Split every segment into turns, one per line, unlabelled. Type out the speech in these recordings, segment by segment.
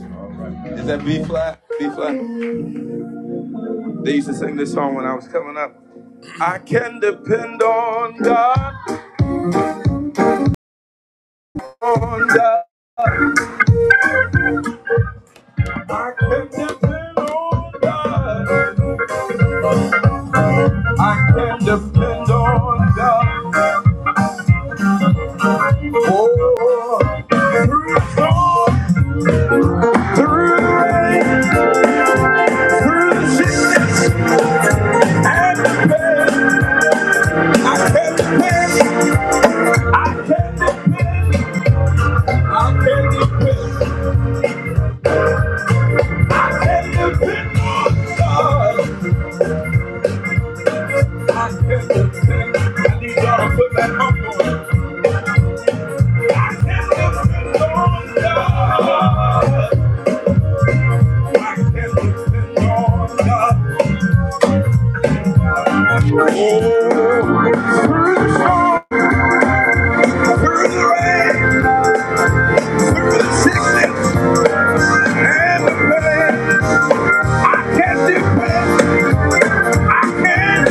Is that B flat? B flat? They used to sing this song when I was coming up. I can depend on God, on God. I can depend on God. I can depend on God. Oh, through the storm, through the rain, through the sickness and the pain, I can depend. I can depend. I can depend. I can depend on God. I can't I need y'all to put that hump on. I can't help but God. I can't help but God. Oh, through the storm, the rain, and the pain, and the pain, and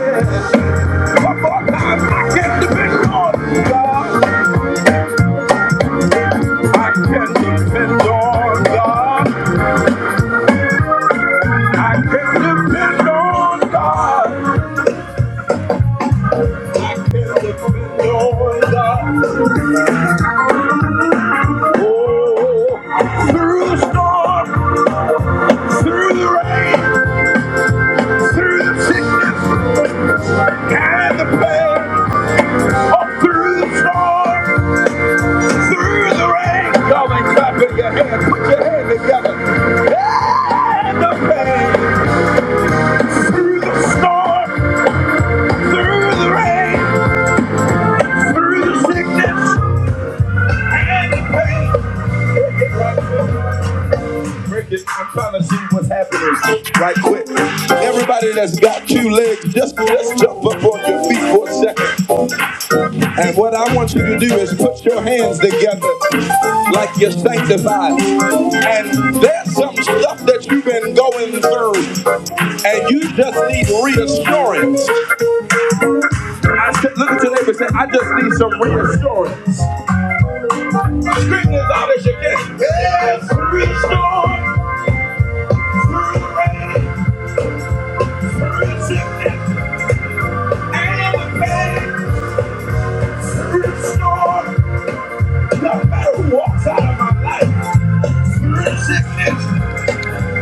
the pain. Four times I can't depend on God. I can't depend on God. I can't depend on God. Oh, God. Oh, through the storm, through the rain, through the sick and the pain. Through the storm, through the rain. Y'all ain't clapping your hands. Put your hands together. And the pain. Through the storm, through the rain, through the sickness and the pain. Break it. I'm trying to see what's happening right quick. Everybody that's got two legs, just let's jump up on your feet for a second. And what I want you to do is put your hands together like you're sanctified. And there's some stuff that you've been going through, and you just need reassurance. I said, look at your neighbor and say, I just need some reassurance. Scream as loud as you can. Yes, restore. Restore. No matter who walks out of my life. Through sickness.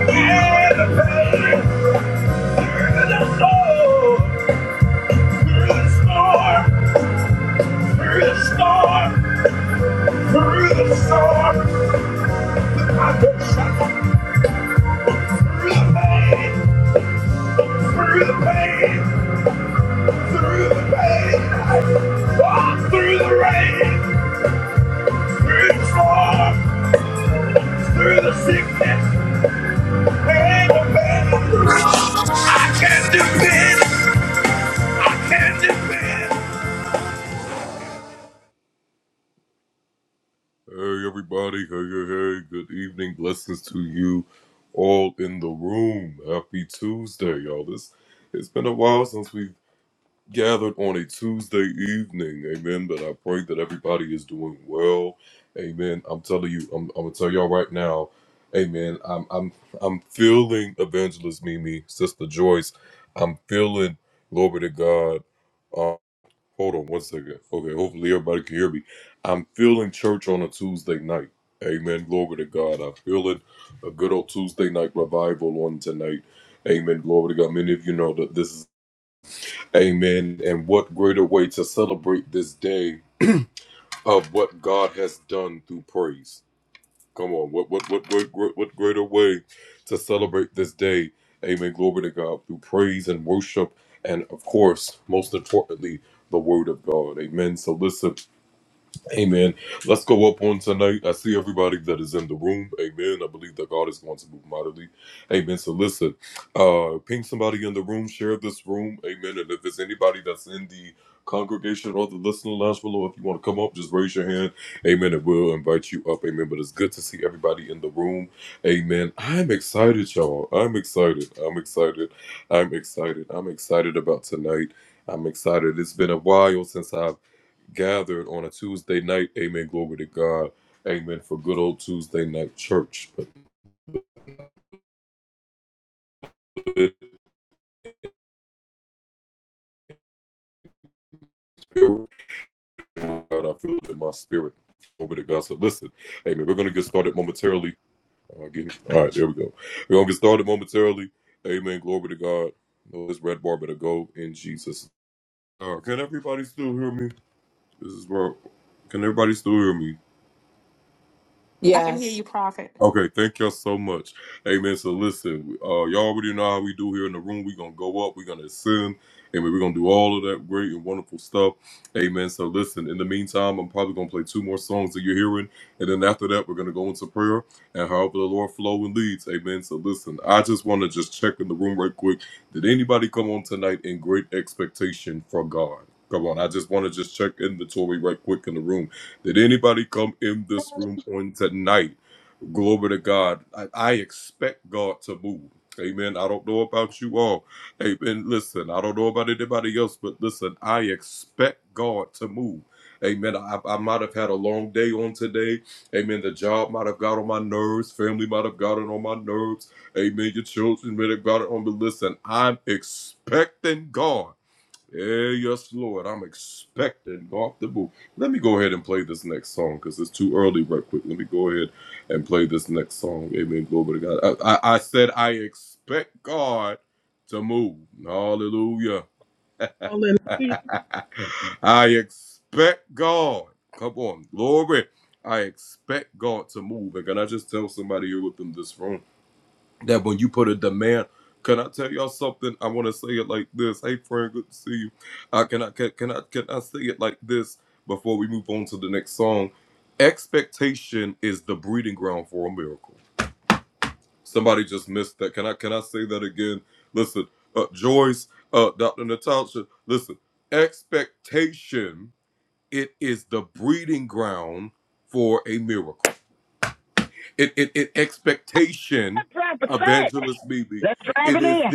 Through the rain, through the storm, through the sickness and the pain. I can depend, I can depend.
I can hear
Yes.
you, Prophet.
Hallelujah.
That prophet said. Let's drive it in.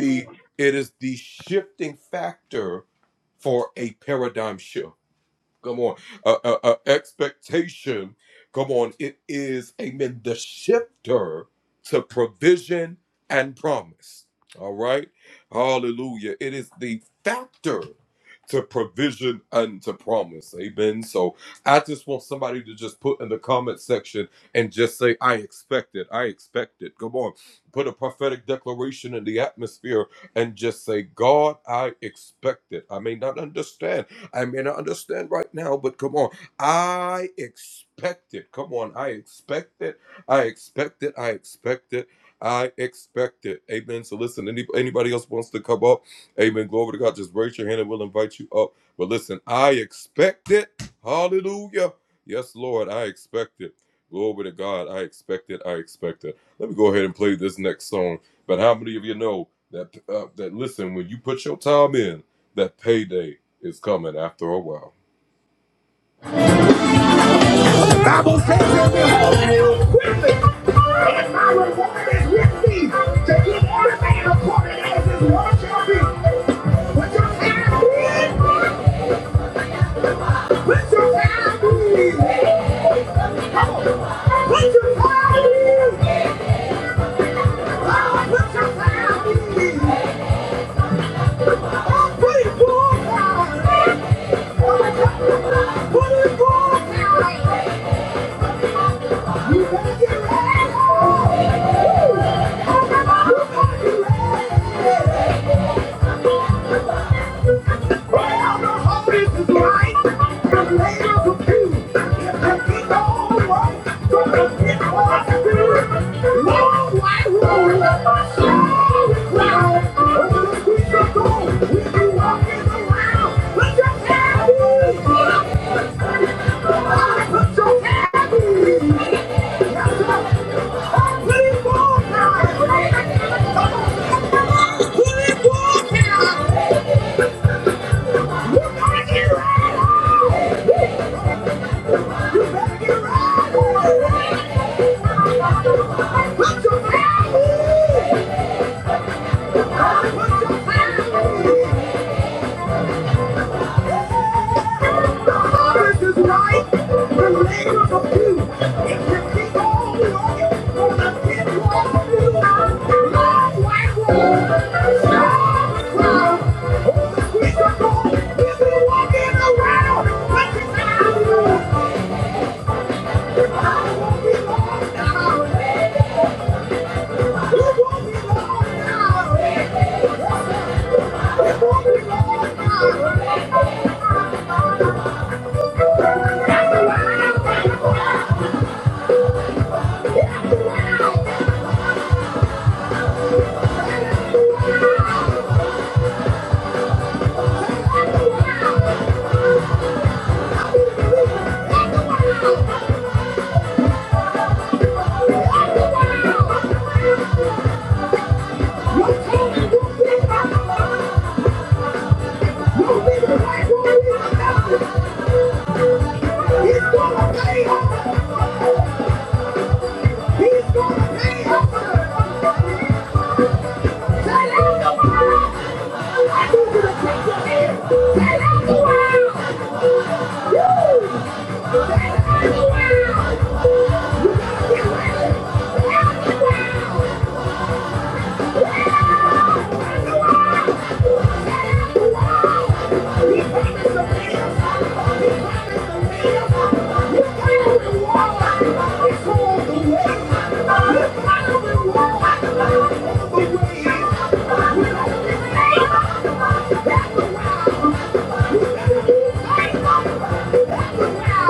Bible says, and behold, I am quickly, and my reward is with me, to give every man according as his work shall be. Put your time in. Put your time in. Come on. Put your time in. Oh, put your time in. Oh, put it full time. oh, Put it full time. Put your hands Put your family! Put your family! This is right, the land of few. If you keep on walking on the pitwalk, you long white road, the streets are gone, busy walking around, but the I won't be long now. Wow! Wow! Wow!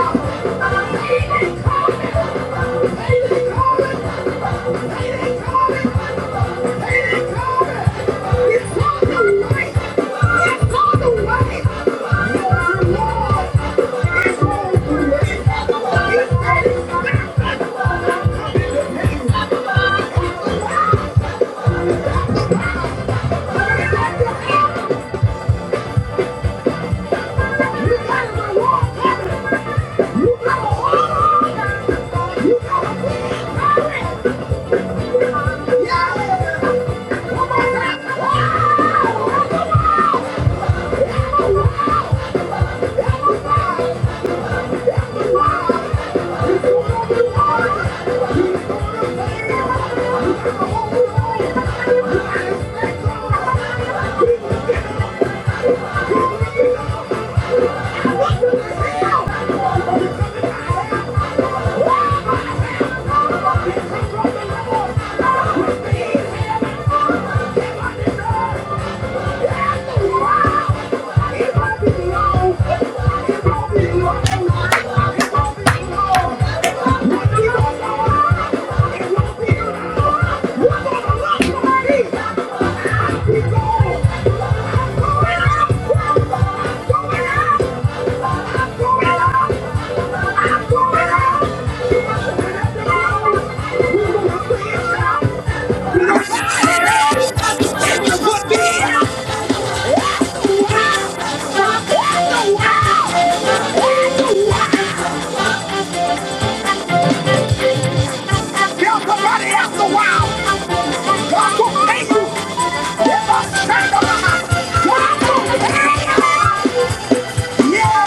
Thank you. You gotta go walk on it. You gotta hold on it. You gotta pull on it. Yeah. Come on now. Wow. Thank you. Wow! Tell somebody else a while. God will pay you. Give us strength of the heart. God will pay you. Yeah. Yeah.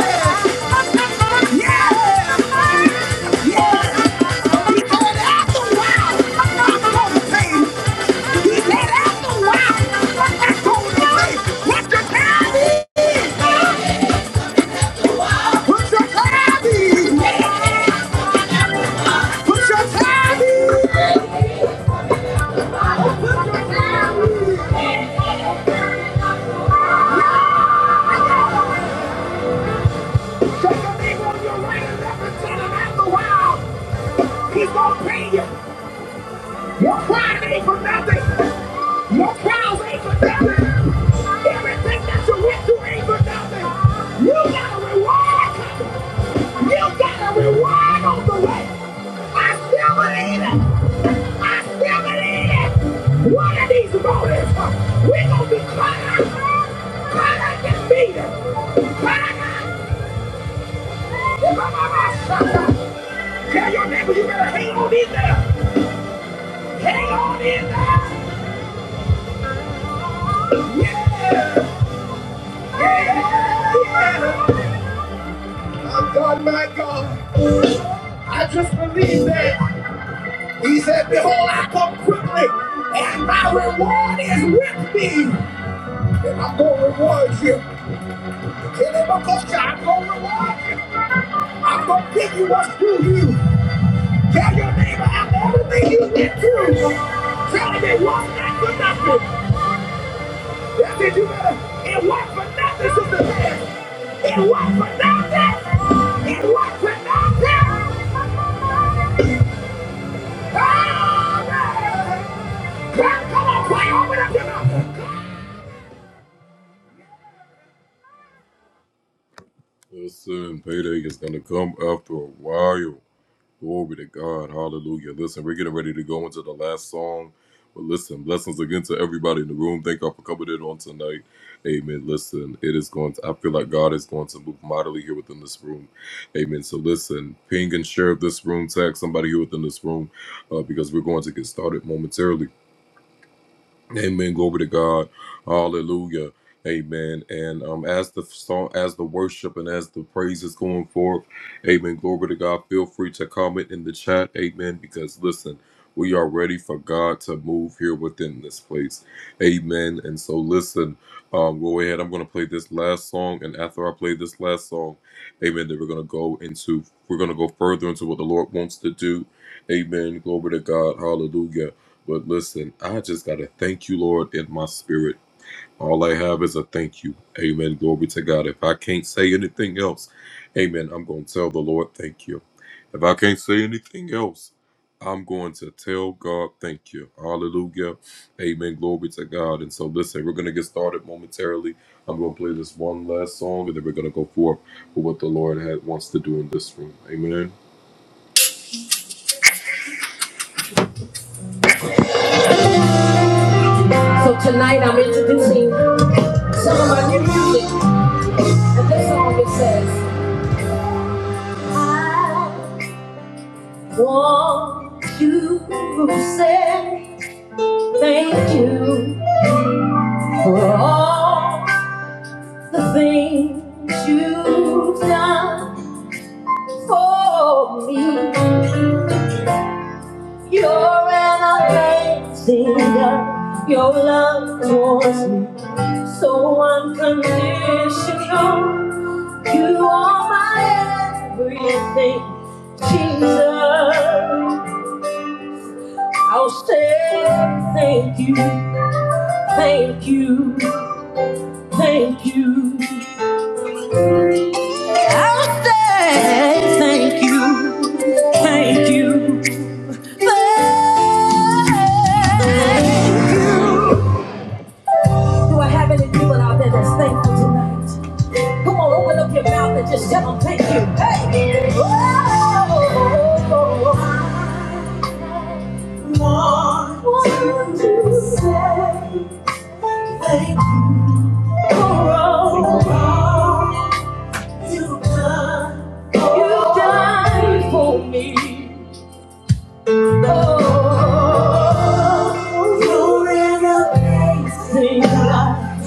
Yeah. He said after a while, I'm going to pay you. He said after a while, I'm going to pay you. What your time is. Put your time in. Put your time in. He's gonna pay you. Your pride ain't for nothing. Your trials ain't for nothing. Everything that you went through ain't for nothing. You got a reward. coming. You got a reward on the way. I still believe it. I still believe it. One of these mornings, huh, we're going to be caught up. Caught out and defeated. Caught up. If I'm on Tell your neighbor you better hang on in there. Hang on in there. Yeah. Yeah. Yeah. God, my God, I just believe that. He said, Behold, I come quickly, and my reward is with me. And I'm going to reward you. Tell him, "Because I'm going to reward you. I'm going to give you what's due you. Tell your neighbor, after everything you went through, tell him it was not for nothing. That's it, you better. It was for nothing, sister man. It was for nothing. It was for nothing. So tonight I'm introducing some of my new music, and this song it says, I want you to say thank you for all the things you've done for me. You're an amazing God. Your love towards me So unconditional, you are my everything, Jesus. I'll say thank you, thank you, thank you. I'll say thank you, thank you, thank you. Do I have any people out there that's thankful tonight? Come on, open up your mouth and just tell them thank you. Hey! Whoa! Thank you, God. You died for me. Oh, you ran up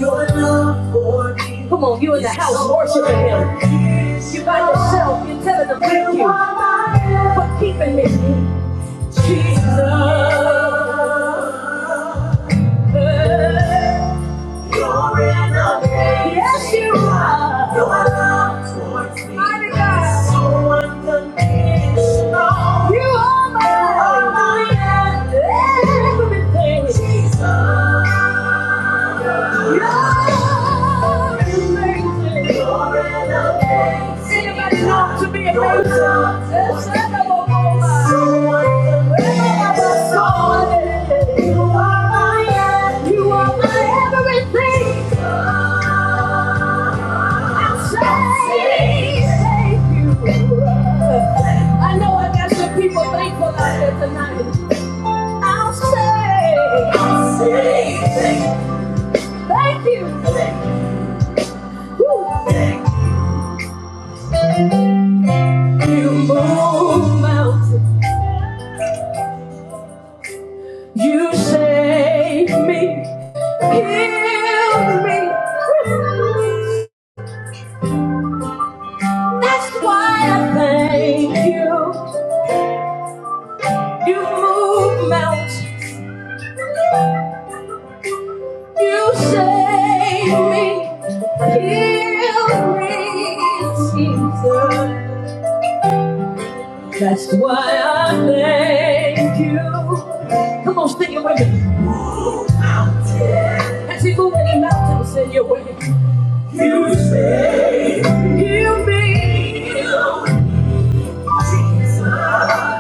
your love for me. Come on, you in the house worshiping Him. You by yourself, you're telling them thank you for keeping me. Glory and amazing. Yes, you are. Your love towards me. Mighty God. So unconditional. You are my everything. Jesus. Anybody long to be a Your baby? love Yes, I towards me. have a moment. So unconditional. You are my everything. I'm saved. I know I got some people thankful out there tonight. I'll say, I'll say, thank Thank you. You move mountains. You save me. Heal me. That's why I thank you. You move mountains. You save me. Heal me, Jesus. That's why I thank you. Come on, sing it with me. As you move any mountains in your way. Heal me.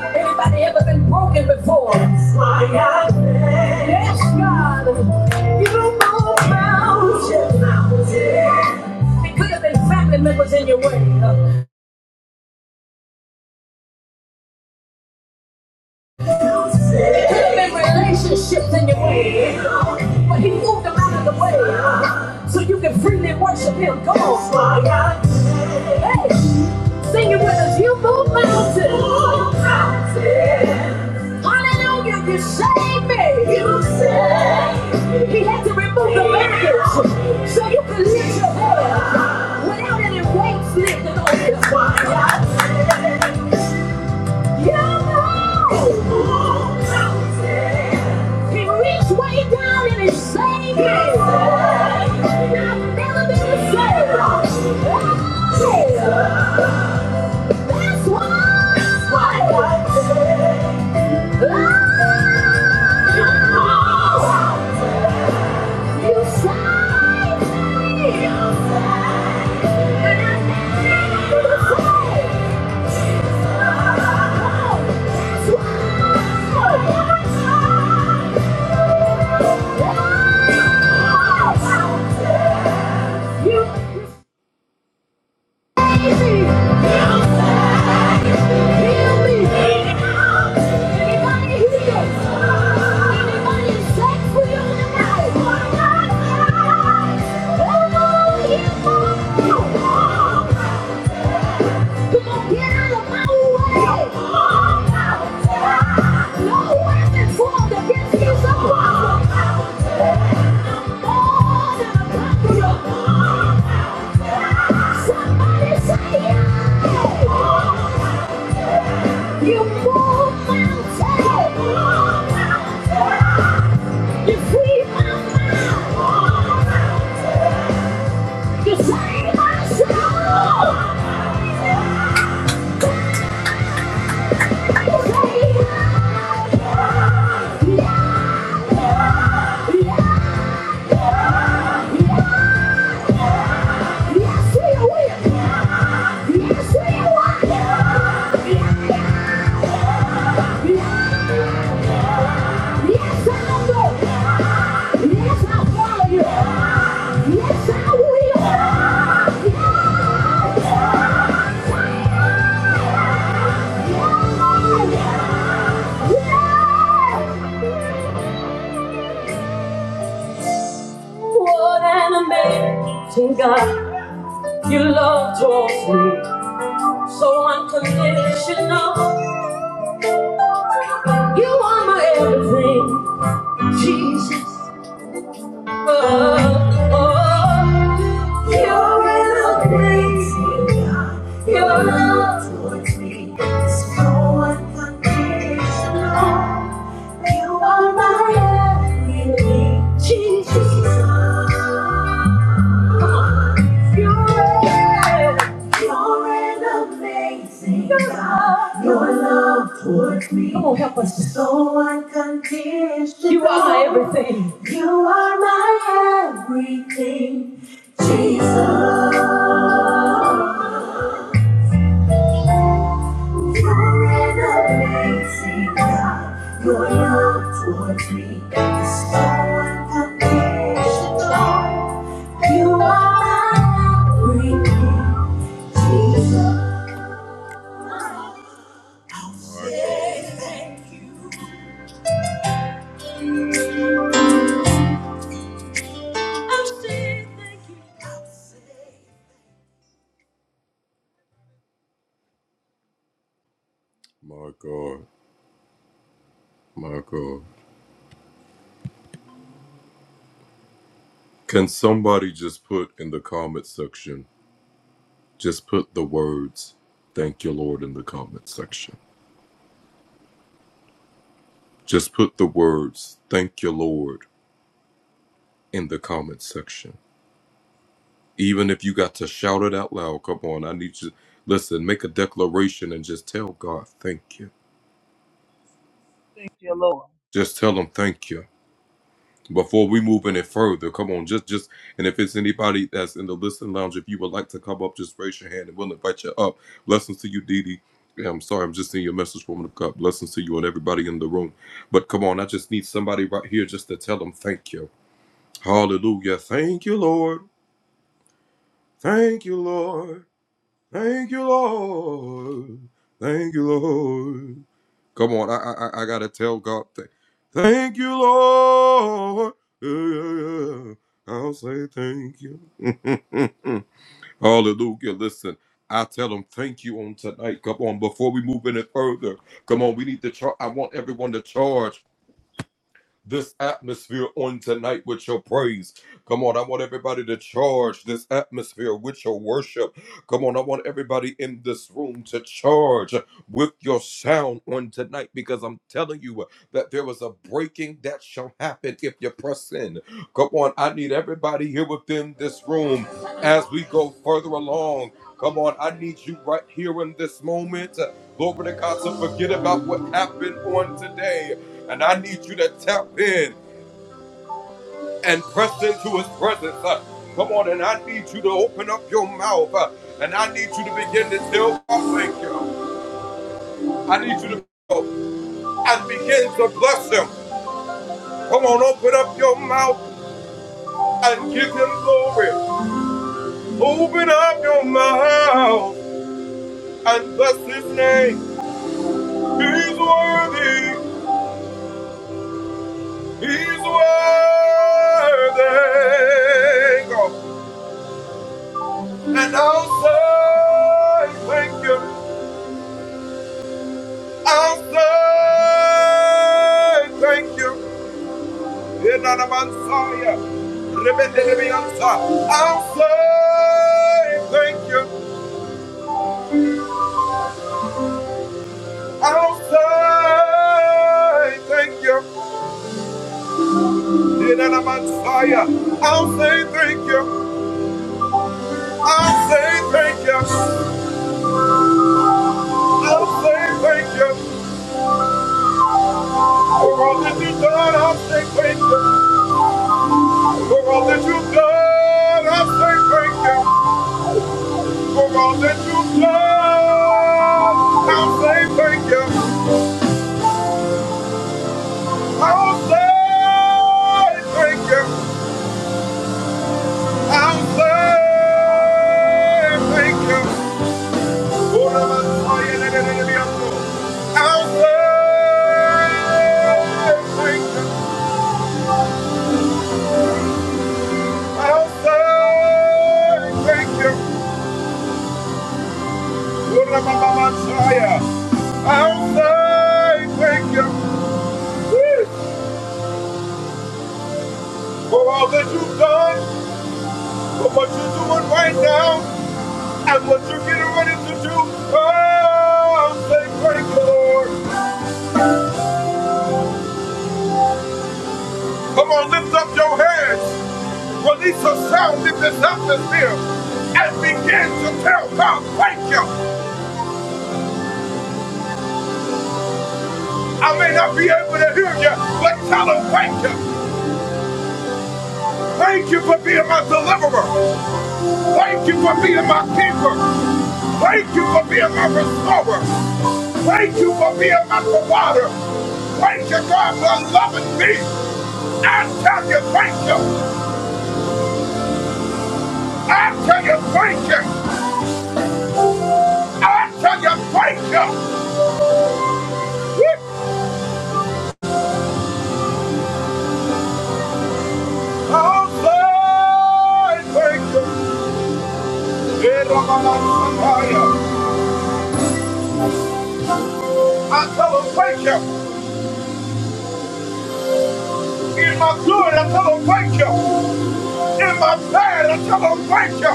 Anybody ever been broken before? Yes, God. It could have been family members in your way. It could have been relationships in your way. But he moved them out of the way so you can freely worship him. Come on. Hey. Sing it with us. You move mountains. Move mountains. Hallelujah. You saved me. You saved me. He had to remove the baggage so you could lift your head without any weights lifted on you. You move mountains. He reached way down and he saved me. He saved me. I've never been the same. Oh. That's why. That's You saved me. You That's why. You Thank you. Come on, get out of my way. Come on, out. No weapon formed against you shall prosper. I'm more than a conqueror. Somebody say yeah. You move mountains. You free my mind. You save my soul. I say yeah, yeah, yeah. Yes, we will. Yes, we will. Yes, I will. Yes, i follow you. Yes, I will. Yeah, yeah, yeah. What an amazing God. Your love draws me so unconditional. You are my everything, Jesus. Jesus. You're an amazing God. Your love towards me. Come on, help us. is So unconditional. You are my everything. You are my everything. Jesus. You're an amazing God. Your love towards me is so unconditional. You are my everything. Jesus. Say thank you.
Thank you, Lord.
and I'll say thank you. I'll say thank you. In an Messiah. Rebende de Bianca. I'll say thank you. I'll say thank you. In an Messiah. I'll say thank you. I'll say thank you. I'll say thank you. For all that you've done, I'm stay grateful. For all that you've done, I'm stay grateful. For all that you've done, I'll say thank you. I'll say thank you. I'll say thank you. For the that it is beyond the I'll say thank you. I'll say thank you. Ramamansaya. I'll say thank you for all that you've done, for what you're doing right now, and what you're getting ready to do. Oh, say thank you, Lord. that's up this here. Oh, I may not be able to hear you, but tell them thank you. I'll say thank you. Yeah, Ramamansaya. I tell them thank you. In my good, I tell them thank you. In my bad, I tell them thank you.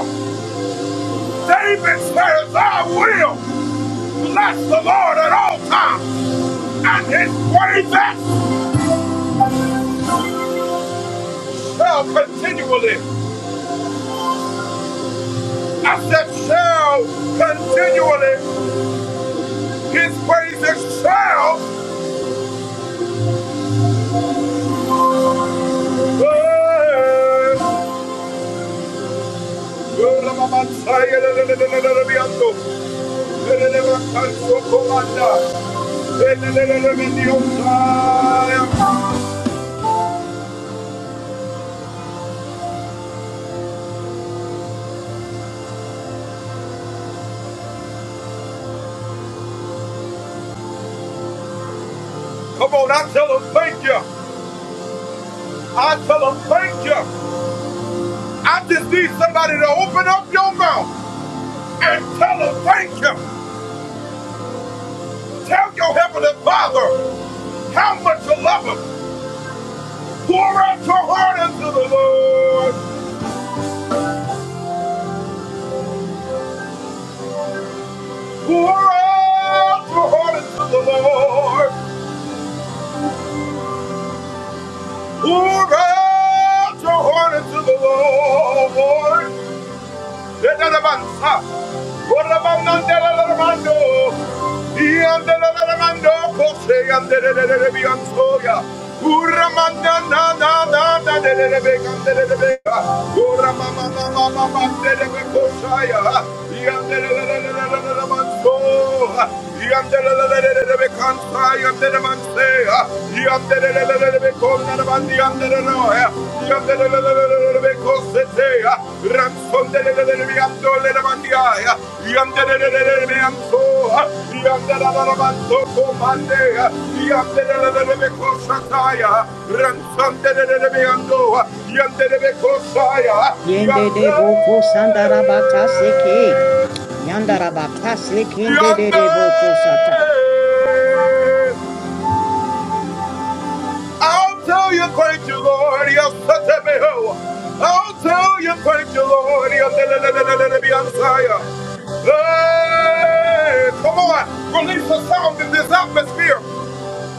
David says, I will bless the Lord at all times, and his praises shall continually. I said, shall continually, his praises shall. continue. Come on, I tell him thank you. I tell him thank you. I just need more. Yonder,
Yende de boko sandarabaka seke. Yandarabaka sekende de de de
yonder.
boko sata.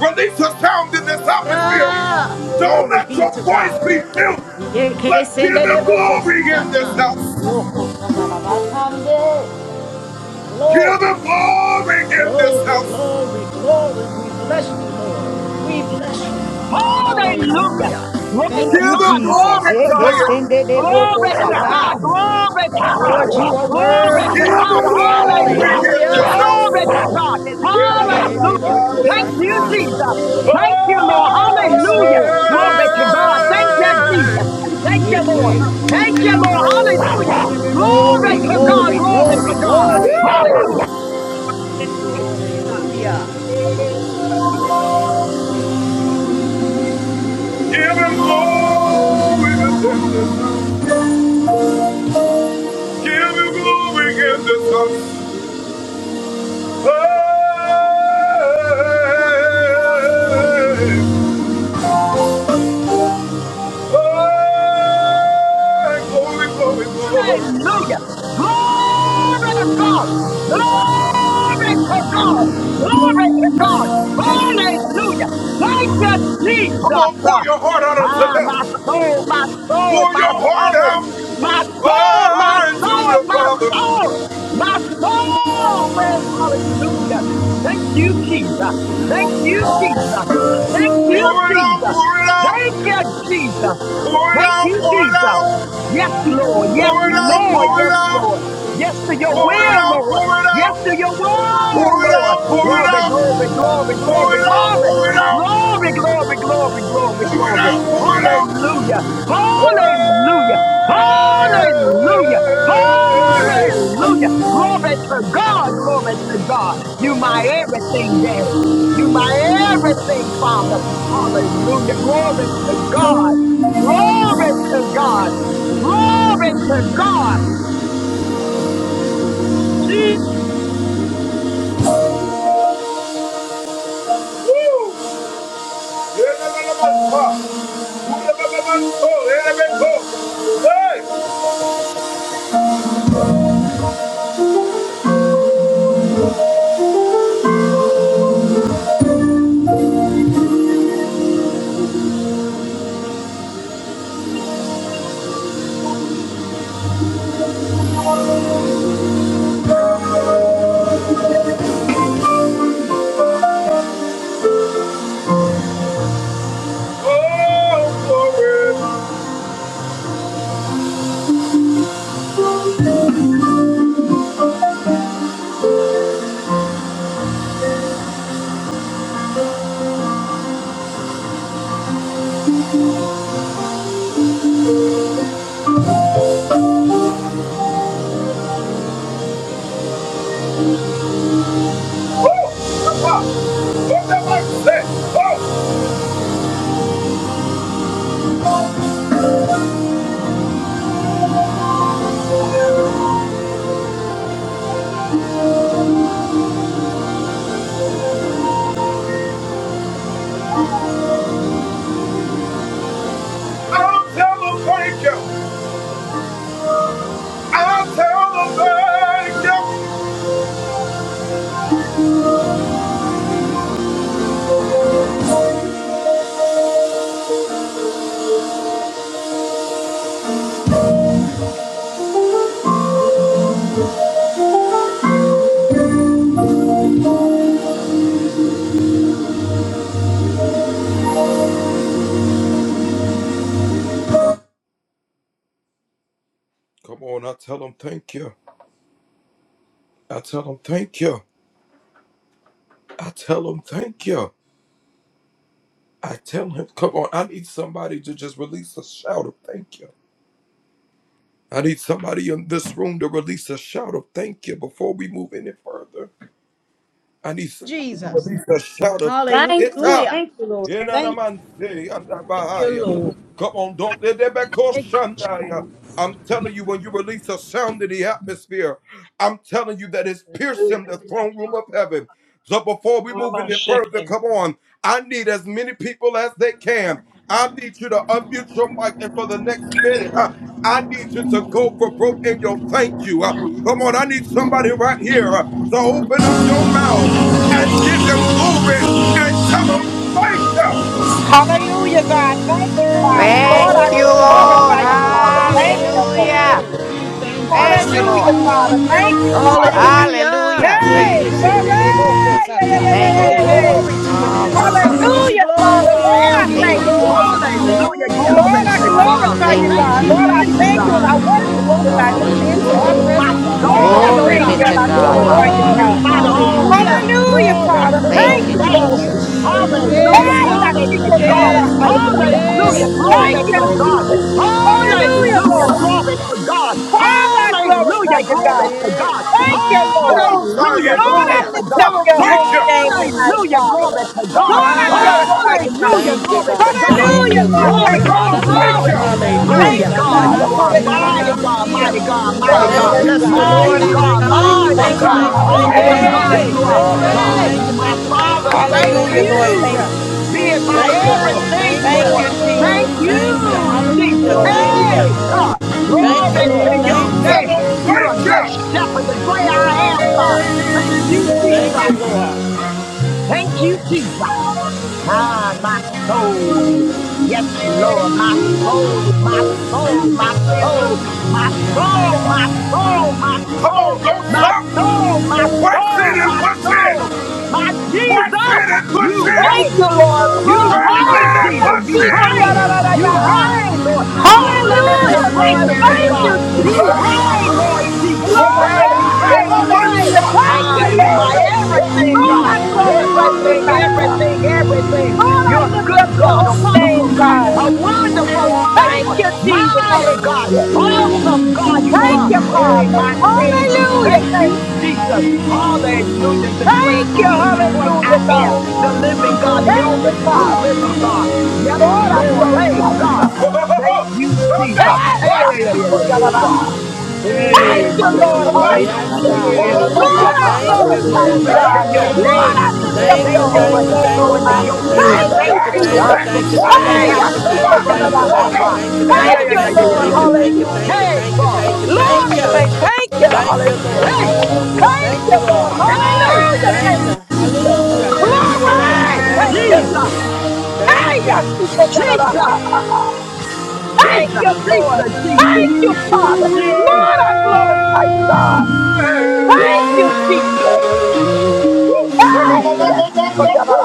Release the sound in this atmosphere.
Yeah.
Don't
Glory
let
be
your
to God. Yeke
but give
sende de
him
boko
glory in this
sata.
house.
Yoko sandarabakande.
Give him
Glory.
glory in this
Glory,
house.
glory, glory. We bless you, Lord. We bless you.
Hallelujah.
Hallelujah.
Glory
Thank
to
Give
you,
God.
him
Jesus.
glory,
Glory to
Yeke
God.
Zion.
sende de boko
Glory to God.
sata.
Glory to God.
Lord, you are
Glory
Give
worthy.
to
him
God.
glory
Hallelujah.
in this
Hallelujah.
house.
Glory to God.
Thank
Yeah, da, da,
Yende de
Hallelujah.
boko
Thank
yeah.
you,
sata.
Jesus.
Oh,
Thank you, Lord.
Yes,
Hallelujah.
Lord.
Glory to God. Thank you, Jesus. Thank you,
Ye,
Lord.
yeah.
Thank you, Lord. Hallelujah. Glory
Glory,
to God.
glory,
Glory
glory,
to God.
glory.
Hallelujah.
Hallelujah.
Give him glory in this house. Give him glory in this house. Oh, Hey, glory, glory, glory.
Hallelujah. Glory to God. Glory to God. Glory to God. Hallelujah. Thank you,
Come
Jesus.
on, pour your heart out unto
Ah, my
him.
soul, my soul,
Pour your
my
heart
soul,
out
my soul, my
unto
soul,
the
my
Father.
soul, my soul says hallelujah. Thank you, Jesus. Thank you, Jesus. Thank you,
Pour it out,
Jesus.
pour it out,
Thank you, Jesus.
pour it
Thank
out,
you,
pour it
Jesus.
out,
Yes, Lord. Yes,
pour it out,
Lord.
pour it
Yes,
out,
Lord. Yes to your
pour it
will,
out,
Lord.
pour it
Yes
out,
to your word,
pour it out, pour it
Lord.
out, pour it
Glory, glory, glory, glory,
out,
glory.
pour it out.
Glory, glory, glory, glory, glory. Hallelujah.
Hey.
Hallelujah. Hallelujah. Hallelujah. Glory to God. Glory to God. You my everything, Daddy. You my everything, Father. Hallelujah. Glory to God. Glory to God. Glory to God. Jesus,
Woo. Yeah, la, la, la, la, la. Hey! Whatever you say, I'll tell them thank you. I'll tell them thank you.
Jesus.
Thank you.
Hallelujah.
Thank you, Lord.
you, Lord.
Hallelujah. Thank you, Lord. Who am I shaking?
Hallelujah, God. Thank you, Father.
Oh,
Lord, I
Thank you,
glory
just
to your name,
Lord.
glorify
oh
you, Father.
Lord. We
Thank you,
thank
Lord.
Hallelujah.
you. We thank you,
Thank you,
Jesus.
Hallelujah,
Lord.
Father. Thank you, Father.
Hallelujah.
Hallelujah.
Hey,
Thank you.
glory. Yeah, yeah,
Yekesendedebokosata.
yeah, yeah,
Thank
Oh,
you,
yeah, yeah.
Lord.
yeah.
glory to your name, oh God. We
Hallelujah.
give you
Hallelujah, Father.
glory.
I
Lord,
am,
We
I
give you
Thank
thank
Lord.
you,
you.
glory.
Jesus.
Hallelujah.
Hallelujah.
Glory
Lord,
We
I
to
thank you,
God.
glorify you,
Thank
Thank
you,
Father.
God.
We
you,
Lord, I
thank
Jesus.
you,
thank
Jesus.
you and I
Father.
Thank you,
We
worship
Lord.
you
welcome
tonight, oh
you
Father.
into
Hallelujah.
our
Ooh, my
presence on
Lord,
soul
I
tonight, oh
say
Glory
thank
be
you
God.
yes,
and
to
I
God.
Lord.
glorify you,
In
Glory.
God.
Hallelujah.
spite of all, Lord.
Hallelujah.
Hallelujah,
Glory
Father.
to your
Thank
Thank you,
you,
Thank
Lord.
name.
you,
Jesus.
Jesus.
Hallelujah.
Yes,
Hey,
God.
Glory to God.
Yes, God.
Yashiko,
Hey,
Hallelujah.
Thank
Glory
glory,
you,
to
glory,
God.
Jesus.
glory.
Hallelujah,
Hallelujah.
Lord.
Glory to God.
Father, I glorify
Hallelujah,
you,
glory
God.
to
Yay.
God.
Thank
Thank you,
you,
Come
Lord.
Jesus.
on,
Hallelujah,
Zion.
Lord,
glory
I
Hallelujah.
to
lift
God.
Tell
up
them
your
thank you.
holy name tonight,
Hallelujah,
Father.
glory to God.
Lord, I
Ah,
glorify you,
thank you,
God.
Hallelujah,
Thank you,
glory
Jesus.
to
God.
God.
Thank
Hallelujah,
you.
Lord.
Glory,
Glory.
Thank you,
glory,
Jesus.
glory.
Ha-da-da-da-si,
Mighty
Thank you,
na-da-do-sa,
Hallelujah.
God,
Father.
you are
na-da-si,
Hallelujah.
mighty God,
da-da-da-si-ya.
mighty God,
Ooh, I
Lord,
mighty
we
will
God,
Thank you,
worship
bless the
God.
you.
mighty
Lord
Thank you,
at
God,
thank you, thank you,
mighty
all
thank
Thank
you,
you,
God.
thank you,
Father.
times.
thank you,
Awesome
thank you, thank you,
God,
Hallelujah.
thank
you
Hey,
you,
are.
thank you,
glory.
thank you,
God,
thank you,
my
thank you,
Father,
thank you,
thank
thank
Hallelujah,
you,
Lord.
thank
you
Thank
you.
you.
being my
Thank
Thank you,
you,
Lord.
everything,
Jesus.
Thank
Thank you,
you.
Lord.
Jesus.
Thank
Thank you.
you, Jesus.
Hallelujah.
Oh, thank
Thank
Hey,
you.
you.
God. Glory
Thank you,
to
Lord.
your
Thank you.
name. You're a good shepherd, the great I am, God. Thank you,
Thank you,
Jesus.
Lord.
Thank you, Jesus. Ah, my soul. Yes, Lord, my soul, my soul, my soul, my soul, my soul, my soul, my soul, my soul, my soul, my Jesus, you
Thank you,
reign.
Lord.
You
Glory.
reign, Jesus. You
Yashikori
reign. You
yarararayaha.
reign, Lord. Holiness and
Hallelujah, Lord.
righteousness,
Thank
God.
you,
You
Jesus.
reign, Lord Jesus.
Oh
You
my
reign,
Glory.
God.
you
Oh
reign, you
my
reign.
Hallelujah.
God.
Thank
Ah,
you,
you
Yeah,
my
Lord.
no. Oh,
everything,
Lord,
God.
I glorify you
Everything,
tonight, God.
everything, everything.
Lord,
You're
I
a
lift
good
up your
God, a
holy name,
wonderful God,
God.
a wonderful
Thank
Savior,
you, Jesus.
mighty God,
Hallelujah.
awesome God you
Thank
are.
you,
Hey,
Father.
my King.
Hallelujah.
Thank you,
Thank you.
Jesus. Hallelujah. The great
Thank you.
King, the great I
Hallelujah,
am
God.
the living God, the
Thank you,
only true
Father.
living God. Yes,
Lord, I
Lord. Hey,
glorify you,
God.
God.
Thank you, Jesus.
no.
Hey,
Hey, hey,
Back. Back.
hey, hey, hey, hey, God.
Yashikoriarara. Thank
Hey,
you,
my
Lord.
Oh,
Lord.
my
They
Yes,
see,
Hallelujah.
God.
hey, hey,
Hallelujah.
God.
hey, hey, hey,
Oh,
Lord,
Hallelujah.
I
God.
Thank you,
glorify you,
my God.
Hallelujah.
Lord.
Glory to
God.
Thank
your
you.
Back.
Lord,
name,
I
Jesus.
lift up
Thank
Thank
you,
your
you for
holy
thank you,
Hallelujah.
name,
thank
oh
you,
destroying the
God.
thank you,
yoke,
thank
God.
Ooh,
you,
Thank
Thank
you,
thank you,
you,
Back. Back.
Lord,
thank you,
Jesus.
God.
for
thank you,
Hallelujah,
pulling
thank
them
you,
Hey,
down,
thank you,
Back.
thank
destroying
you,
Back.
from the
thank you,
core,
Yashikoriyanadaha.
Let's
thank you,
God.
thank you,
Hey,
go.
hey,
thank
Thank
hey,
you,
Yeah.
you,
hey,
thank you,
hey,
Lord.
thank
hey,
you,
hey,
thank
hey,
you,
Hallelujah.
thank you,
hey,
thank you,
God.
thank you,
Lord,
thank
they
you.
say thank you.
Thank you, Lord.
Hallelujah.
Hey,
Hallelujah.
Thank
Thank
you,
you,
Lord.
Lord.
hey,
Hallelujah. Thank
Thank you.
you, Jesus.
Hallelujah. Thank you, Lord.
Glory. Thank
Thank
you,
you.
Jesus,
Jesus. Hey,
Thank you.
Jesus,
Yashikoriyanadaha.
Jesus,
Thank you, Lord.
Jesus, Jesus,
Thank you,
Jesus,
Father.
Jesus,
Lord,
Jesus,
I
Jesus.
glorify you, God.
Woo!
Thank you, Jesus. Hey,
Jesus,
yes, she could have done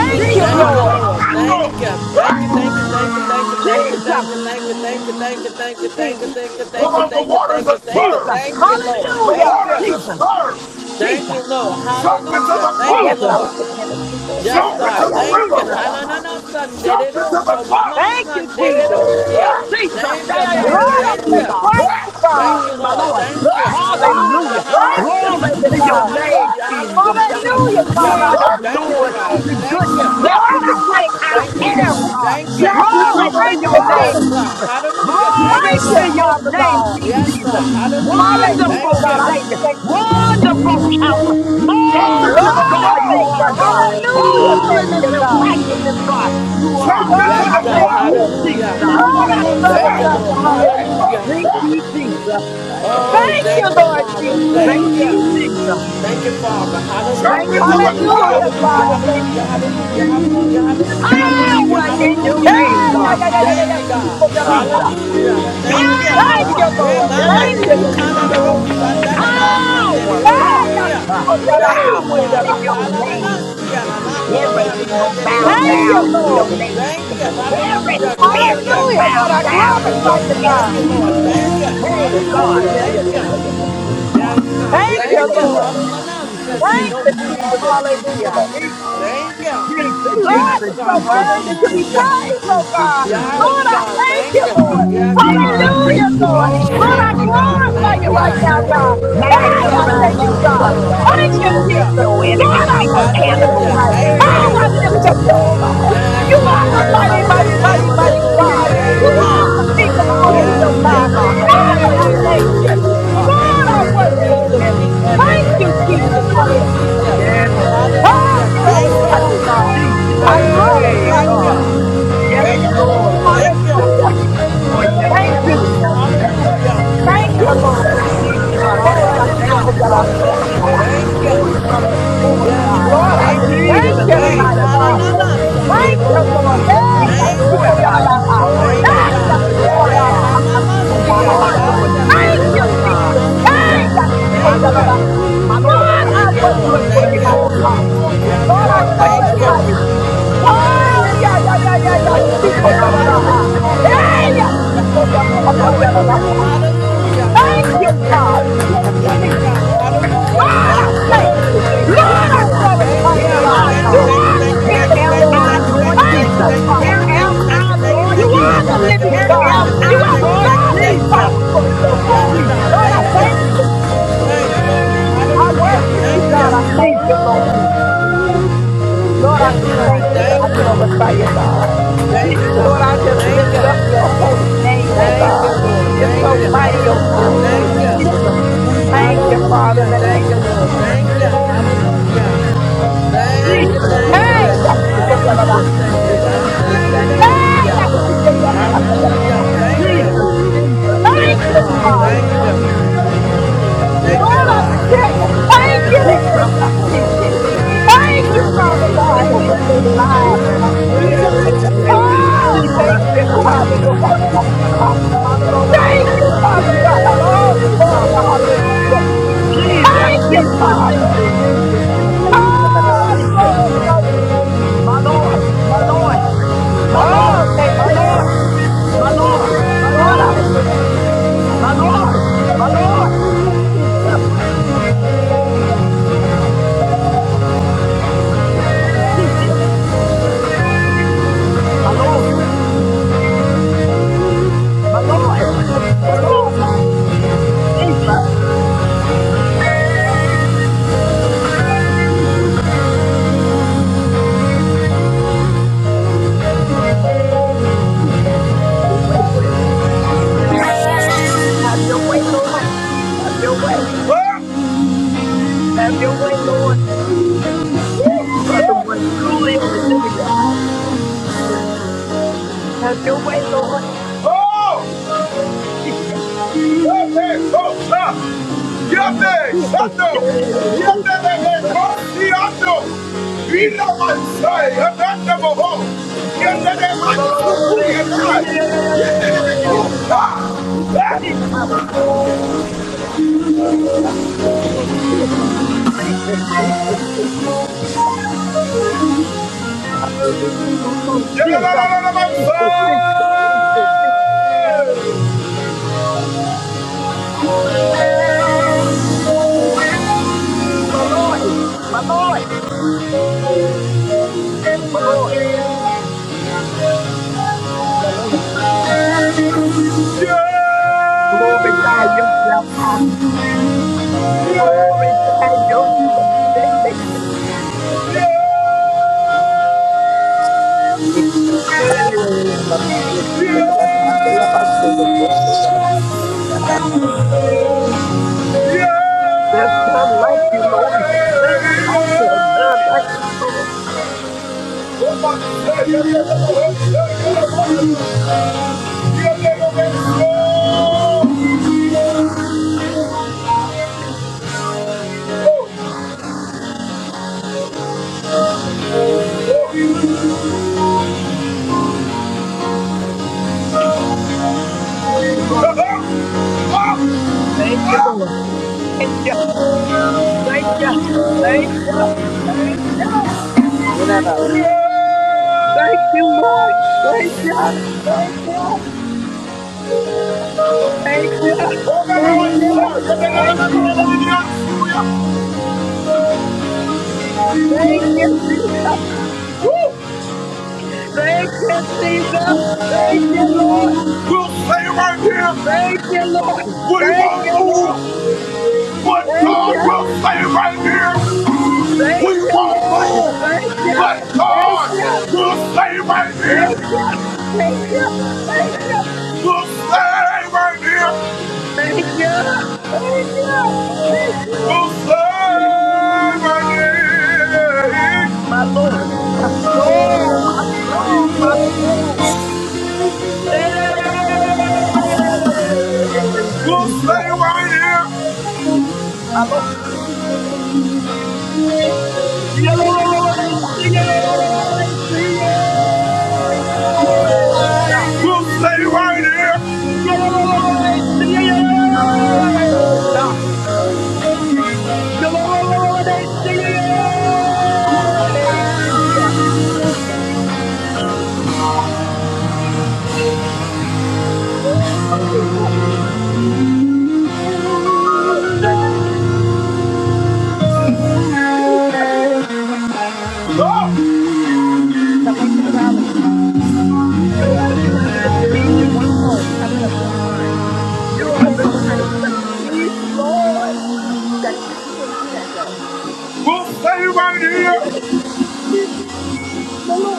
Thank you,
Thank
Jesus,
you,
Lord.
Lord. Thank you. Thank you, thank you, thank you, thank you, thank you,
Jesus,
thank you, thank you, thank you, thank you, thank you, thank you,
Jesus.
thank you,
Come
thank you,
on, the
thank you,
waters
thank
are
you, thank you,
Jesus,
stirred.
thank you, Lord.
The
Thank
Hallelujah.
waters
you.
are
Jesus,
stirred.
Thank
Jesus,
you, Lord.
Jump into the
Hallelujah. Thank
Yes,
you,
and
flow.
Jesus,
I
Lord.
was looking in the two-fold
Yes,
Jump
bag.
into
God.
Hiya,
the
she
Thank you.
could
Jesus,
have
river.
done
Hananana Sunday
Jump
de
into the
so
flow.
Mama
Thank you,
Sunday de
Jesus.
Woo!
Jump
Rosia.
into
Jesus. Yeah,
Thank you,
yeah, yeah, yeah,
God.
Lord,
yeah,
I'm
yeah,
Thank
yeah,
just
you.
God.
grateful, God.
Thank you,
Mm, my
Lord.
Lord.
Thank you.
Lord,
Hallelujah.
I'm
Hallelujah.
Hallelujah.
thankful
Glory
to you,
to your
Hallelujah.
God.
name,
Hallelujah.
King of
Hallelujah.
Kings,
Hallelujah, Father.
Hallelujah.
I
Lord of
worship you
Thank you,
Lords,
tonight.
God.
the good
Thank you.
Lord,
shepherd, the
I
great
thank
I
you.
Thank you,
am,
Lord.
God.
Thank you.
Oh,
Glory
the
to
flow!
thank
your
you, Lord.
Yes,
name,
God.
Jesus.
Hallelujah. Thank
Glory
you,
Thank you,
to
Lord.
your
Father
name,
God.
King
Yes,
Jesus.
God. Hallelujah.
Hallelujah,
Thank
Wonderful
God.
you.
I just
Savior,
thank you.
wonderful
Mm.
counselor,
Jump into
marvelous
the
Lord, I
God
flow!
you
thank you.
are, God.
Hallelujah. Thank
Holiness
you,
and
God.
righteousness, God, you are.
Jump
Lord,
into the
Yes,
I
Thank
God.
thank
flow!
you.
you,
Hallelujah.
Jesus.
You're
Lord,
gonna
I
go
Thank
down!
you,
glorify you.
Lord.
Hey, oh,
Hallelujah.
Hallelujah.
Thank
yeah.
you, Jesus.
Oh,
Thank
thank
you,
you,
Lord
Father.
Jesus.
Thank
Thank
you,
you.
Jesus.
Thank you, Father.
Jump
Thank
Hallelujah.
into
you,
the
Jesus.
Hallelujah.
Hallelujah,
flow!
Hallelujah.
Father. Thank
Hallelujah.
you.
Hallelujah. Hallelujah. Hallelujah. Hallelujah.
Power in your
Hallelujah.
name,
Hey, yeah,
God.
yeah, yeah, yeah, yeah,
Thank
yeah.
you,
Speak on
God.
your
Jesus.
heart.
Hallelujah. Thank you.
Thank
Power!
you,
Hey,
Lord.
Yeah, yeah,
mama,
yeah,
Thank
yeah,
you,
see,
yeah, yeah, yeah, yeah,
Canada,
Jesus.
yeah. yeah.
Sandana,
Power,
Sandero,
Hey,
God.
see
yeah,
ya.
speak
Uh,
on your heart.
Thank you,
Speak
Power
on
is
your
in
Father.
heart.
your name,
Hallelujah. See ya,
Jesus.
la, la,
Every
mama,
single bow
Sandero,
Thank
see.
you,
down in
Lord.
your name,
Thank you.
Jesus. Every
Hallelujah. Thank
spirit
you.
gonna
Hallelujah,
bow
Lord. I
down in your
glorify you,
name,
Thank you,
God.
Lord.
Jesus.
Thank you.
Hey, God.
Hallelujah.
Yeah, yeah,
Thank
yeah,
you.
yeah, yeah, yeah, yeah, yeah, God.
Yes, God.
Yeah,
Thank
yeah,
you,
Thank
yeah,
you.
yeah, yeah,
Lord.
yeah, yeah.
Hallelujah.
Jesus,
Sunday,
Thank
No
you,
Jesus,
Jesus.
Jesus, Jesus,
kumamasia.
Hallelujah.
Jesus.
Thank you.
Jesus,
Lord,
Yes,
Jesus,
you're so
God.
Jesus,
worthy to be
Jesus,
Hallelujah.
praised,
Jesus,
oh
Jesus,
God.
Jesus.
Yes,
Lord, I
God.
thank
Thank
you, Lord.
you. Yes,
Jesus, Jesus,
God.
Hallelujah, Lord.
Oh,
Jesus,
Lord, I
thank you,
Jesus,
God.
glorify you
Thank
Jesus,
right
you.
now,
Jesus.
God.
My
Hey, I
Magnify
soul
thank you,
loves you,
God.
yourself,
Lord.
God,
Thank you,
and let
Hallelujah.
Jesus.
your enemies
Lord, I
be
worship you
scattered,
Hallelujah.
Lord.
tonight.
Yeah,
Thank
yeah,
Oh,
yeah,
you.
I
yeah,
lift
yeah, yeah, yeah,
up
yeah,
your
yeah,
holy
God.
name.
hallelujah,
You
Yes,
hallelujah,
God.
are a
God.
Mm, my
mighty,
Hallelujah.
We
mighty,
Lord, Lord, Lord,
mighty,
praise.
Lord,
Thank you,
mighty
Yeah, yeah,
Lord.
God.
yeah, yeah,
You
yeah,
Thank
yeah,
you.
are the
God.
King of glory, oh
Yes,
Hallelujah,
God.
thank
God.
us,
Yeah,
sweet
yeah,
Father,
yeah,
I
yeah,
Jesus,
thank
yeah,
sweet
you.
yeah, yeah, yeah,
Jesus,
God.
sweet
Lord, I
Jesus,
Heaven,
sweet
worship
heaven,
you.
Jesus,
heaven,
sweet
heaven,
Thank
Jesus,
you,
heaven,
sweet
Jesus.
heaven,
Jesus, sweet
Lord.
Hallelujah.
Jesus.
Heaven, Lord.
Oh,
Hallelujah. Thank
glorify you,
you.
Woo,
God.
Jesus.
I
Hallelujah.
Hey,
glorify
Thank
you,
God.
you.
Father.
Yes,
Thank you,
Lord.
Lord.
Yes,
Thank you.
Lord.
Hallelujah.
Yes, Lord. Yes,
Thank you,
Lord.
Jesus.
Mm,
Yes, Lord.
hallelujah.
Yes,
Thank you,
Mm,
Lord.
Lord.
Go dig, God.
Oh,
Cut it out,
hallelujah.
yashikoriada
God. Uproot,
satariada.
Thank
restore it
you.
from the core,
Yes,
God.
God.
Lord, I
Thank
just
you for this
thank
Jesus,
you
Jesus,
day.
tonight, Father.
Jesus,
Hallelujah.
Jesus,
Sunday
Thank
Jesus,
you, Lord.
Jesus.
Rosa.
Hey,
Thank
Destroy,
you.
God.
yashikoriada.
Destroy,
Thank you,
God.
Hey,
God, for this
Destroy,
day.
God.
Ha mama see ya
yashikoriada.
Destroy,
that our
Lord.
Sunday.
Thank
that,
you,
Destroy,
Oh,
God.
Jesus.
mama see
Hey,
ya.
My
Thank
Lord.
Yashikoriadadaha.
you.
My Lord.
Lord, I
Thank you,
Do
Lord.
worship
it
you
for
Thank
your
tonight,
you.
glory, God.
Father.
Yes,
Lord,
Do
I
God.
it for your
Thank
glorify
you.
glory,
you.
Jesus.
Oh,
Mm.
yeah, yeah, yeah, yeah, yeah.
Tear
Glory.
down every
Shikoriadadaha.
Hallelujah.
Hey,
stronghold, God.
Hallelujah. Hallelujah.
Destroy, Lord
Yashikoriadadaha.
Jesus.
Hallelujah.
Thank you,
Hallelujah.
Father.
Yes,
Hallelujah.
Jesus,
God. Hallelujah.
Lord,
my
I
Thank
thank
you.
soul
you.
say yes,
Lord,
Yes,
I
Lord.
God. Thank
glorify
you,
Here
you,
am
thank you,
God.
I,
thank you,
You
God.
thank you,
are the
thank you,
King
Here
thank you,
of
am
thank you,
I,
glory.
thank you,
Lord
thank you,
Thank
thank you,
you,
Jesus.
thank you, thank
Here
you,
Father.
thank
am
you, thank you, thank
I,
you, thank you, thank you, thank
Lord
You
you,
are the
Jesus.
thank you, thank
living
Here
God.
am
You
I,
you,
are
thank you, thank
the
you,
Lord
thank you,
God that
thank
Jesus.
you.
fights for us, oh God.
Yes,
Jesus,
God.
Lord, I
Thank
Jesus,
thank
you.
you.
Jesus,
Hey,
Jesus,
glory.
I
Hallelujah.
worship you,
Thank you.
God. I thank
Jesus,
you,
Jesus,
Lord.
Jesus,
Mm.
Jesus,
Lord, I
Yes,
just thank
God.
you and I
Thank you.
glorify you, God.
Thank you,
Jesus,
Lord, I
God.
just
Thank
lift up
you.
your
Jesus.
holy name, oh
Thank you,
God.
Lord.
You're
Thank
so
you.
mighty, oh
Hallelujah.
God.
Ooh,
Thank you.
Jesus, Jesus,
Thank you,
Jesus, Jesus,
Father, in
Hallelujah.
the
Thank
name
you,
of
Jesus,
Lord.
Jesus.
Thank you.
Jesus.
Hallelujah. Thank you,
Jesus, Jesus,
thank you,
Jesus,
Hey,
thank you. Hala
Yashikoriyanada.
Jesus,
mama sende
Jesus,
da
Jesus, Jesus,
sanda
Jesus,
Hey,
dosia.
Jesus.
Yashikoriyasatadadaya.
Hallelujah.
Father,
Thank you.
Jesus,
hallelujah.
Jesus,
Thank
Yes,
Jesus,
you,
To
God.
your
Jesus,
Father.
name,
Thank
oh
Jesus.
you.
God, hey God.
Mm,
Give
thank you,
you
Lord, I
honor,
just
God.
give you
tell you,
glory, I bless
thank
your
you
holy
Jesus,
today,
name, because you
God.
are that
Jesus,
great
Jesus,
God.
Thank
Jesus,
you, Father
Jesus,
Hallelujah.
God, that we are
Jesus.
Thank you,
still
Father.
alive.
Yeah,
Hallelujah.
yeah, yeah, yeah,
Thank
yeah,
you,
yeah.
Lord.
Oh,
Jesus.
thank you, God, that nobody got shot.
Mm,
Thank you,
hallelujah.
Hallelujah.
Yeah,
Father
yeah, yeah,
God.
Hallelujah.
All
yeah, yeah, yeah,
Hallelujah.
glory.
God.
Hallelujah.
To your name, oh
Jesus,
Thank
God.
you,
Jesus,
Father.
Jesus,
Yes,
Jesus,
God.
Jesus,
Hallelujah.
Jesus,
Oh, I
Jesus.
glorify
Thank
you.
you, Lord.
My Lord, my Lord,
Thank
my
you.
Lord,
Oh, thank
my
you,
Yes,
Lord,
Jesus.
God.
my
Hallelujah.
Lord, my
Lord, I
Lord,
thank you.
Hallelujah.
my Lord, my Lord, Jesus,
Yes,
Jesus,
Thank you.
my Lord. My Lord, my Lord, Jesus, Jesus, Jesus, have your way, Lord. Have your way, Lord. Have your way. Have your way, Lord. You are the one truly only living God. Have your way, Lord.
Oh! Okay, so stop!
Jesus, yeah, yeah, yeah, yeah, yeah. yeah. Jesus, mm, my Lord, yeah, yeah, yeah, yeah, yeah, yeah, yeah. yeah. Ah, Jesus, Jesus, Jesus, Jesus, Jesus, Jesus, Mm, mm, Jesus, Jesus, Jesus, Jesus, Jesus. My Lord, my Lord, my Lord, Mm, my Lord. We Glorify yourself, Father. Glorify yourself. There's none like you, Lord. None like you, none like you, Lord. Thank you,
Stop!
Lord.
Stop!
Thank you, Lord. Thank you, thank you, thank you, thank you, thank you, Lord. Thank you, thank you, thank you,
Oh, no, no, no,
thank you, thank you. Thank you, Jesus. Thank you, Jesus. Thank you, Lord. Thank you, Lord. Thank you, Lord. Thank you. Thank you, Lord. Thank you. Thank you. Thank you. Thank you. Thank you. Thank you. Thank you. Thank you.
sorry.
My Lord, my soul, my soul, my soul. Hey! Jesus. My Lord. You are the
You stay right
Bless you. Chop up some garlic.
Prince of
You just need
Peace.
one clove. Chop it up real fine with
You
a
are the
spoonful of honey.
Prince of Peace, Lord.
Gotta eat before you do that though. You're welcome.
Peace, Lord.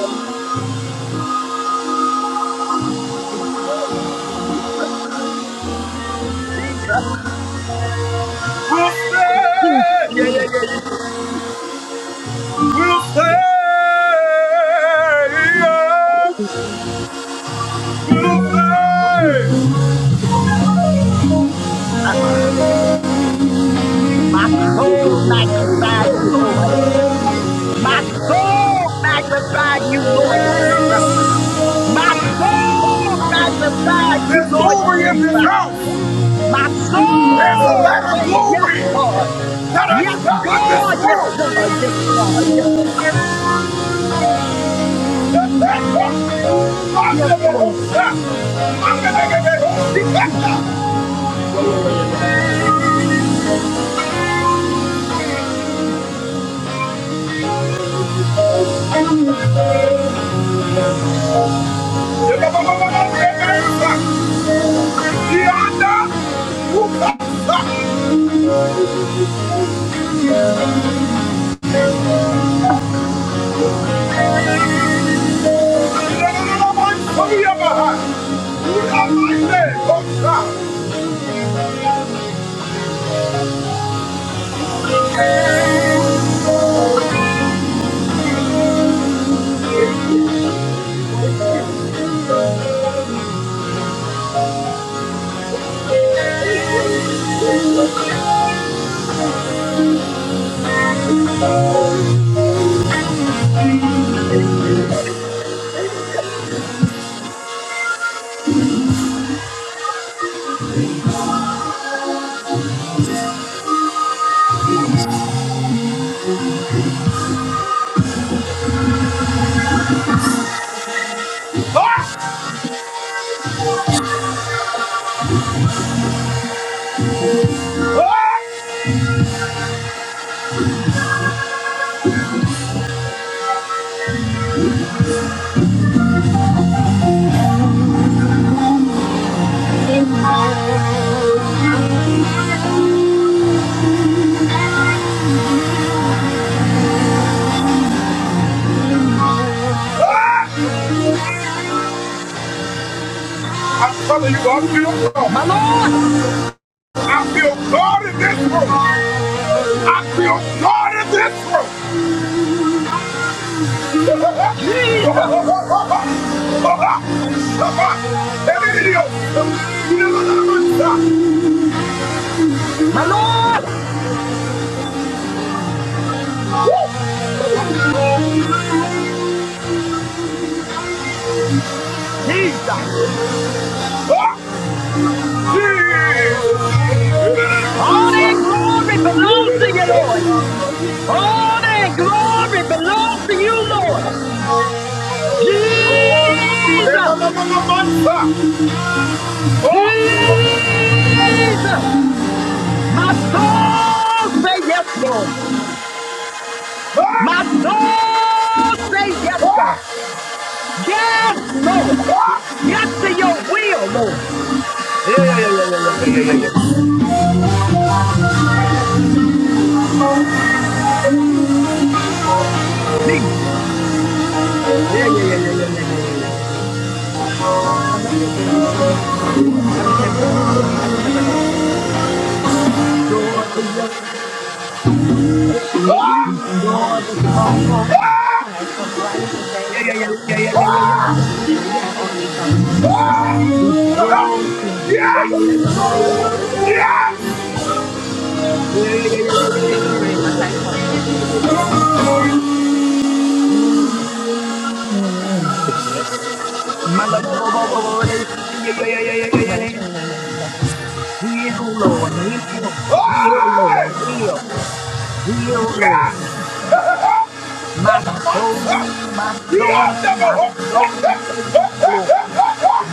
Jesus, peace. Yeah, yeah, yeah, yeah. Jesus, Jesus. My soul magnify you, Lord. My soul magnify you, Lord Jesus. My soul magnify you, Lord Jesus. My soul say yes, God. Yes, God. Yes, God. Yes, God. Yes,
here!
yes, Lord. Yeah, yeah, yeah, yeah, yeah, yeah, yeah. yeah.
Yeah, was
It's- it's you. It's you. It's My Lord Jesus, my Lord Jesus, all that glory belongs to you, Lord. All that glory belongs to you, Lord Jesus. Jesus, my soul say yes, Lord. My soul say yes, God. Yes, Lord. Yes to your will, Lord. Yeah, yeah, yeah, yeah, yeah, yeah, yeah, yeah, yeah, yeah. Jesus. Yeah, yeah, yeah, yeah, yeah, yeah, yeah, yeah, Restore the yoke,
so
restore the
pretty.
yoke,
What is she, eight?
restore
Nine.
the stronghold.
Hi, I'm Riley
yeah.
Bethay with
Yeah, yeah,
South
yeah, yeah, yeah, yeah, yeah,
Carolina.
yeah, yeah. yeah, yeah, yeah,
I
yeah.
owe eight dollars and eighty-three cents. Thank you.
No. Yeah, yeah, yeah, yeah, yeah, yeah, yeah, yeah, yeah. Yeah, yeah, yeah,
Thank you very much.
yeah,
I
yeah,
apologize.
yeah,
I did it.
yeah, yeah, yeah.
They did it?
My
Oh, they
Lord, yeah,
they did a
yeah, yeah,
birth.
yeah, yeah, yeah, yeah,
Nine
yeah.
twenty-nine ninety-seven.
Heal, Lord, heal, heal, Lord, heal, heal, Lord, Jesus. My soul, my soul, my soul, say yes, Lord.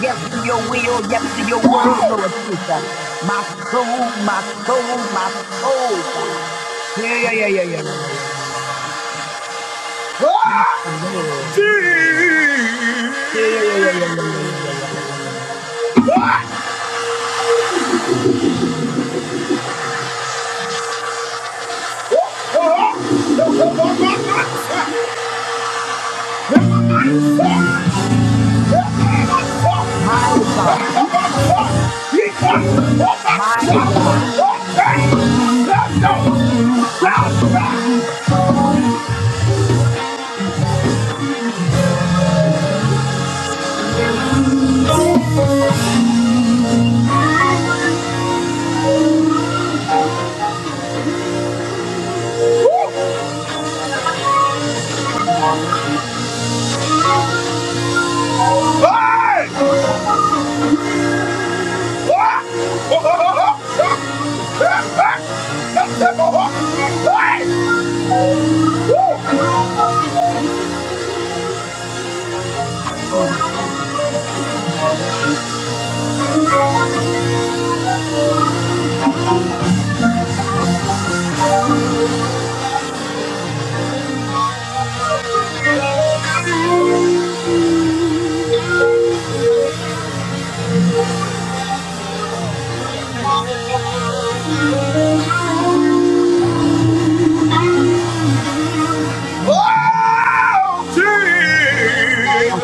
Yes to your will, yes to your word, Lord Jesus. My soul, my soul, my soul. Yeah, yeah, yeah, yeah, yeah, yeah, yeah, yeah. yeah. Yes, Lord. Yeah, yeah, yeah, yeah, yeah, yeah, yeah, yeah, yeah, yeah, yeah. yeah. Yeah, yeah. yeah. Mighty God, mighty God, mighty God.
Yeah.
I'm sorry. Oh, okay, then I think I'll just.
Yes,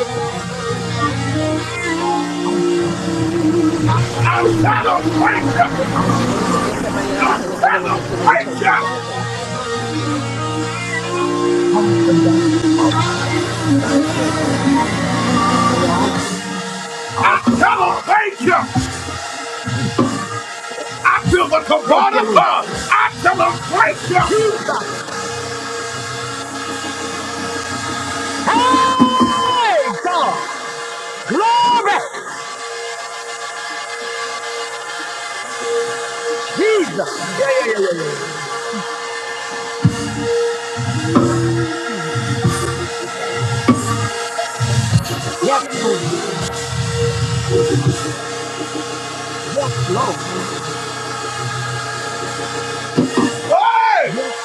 Two two different ones.
You're
One is an antibiotic and the other one is the mini for her face.
awesome, God. Oh,
Nah, they just made a price up for
You're awesome, awesome, Father. Jesus. Thank you, Lord. Jesus. Hey, God. Glory. Jesus. Yeah, yeah, yeah, yeah, yeah, yeah. yeah. Mm.
it.
Yes, Lord. Yes, Lord.
Hey!
Yes,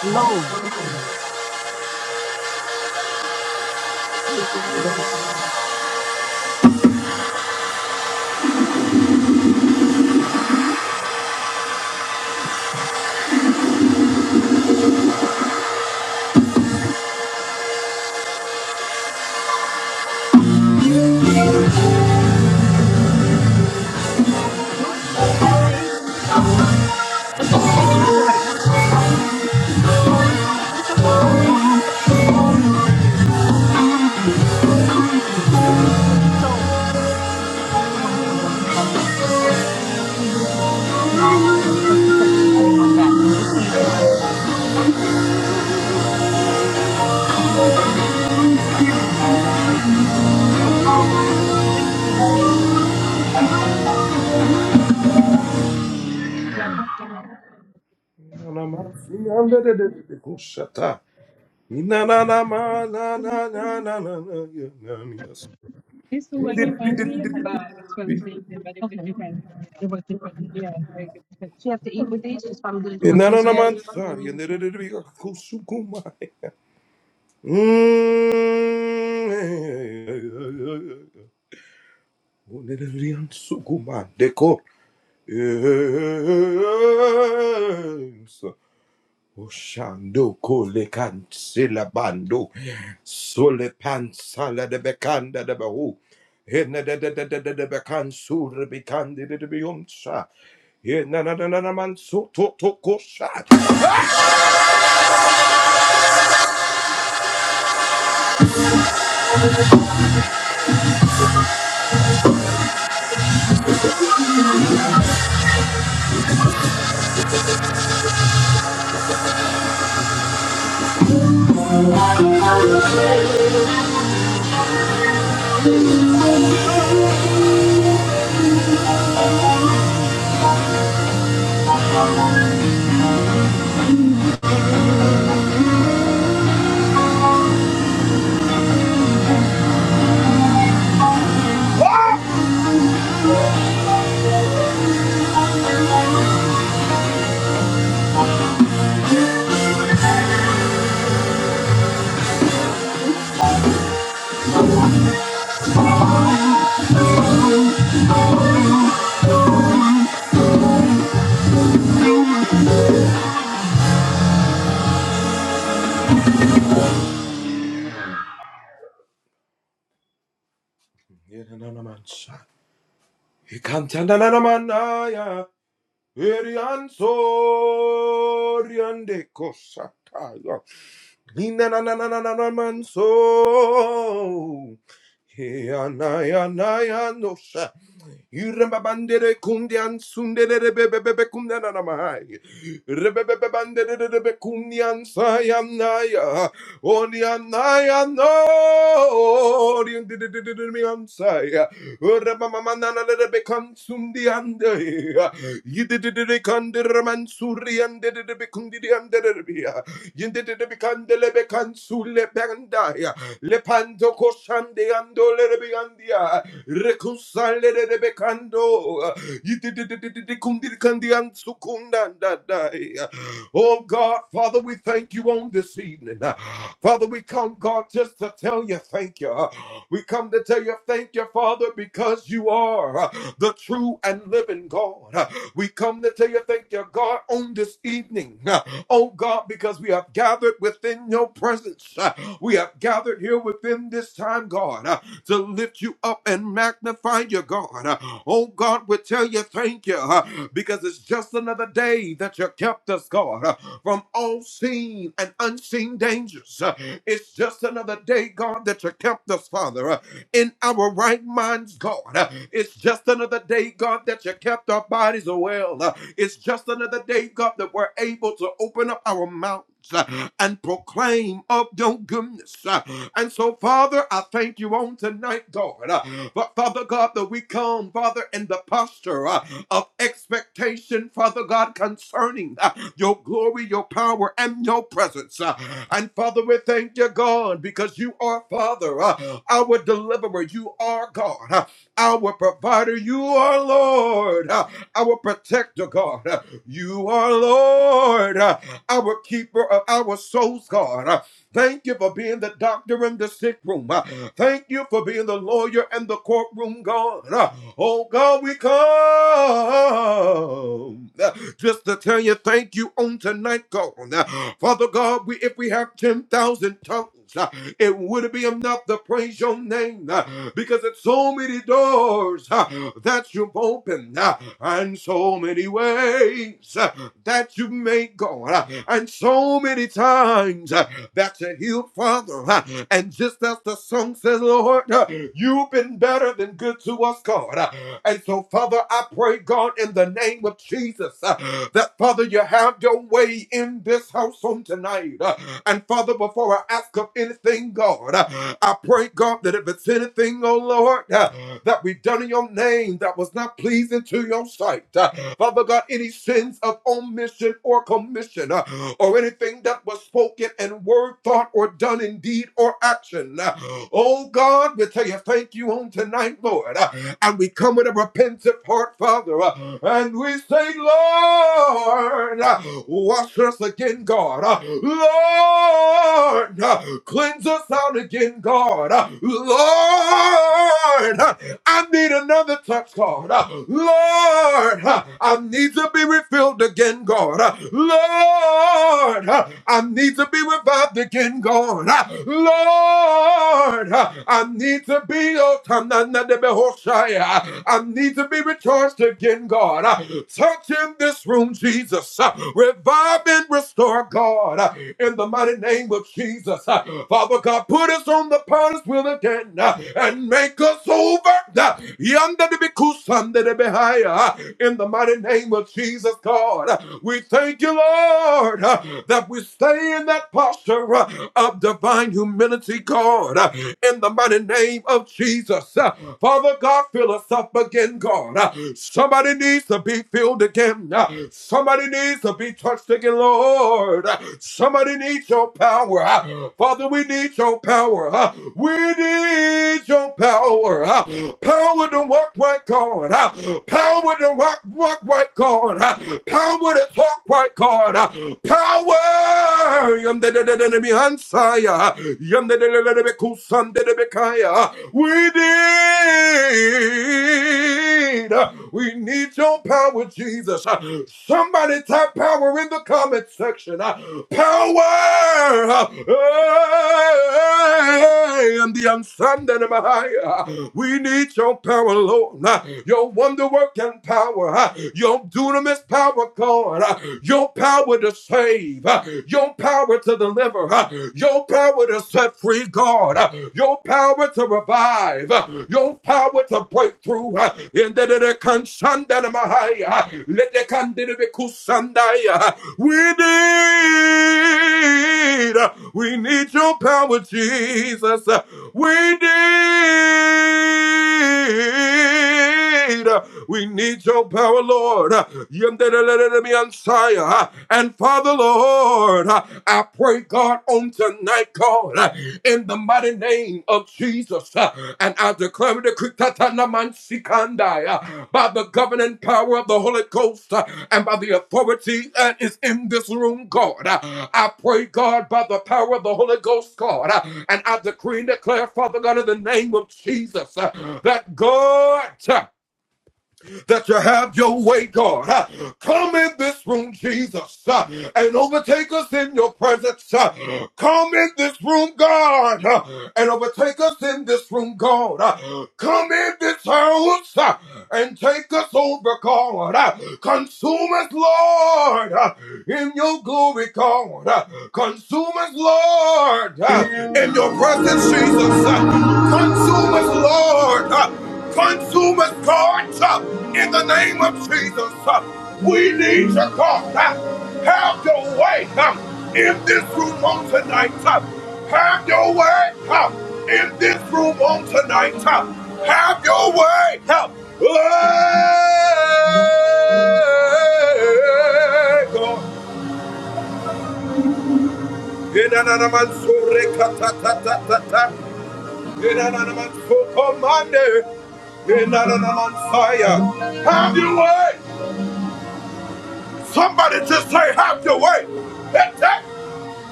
Excuse me. I just want to make sure it's the right one. Is I talk for me? So this is the one for the marginal section. Yeah, I think both of them. No, because she said she was putting one back, and this one is for. This was two. Yeah, she put one of these back. Oh, It the same as chicken pot. It's the chicken one back. So what's this? I think it's for the same thing. These two work differently, but it's for the same thing, but it's okay. different. It was different. Yeah, it was different. She have to eat with these. Yeah, you're going instructions.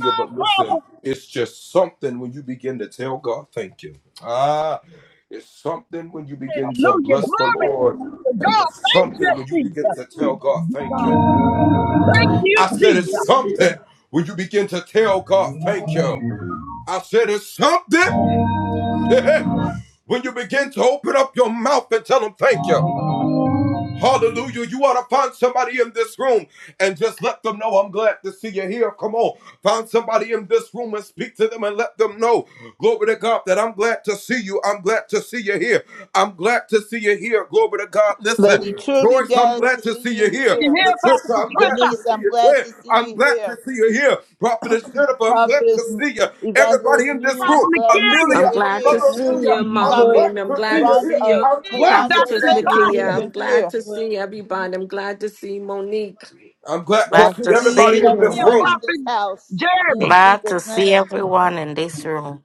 Lord. Hallelujah. Glory to God. Thank you, Jesus. Thank you, Jesus.
Lady, truly glad to see you
See you
here.
here, Pastor Patricia.
Denise, I'm glad to see you here. Prophetess Evangelist Mimi,
Prophet
glad to
McKillian.
see
I'm
you
glad to
here.
Glad to
see
see
you,
you,
Mama
Joyce.
Prophet
Mimi. I'm
I'm glad
glad to
Ron,
to
see
uh,
you,
see
See you,
Keandre,
Dr.
Prophetess
you.
glad to see
Okay.
Natasha.
Nakia.
Hallelujah.
you
I'm
I'm
glad
here.
to
glad
see
to see you.
everybody. I'm glad to see Monique.
Glad
Glad
to
to
see each and
see
every
See
you.
you,
one in
Prophet
this house.
Jeremy.
In
Glad to
Jesus'
see
name.
everyone in this room.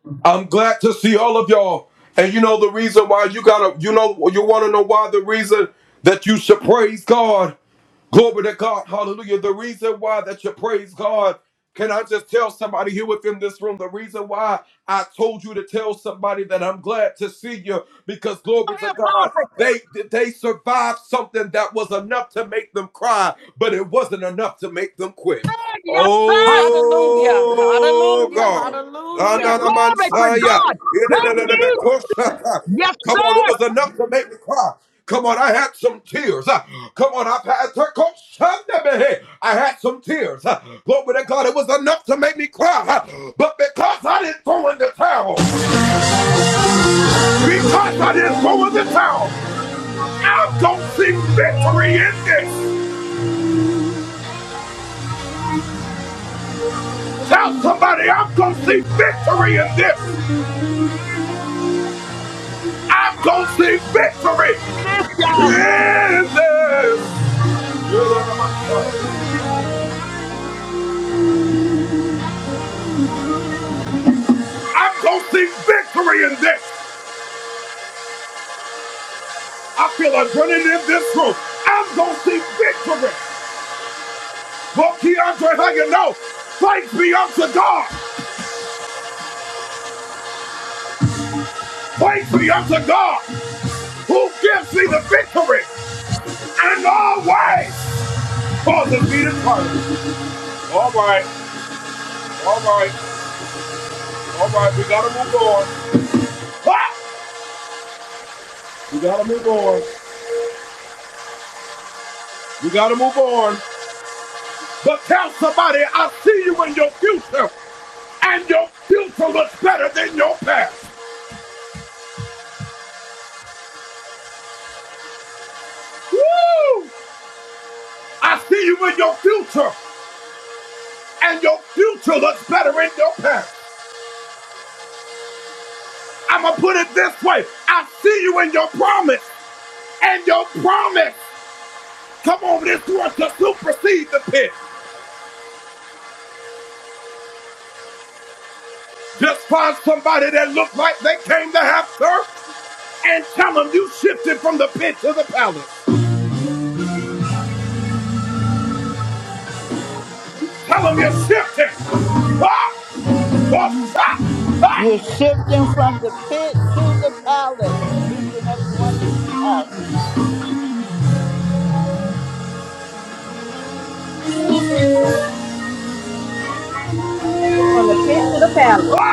I'm Prophet. Thank you, yes, sir.
Hallelujah. Hallelujah.
Hallelujah.
Hallelujah.
Glory to God. Thank you. Yes, sir. In this,
Just find somebody that looked like they came to have church and tell them you shifted from the pit to the palace. Tell them you shifted. Ah! Oh, ah! Ah!
You're shifting from the pit to the palace. Each and every one in this house.
I shook it from the pit to the palace.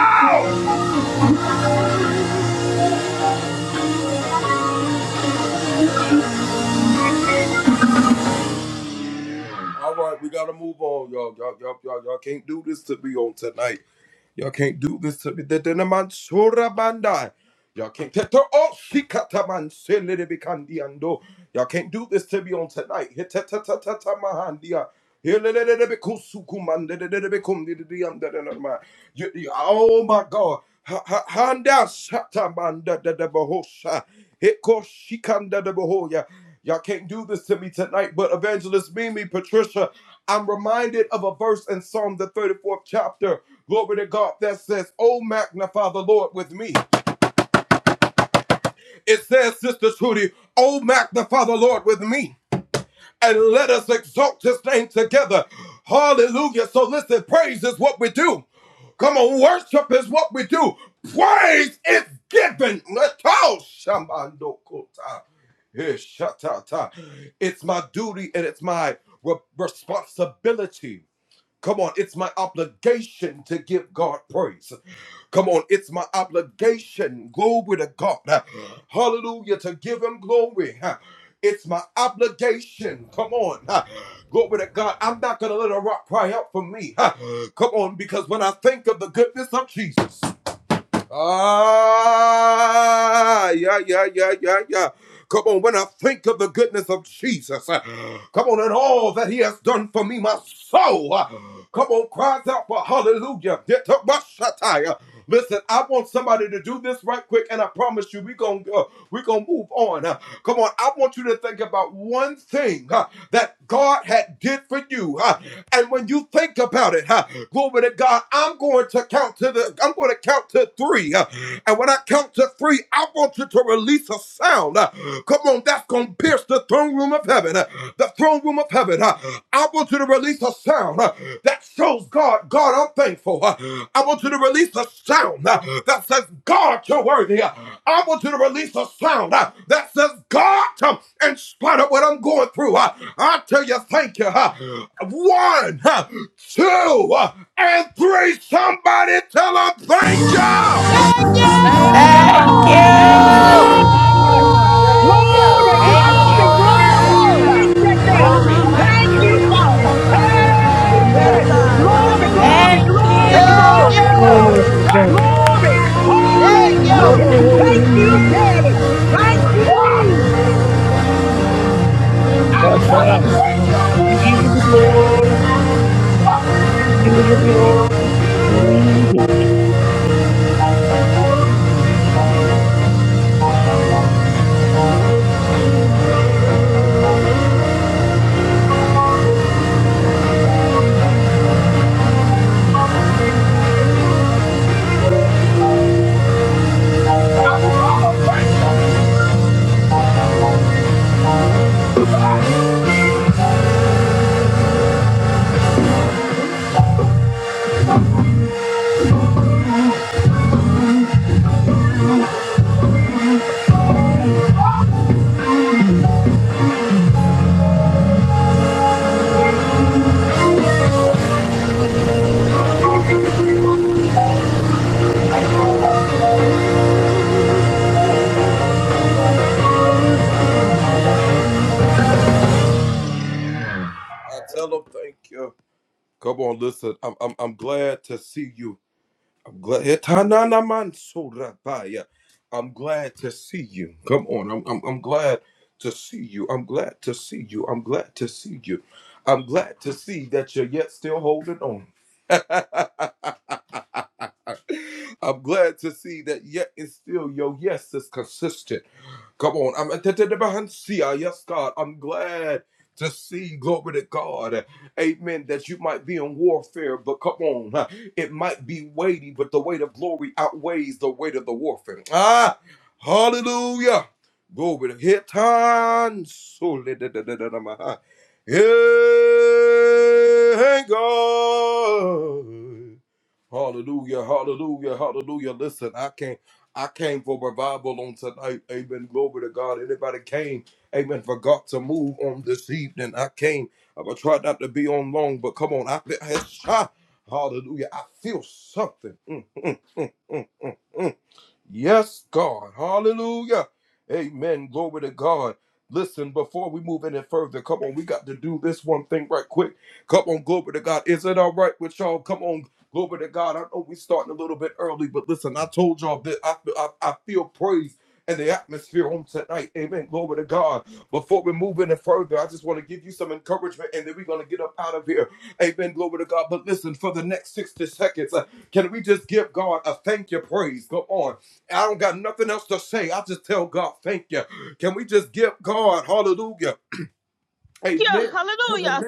Thank
Thank you,
Thank
Lord. Thank you.
Thank
you.
you.
y'all.
Thank you,
Thank you.
Lord.
Thank you.
Thank you.
Glory,
Thank
glory,
you.
Hallelujah.
glory.
Thank
you!
Thank
you.
you, Daddy.
Glory. Thank
Thank
Thank you.
you,
you.
Thank you.
Father.
Ha-ma-ma-she-do-do-sa. Thank
Hey!
you.
Hallelujah.
Glory,
Hallelujah.
glory,
Thank
glory,
Ah!
Thank
you.
glory,
you.
Glory
glory,
to God.
glory.
Thank
Hallelujah.
you.
Thank you,
Glory.
Daddy. Thank
Ah!
you.
Sata. We give you the glory. We give you the glory. Hallelujah.
Yeah, hallelujah.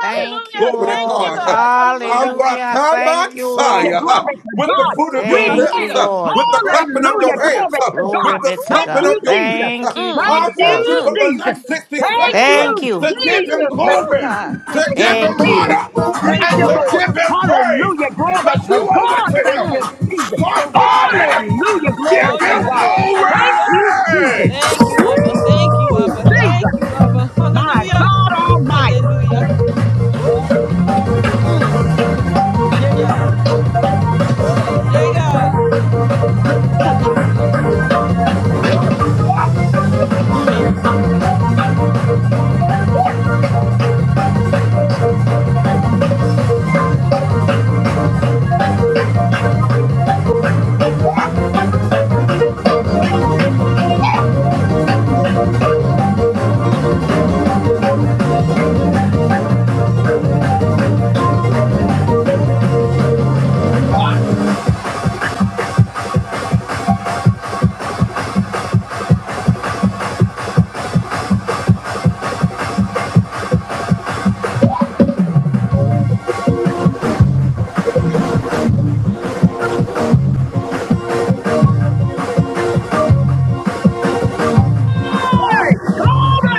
Thank you,
Thank you,
Lord.
God. Hallelujah.
Hallelujah. Thank you,
Hallelujah.
Lord.
Glory to God.
Ooh,
We
Thank you,
made it.
hallelujah.
Lord.
Thank you,
Hallelujah.
Father.
Glory to God.
Glory be to
Thank you,
God.
Jesus.
Thank you,
Mm,
Thank you,
Jesus.
mm.
Jesus.
Thank you,
Thank you,
Father.
Thank you.
Jesus. Thank
Oh,
you,
God.
Jesus.
Thank
Thank
you,
you,
Lord.
Thank
Jesus.
you.
Thank
Thank
you,
you,
Lord.
Lord.
Hallelujah.
Hallelujah. Glory to
Ooh,
God. Thank you,
mm.
Jesus.
So good, Father.
Hallelujah. Glory
Oh,
to
yes,
God.
Lord.
Thank
Hallelujah.
you, Jesus.
Thank you, Abba. Thank you,
Woo!
Abba. Thank
Jesus.
you, Abba.
My
Hallelujah.
God Almighty.
Hallelujah. Ooh, mm. Yay, God. Ooh, yay, God. Hallelujah. Ooh. mm.
Glory. Glory.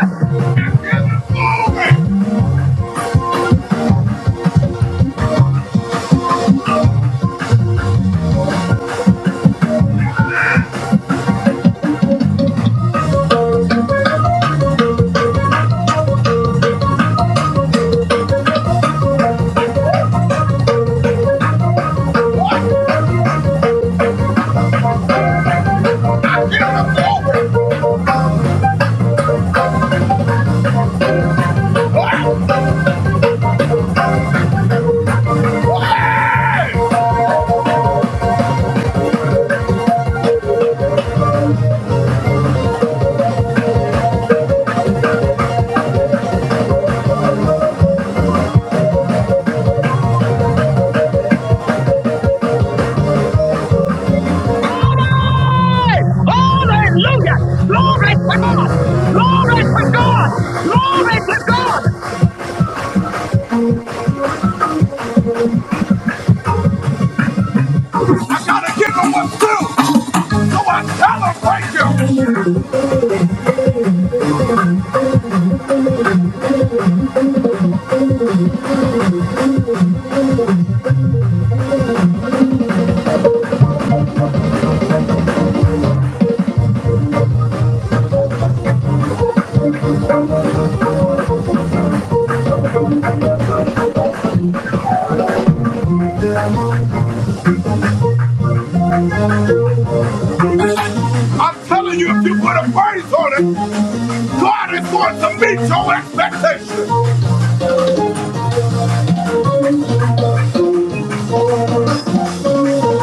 Glory! Hallelujah! Glory to God! Glory to God! Glory to God!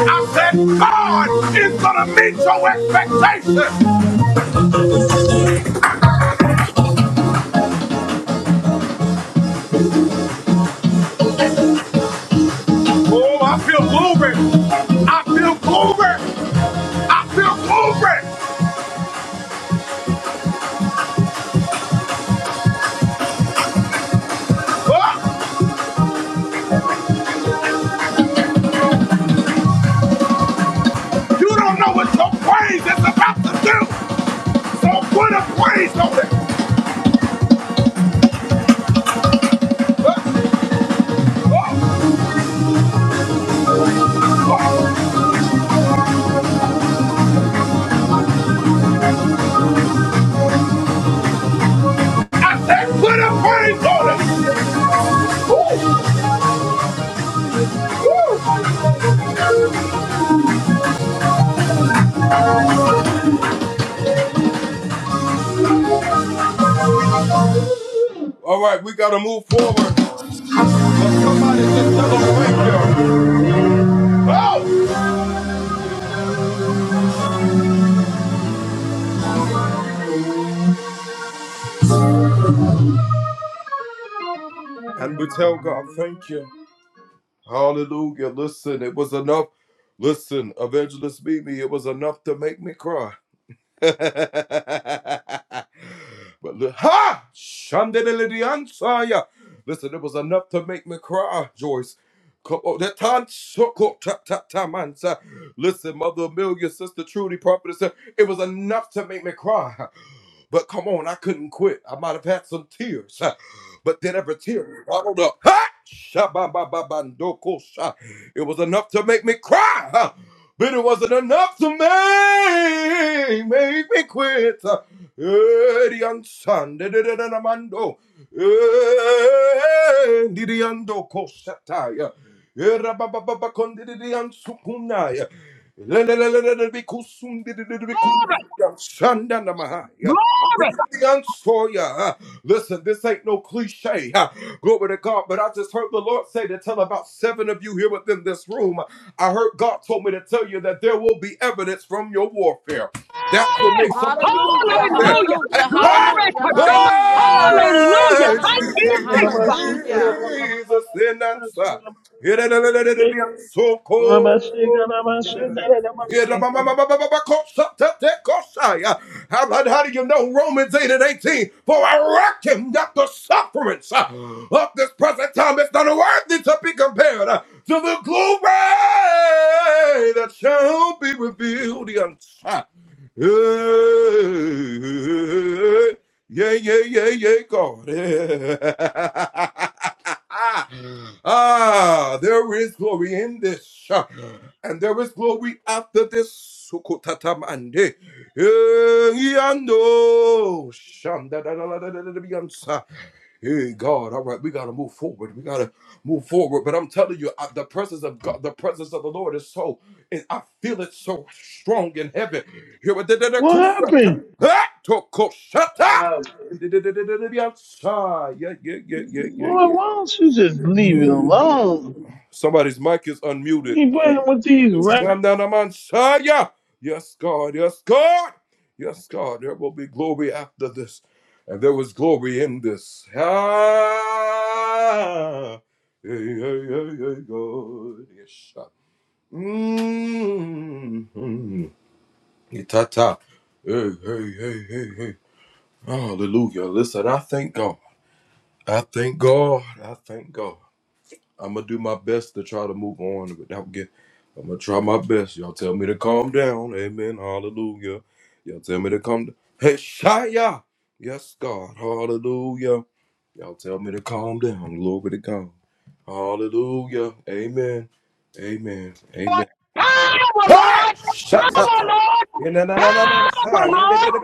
I said God is going to meet your expectations. Oh, I feel glory. I feel glory. I feel glory. Oh, put a praise on it.
Glory! Glory! Hey!
Hallelujah.
Hallelujah!
Hallelujah.
Glory
Hallelujah.
to God!
Hallelujah. Hallelujah.
Hallelujah! Thank you,
Hallelujah.
Jesus!
Hallelujah.
Hallelujah. What happened? Boy, why don't you just leave it alone? You playing with these rap
Power, Lord! Power, Lord! Power, Lord!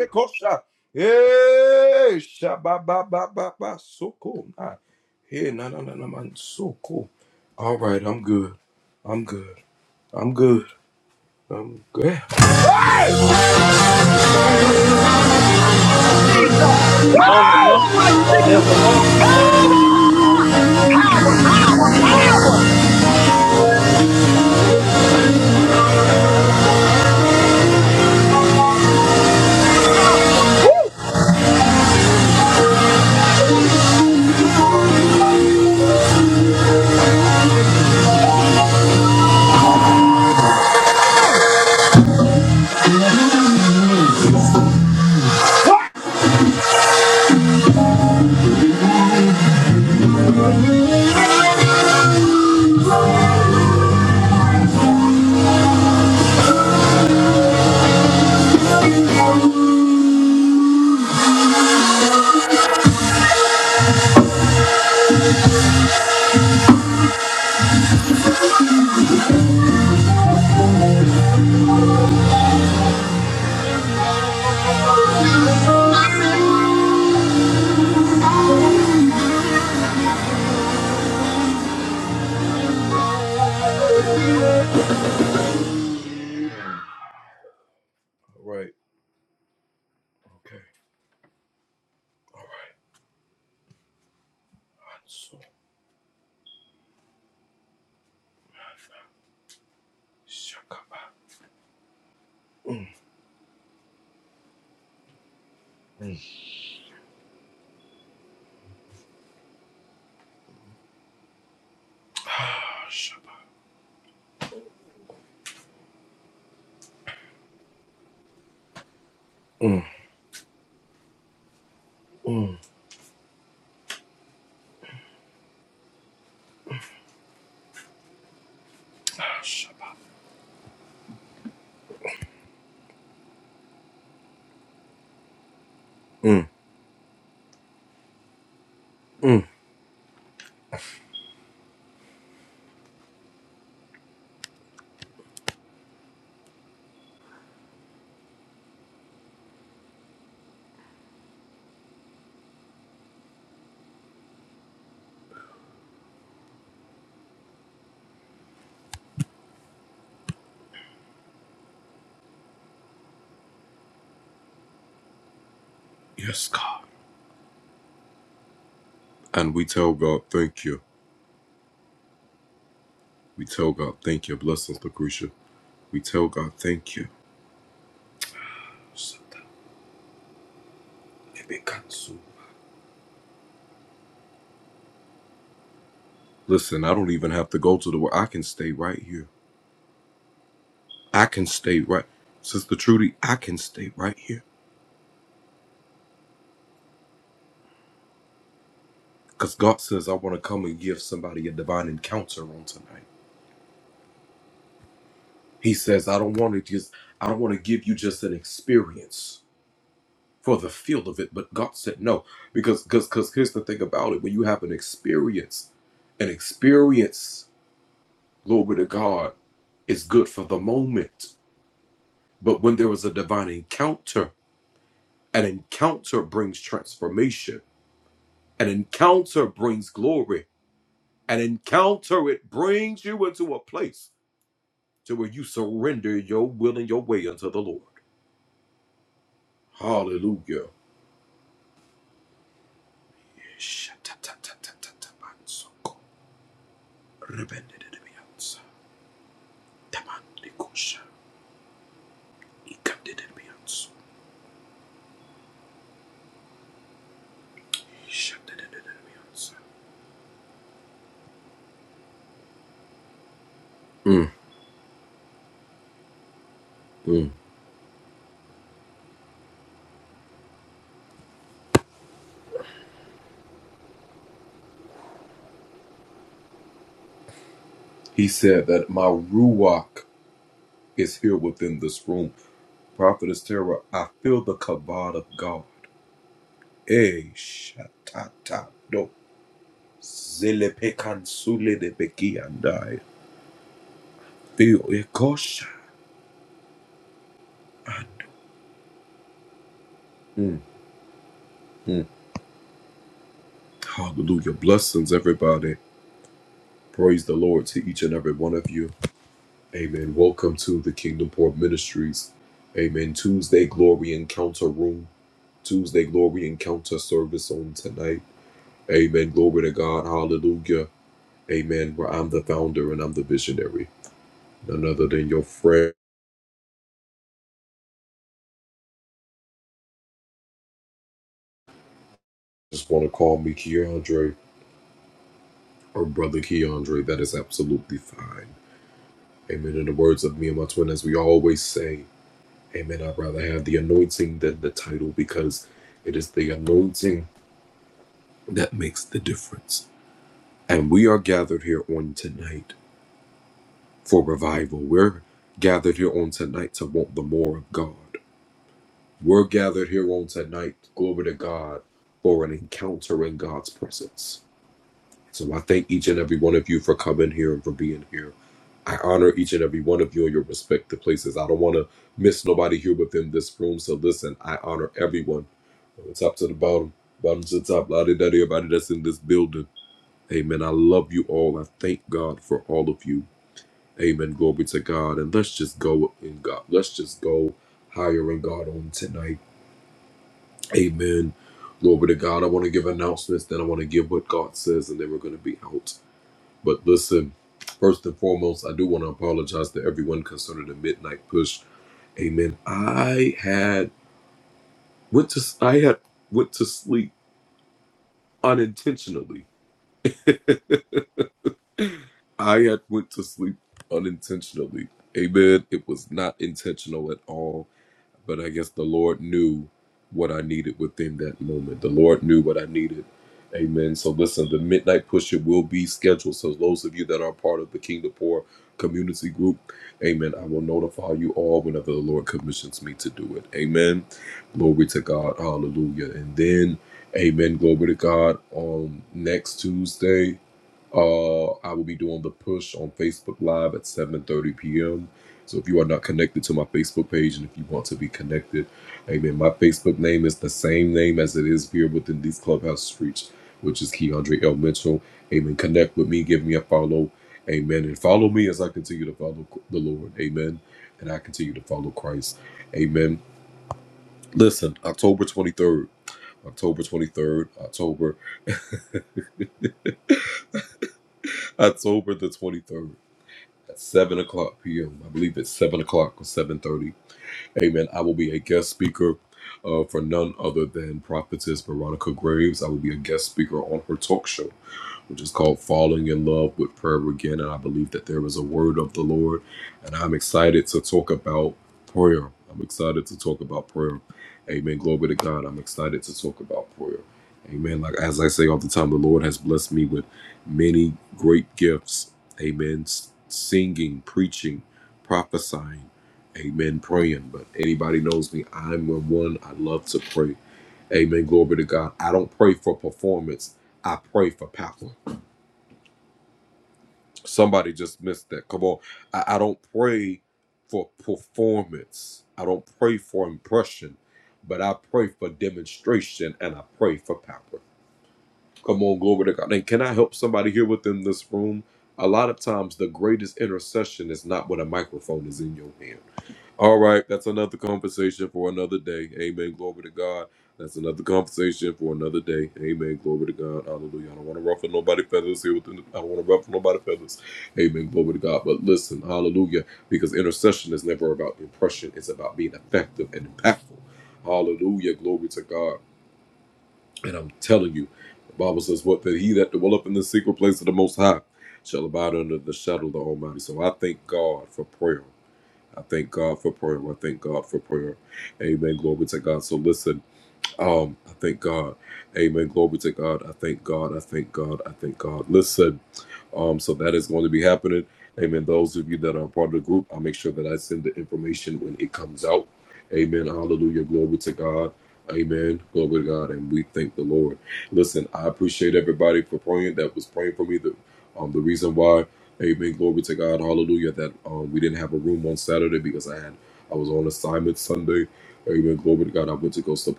Jesus!
never long
Power,
and
Jesus!
never long.
Power! Power, power, power! Jesus!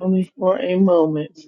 Only for a moment.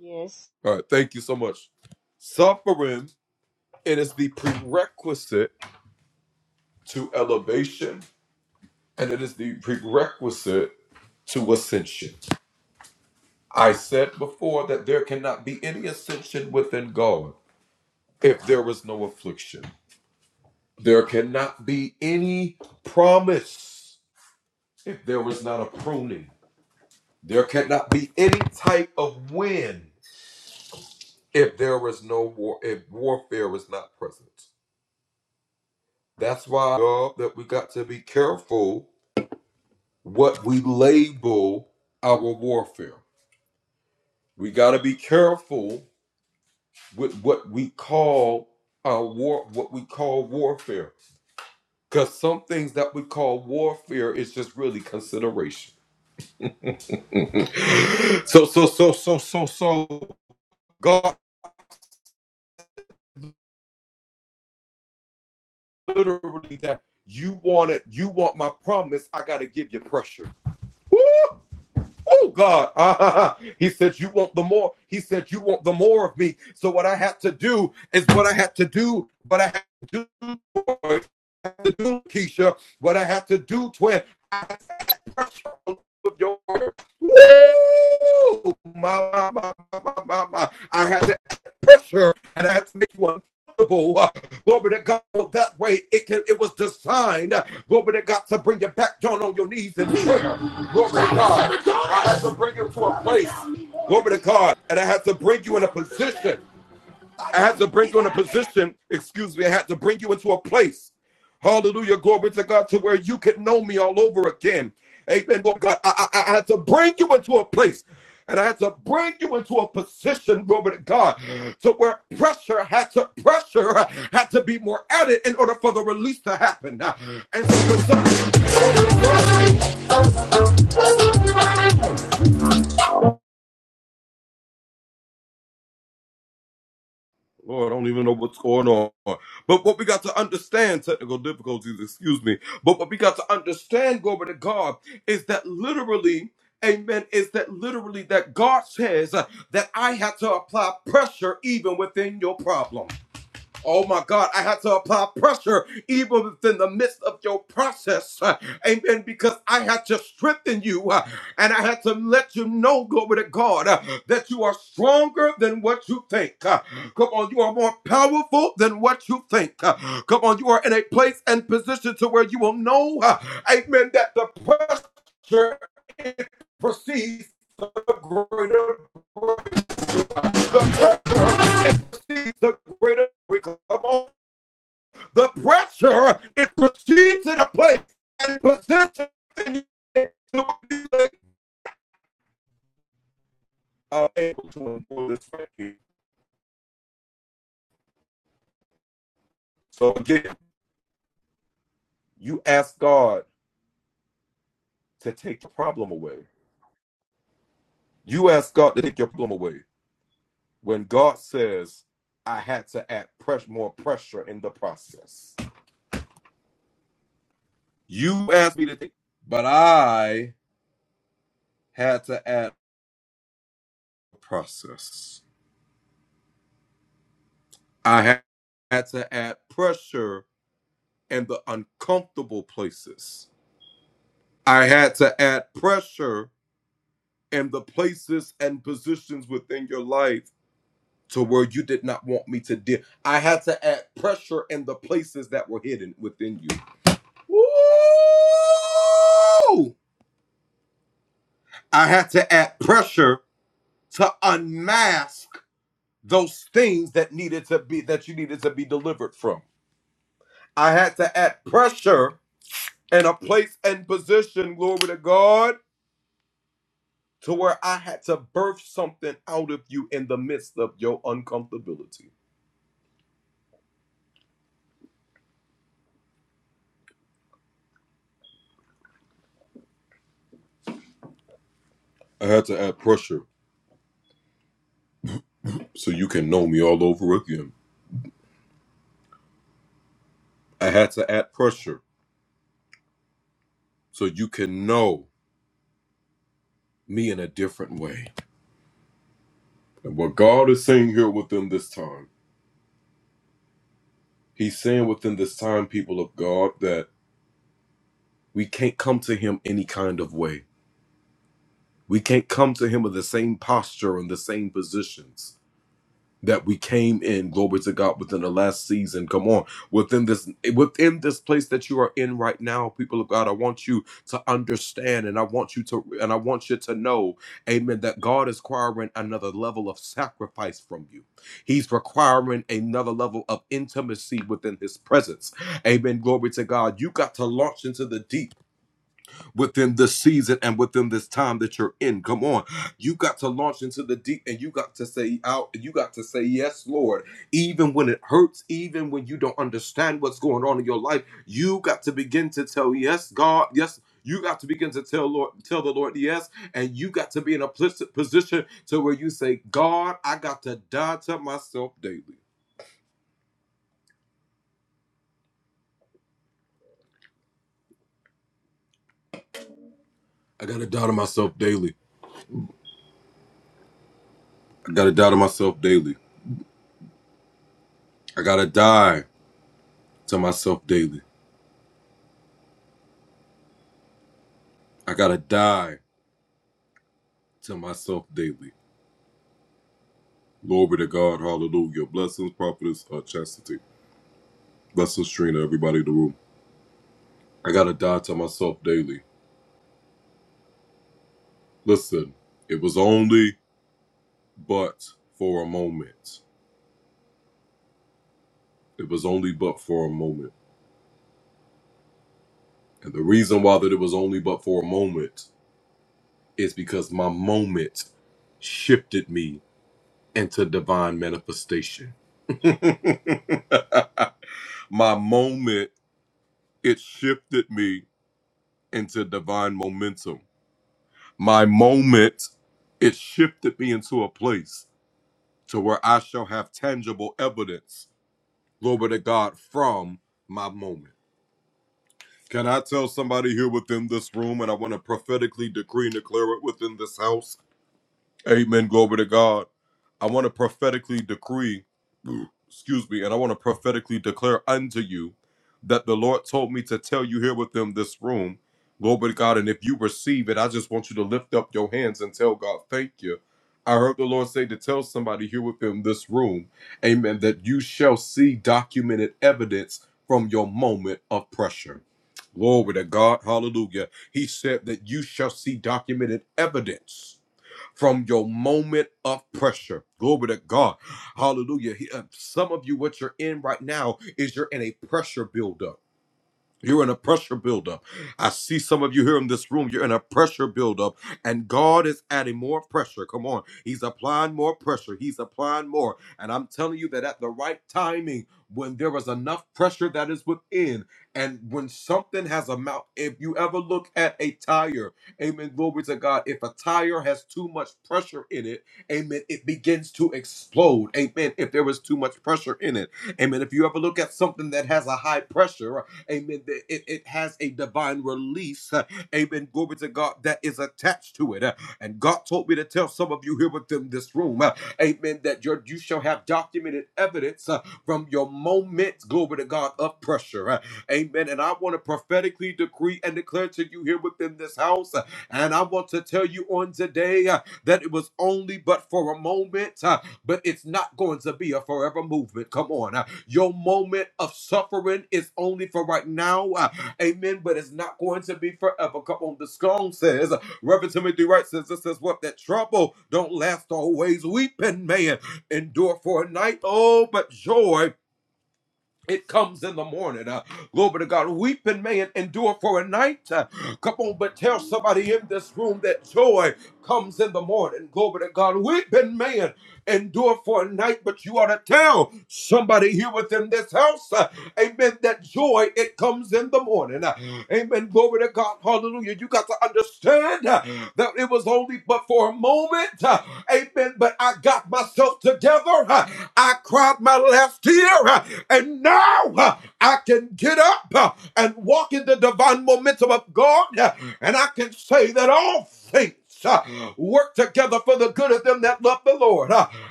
Yes,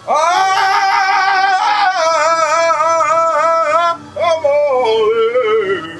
Ah, I'm all in.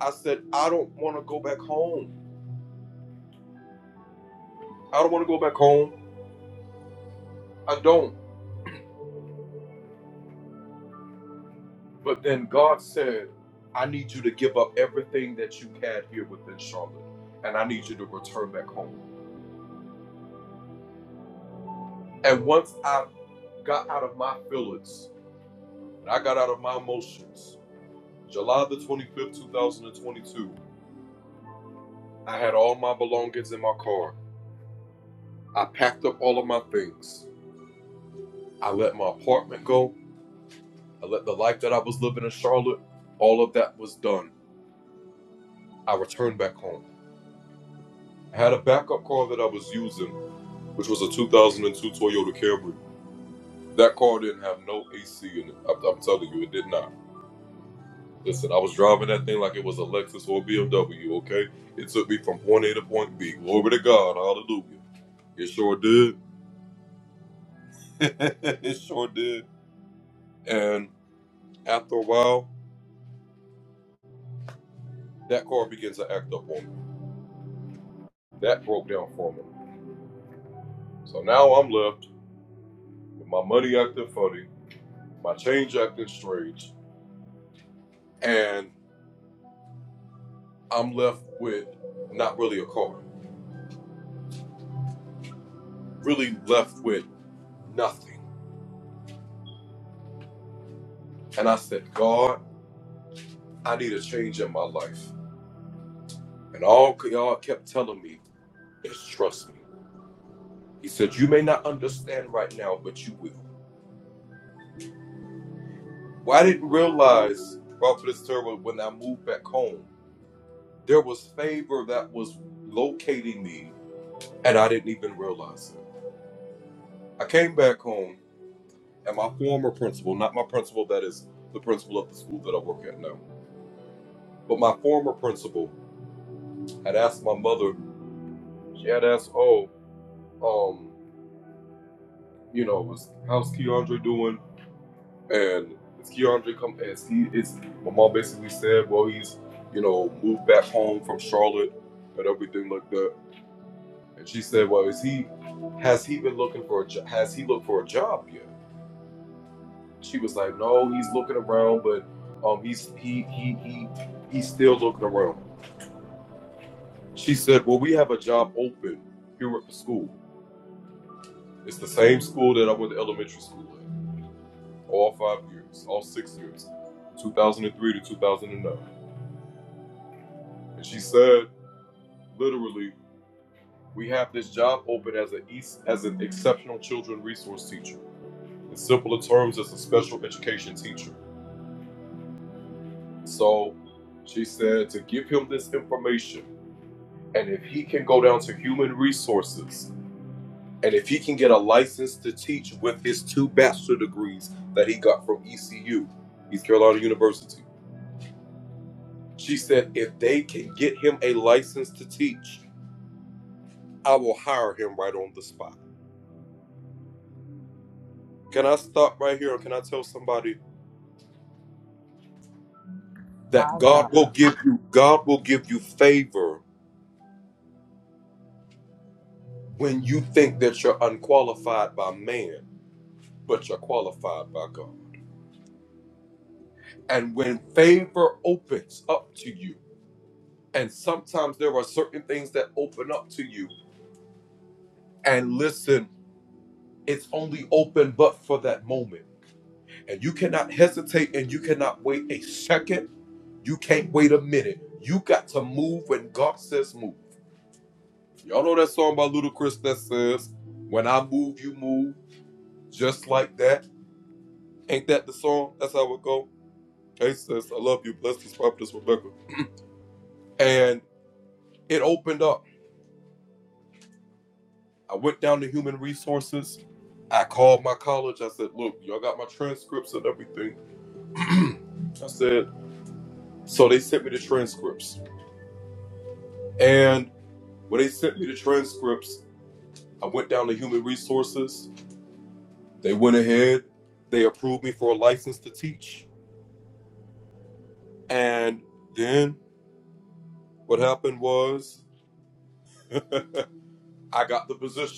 I said, I don't want to go back home. I don't want to go back home. I don't. you had here within Charlotte, need you to return back home. And got out of my most.
My God.
what happened was the position.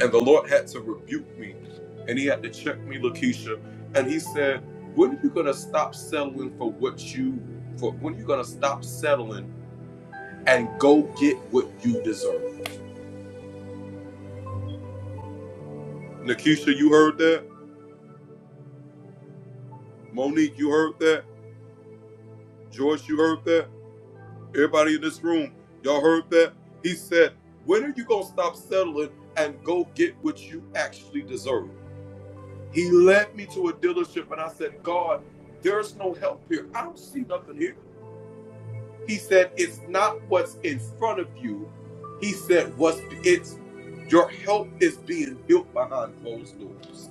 And the Lord had to rebuke me and he had to check me, Lakeisha. And he said, When are you gonna stop settling for what you for when are you gonna stop settling and go get what you deserve? Nakisha, you heard that? Monique, you heard that? George, you heard that? Everybody in this room, y'all heard that? He said, When are you gonna stop settling and go get what you actually deserve? He led me to a dealership and I said, God, there's no help here. I don't see nothing here. He said, It's not what's in front of you. He said, What's it's your help is being built behind closed doors.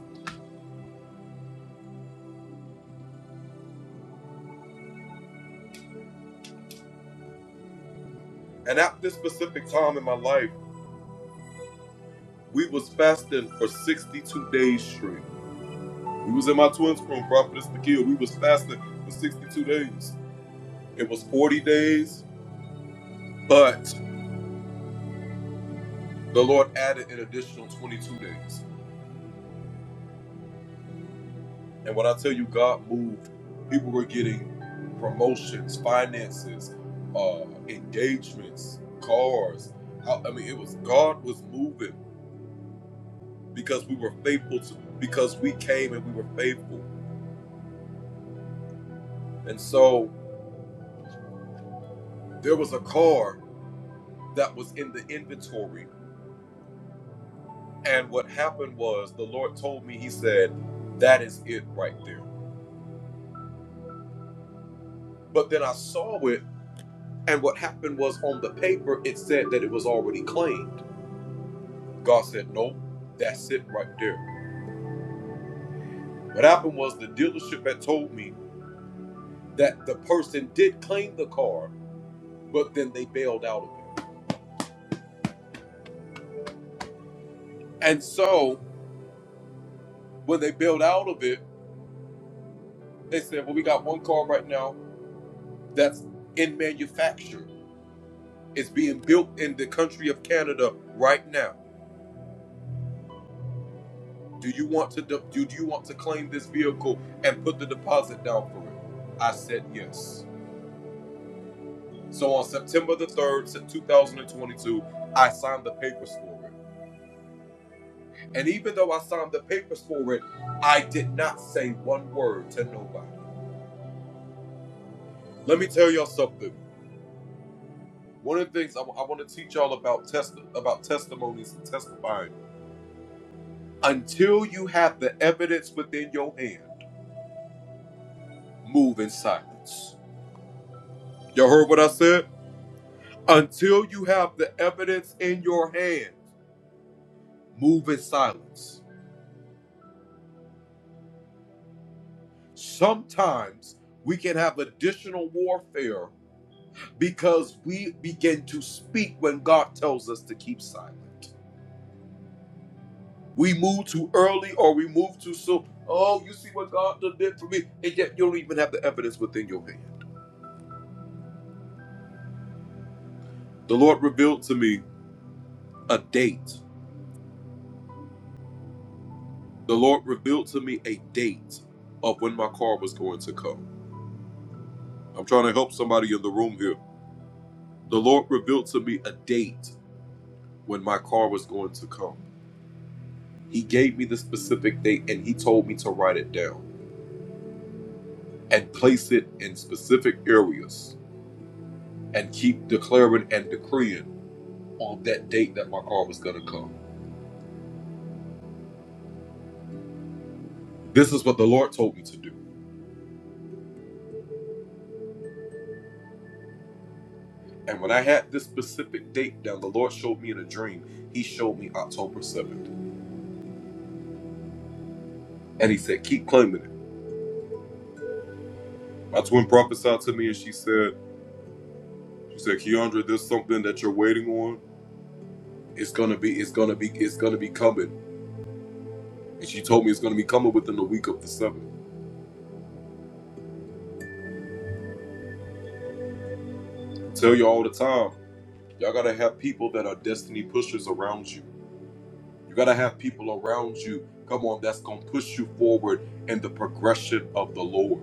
You gotta have people around you. Come on, that's gonna push you forward in the progression of the Lord.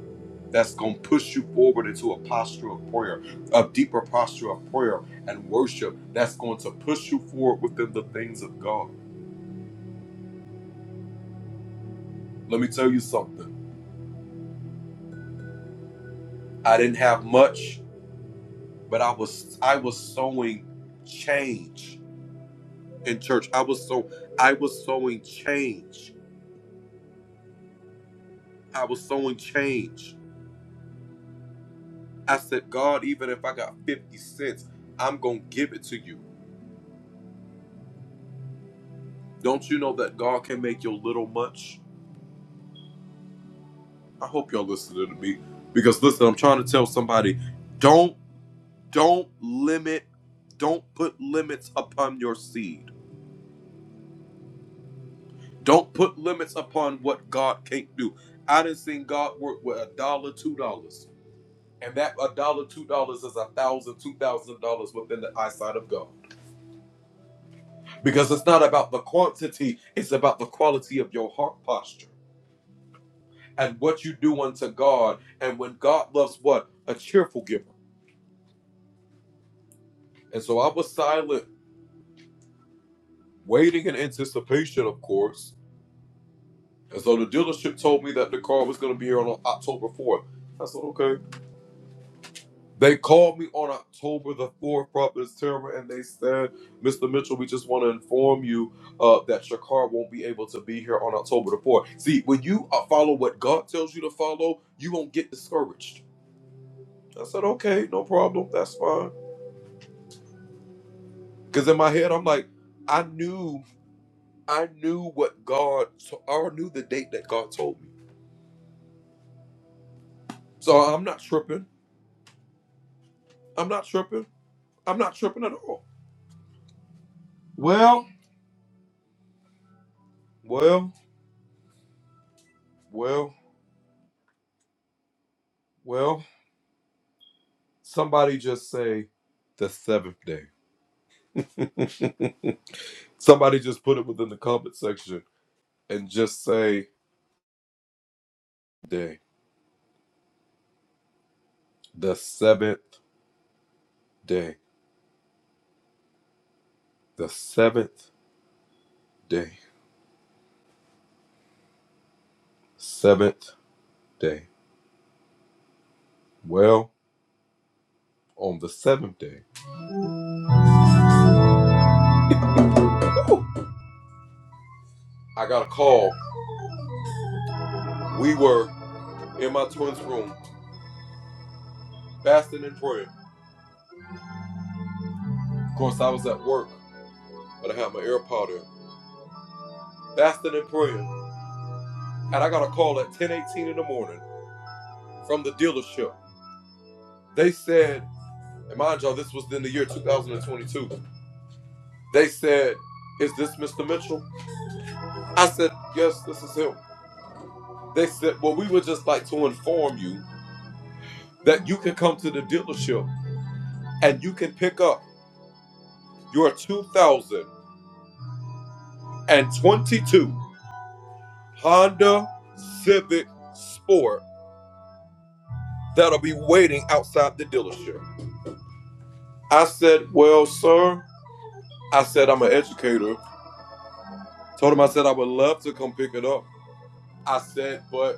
That's gonna push you forward into a posture of prayer, a deeper posture of prayer and worship. That's going to push you forward within the things of God. Let me tell you something. I didn't have much, but I was I was sowing change. in church. I was so I was sowing change. I was sowing change. I said, God, even if I got 50 cents, I'm gonna give it to you. Don't you know that God can make your little much? I hope y'all listening to me. Because listen, I'm trying to tell somebody, don't don't limit, don't put limits upon your seed. Don't put limits upon what God can't do. I done seen God work with a dollar, two dollars. And that a dollar, two dollars is a thousand, two thousand dollars within the eyesight of God. Because it's not about the quantity, it's about the quality of your heart posture and what you do unto God. Well, well, well, well, somebody just say the seventh day. Somebody just put it within the comment section and just say day, the seventh day. That you can come to the dealership and you can pick up your 2022 Honda Civic Sport that'll be waiting outside the dealership. I said, Well, sir, I said, I'm an educator. Told him I said, I would love to come pick it up. I said, But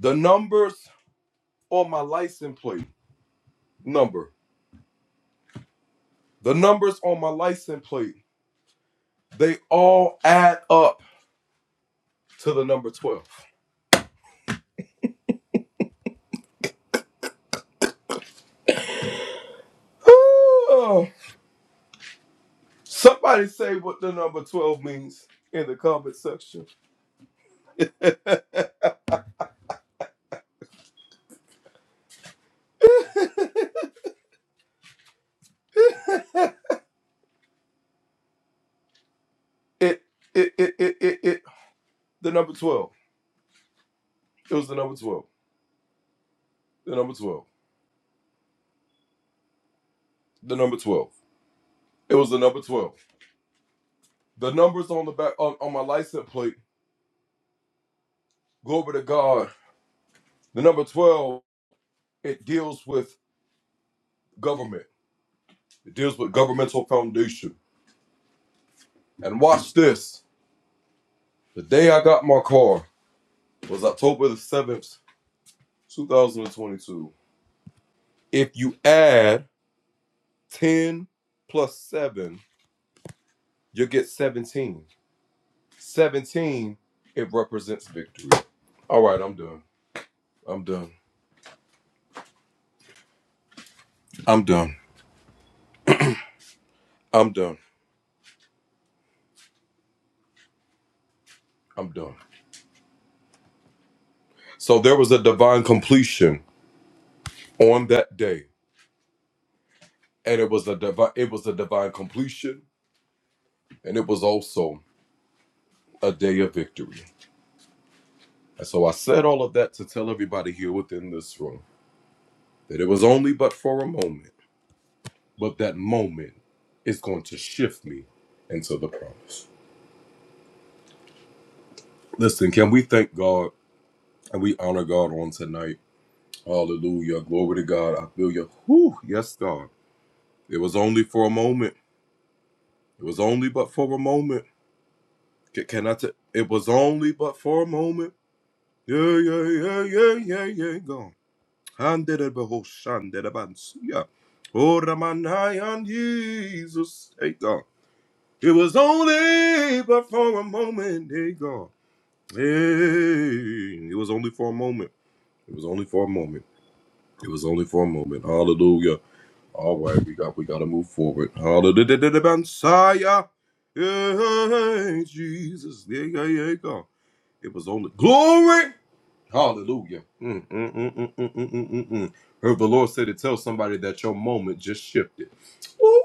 the numbers on my license plate, number, they add up the number 12. It was the number 12. The numbers on the back on, on my license plate, glory to God, the number 12, it deals with government. It deals with governmental foundation. And watch this. The day I got my car, October the 7th, 2022. If you add 10 plus 7, you'll get 17. 17, it represents victory. All right, I'm done. I'm done. I'm done. I'm done. I'm done. So, listen, can we thank God and we honor God on tonight? Hallelujah. Glory to God. I feel you. Whew. Yes, God. It was only for a moment. It was only but for a moment. Can, can I t- It was only but for a moment. Yeah, yeah, yeah, yeah, yeah, yeah, go. Handed it behold, shanded a bands. yeah. Oh, Raman, high on Jesus, hey, God. It was only but for a moment, hey, God. Hey, it was only for a moment. It was only for a moment. It was only for a moment. Hallelujah. All right, we got, we got to move forward. Hallelujah, Messiah. Yeah, Jesus, yeah, yeah, yeah, God. It was only glory. Hallelujah. Mm, mm, mm, mm, mm, mm, mm, mm, mm. Heard the Lord say to tell somebody that your moment just shifted. Woo!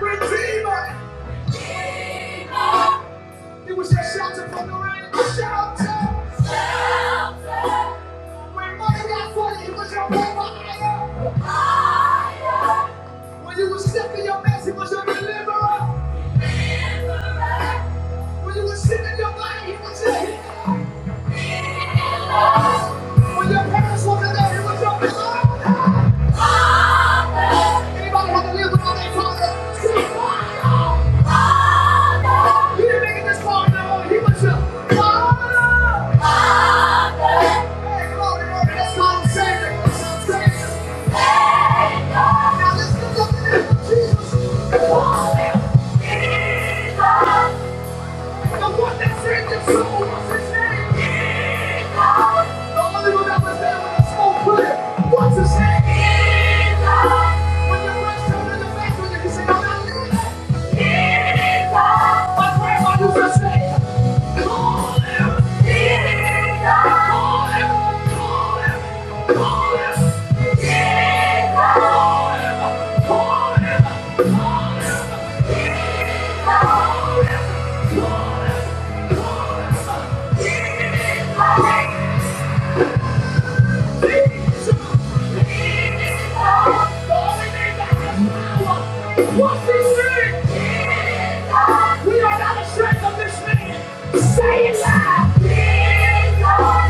Redeemer. It was a shelter from the rain. It was shelter. Shelter. When money got funny, it was your provider. Provider. When you were sick in your mess, it was your deliverer. Deliverer. When you were sick in your body, it was your healer. When your parents walked in there, it was your father. Anybody had to live without their father? Father. Father. You didn't make it this far in the morning. He was your father. Father. Hey, glory, glory. That's called Savior. That's called Savior. Savior. Now let's look up to Jesus. Jesus. The one that saved your soul, what's his name? Jesus! The only one that was there when the smoke cleared, what's his name? Jesus! When your friends tell you the face, when you say, I'm not leaving. Jesus! My grandma used to yeah. What we sing? We are not ashamed of this man. Say it loud. Jesus.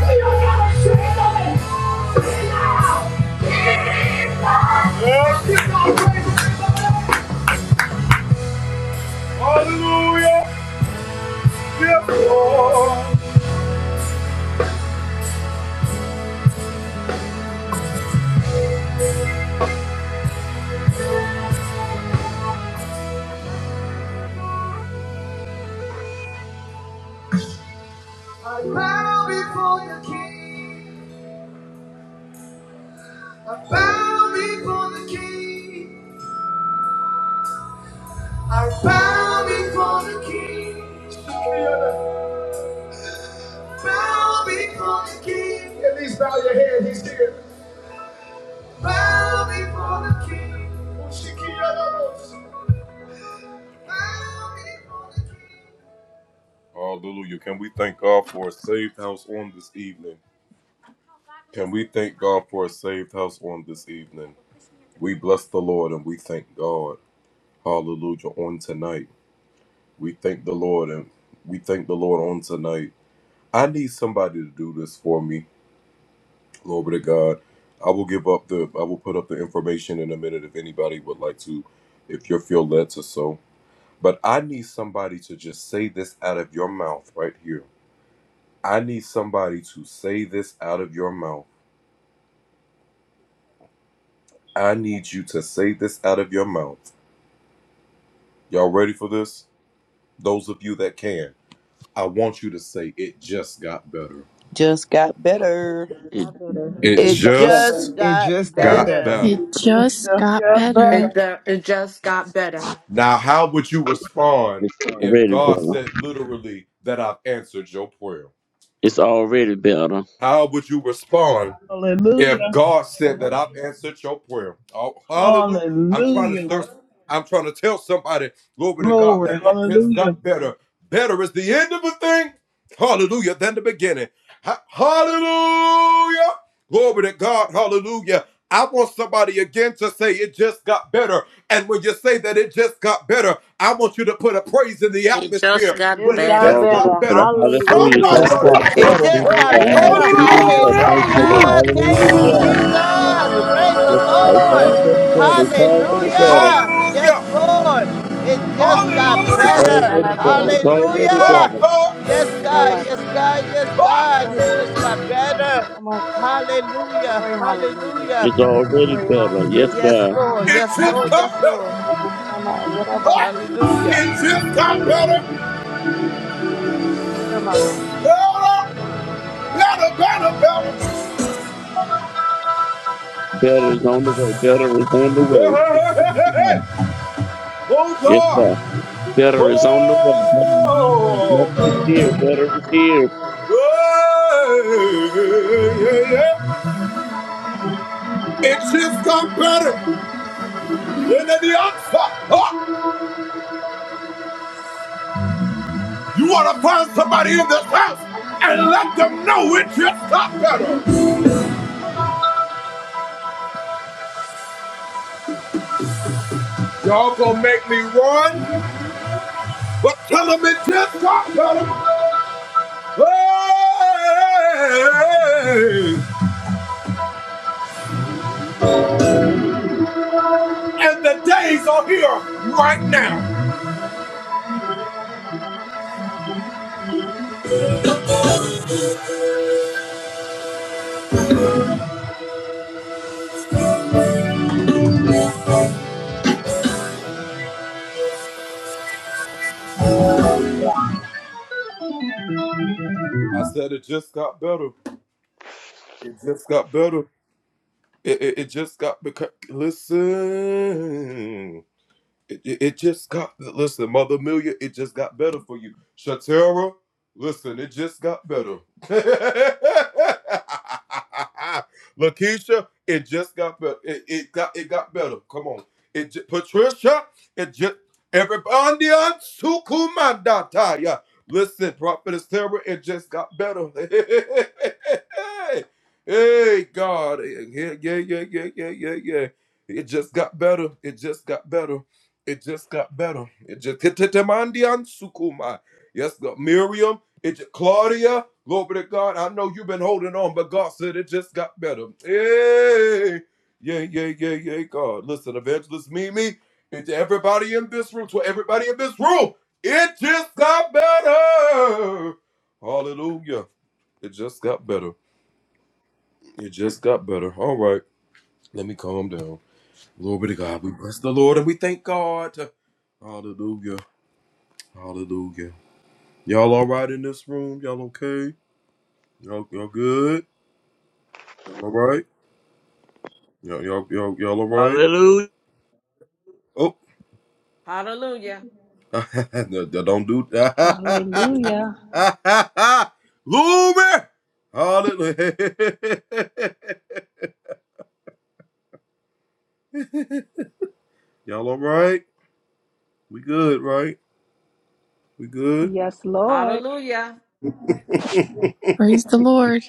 We are not ashamed of it. Say it loud. Jesus. Yes. I bow before the King. I bow before the King. I bow before the King. Bow before the King. At least bow your head. He's here. Bow before the King.
Just got
it, it
better.
just
It,
got better.
It
Got better.
just
It
got
just got
better.
better.
It
Mm,
just
Just
got
got better.
better.
It, ju- it just got better.
it's already better. It's already better.
Hallelujah. Hallelujah. Glory. Hallelujah.
It just
It
got
just got
better.
Already
better.
better. Hallelujah. It's
Hallelujah.
Just
already
Thank
got
you,
better.
It
better.
Thank
just
you,
Jesus.
got
God.
Hallelujah.
better.
It
Thank
just
Hallelujah.
you,
got
Thank
Father.
you,
Thank
Woo.
Hallelujah.
Lord.
better.
you,
Thank you,
Jesus.
Hallelujah.
Jesus.
Glory to your
Praise the
Yes,
name,
God. It's
God.
Lord.
Thank
already
you,
better.
Father.
It's
Thank you,
already
Jesus.
better.
Hallelujah.
Thank you,
Yes,
Jesus.
Lord.
Thank you,
It
Jesus.
just
Yes,
got
ah,
It's
yeah, yeah,
better.
already
da, da,
better.
ma,
It's
she, da,
already
da, ba,
Hallelujah.
better.
yeah, da, ba, so,
Yes,
yeah, da,
God.
ma,
Yes,
si.
God. Yes,
Ah, da, da,
God.
da, da,
It
ba,
just
yeah, da,
got
she, da, da,
better.
da, ma, so.
Hallelujah.
Glory, hallelujah.
Hallelujah.
It's already
Glory,
better. Yes,
hallelujah.
Yes,
God.
Lord. Yes,
Ramasi,
Lord. Yes, Lord.
Yadarabashi, Yadarama, Yadabashi,
Hallelujah.
Yadarama, Yadabashi, Yadabasu, Yadaramamasu. Thank you, Jesus.
Better is on the way. Better is on the way. Yes, God. Yes, God. Better is on the way. Better is on the way. Better is here. Better is here.
I said it just got better.
Hallelujah.
Hallelujah.
Hallelujah. Yes, Lord.
Hallelujah.
Praise the Lord.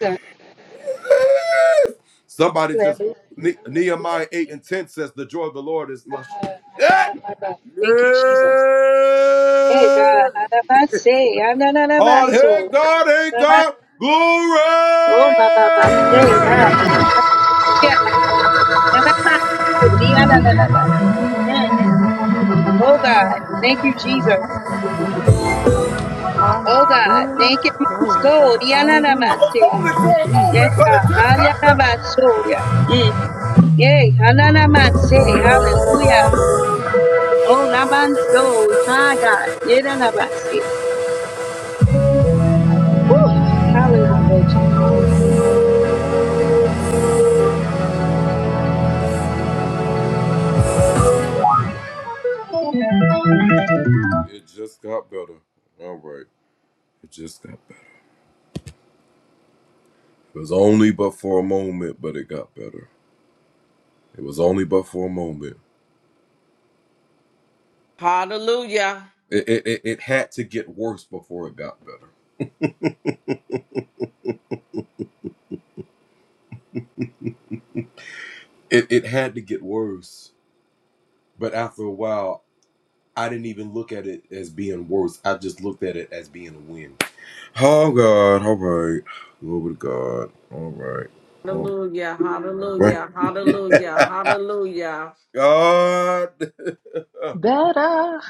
Jesus. Hallelujah. Oh, my God, my God. Thank you, Jesus. Hey, God. Adabase, ananabaso. Adaba- Oh, my Baba. Hey, God. Yeah. Adabaso, dianadaba. Mm. Oh, God. Thank you, Jesus. Oh, God.
Hallelujah.
Thank you, my
Glory,
soul.
God. Hallelujah.
Dianadamase.
Thank you,
Yes,
Jesus.
God. Ayanabaso, yeah. da, ba, so. Yeah. Mm. Yay. Ananamase. Hallelujah. Oh, Nabanso. Hi, God. Yedanabase. Woo! Hallelujah, Jesus.
Hallelujah. Hallelujah. Hallelujah. Hallelujah. Hallelujah.
Better.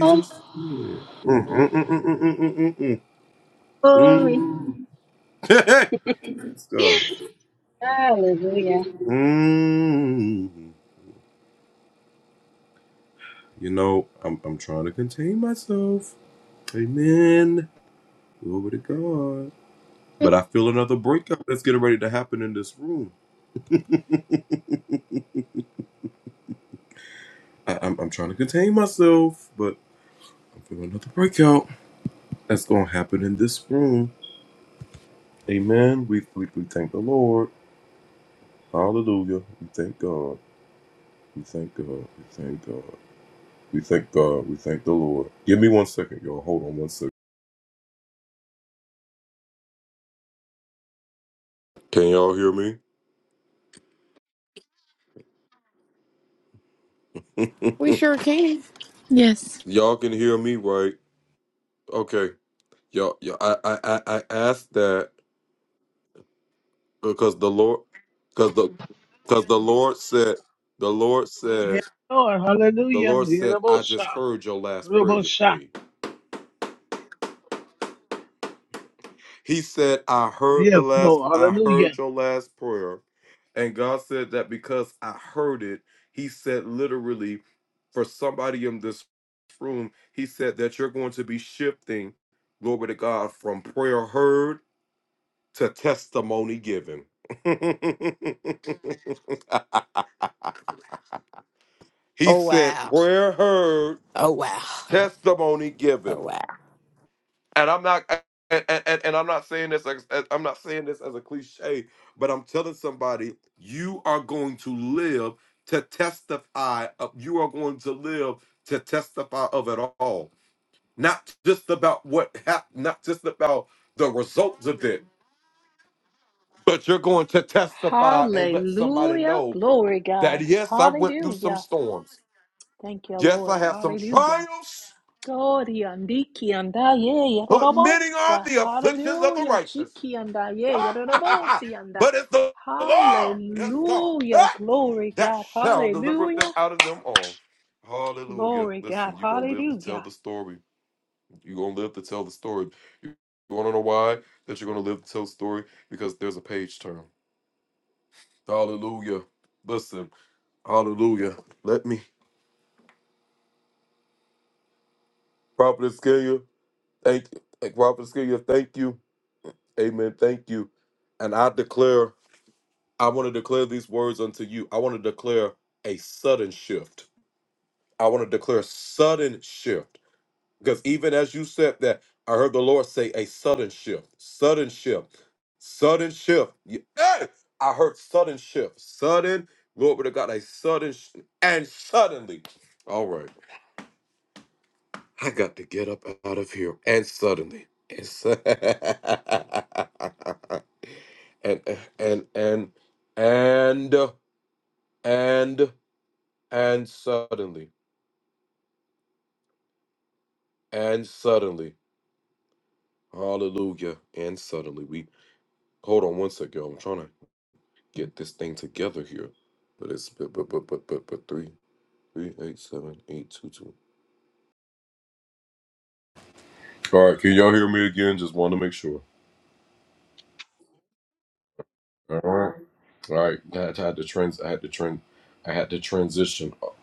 Oh, glory. Hallelujah.
Yes.
Yes, Lord. Hallelujah. Yes, Lord. Yes, Lord. Hallelujah.
Oh wow. Oh wow. Oh wow.
Hallelujah. Glory, God. Hallelujah. Thank you, Lord. Hallelujah. Glory, andiki, andaye, yadadabosa. Hallelujah. Chiki, andaye, yadadaboti, anda. Hallelujah. Glory, God. Hallelujah. Glory, God. Hallelujah.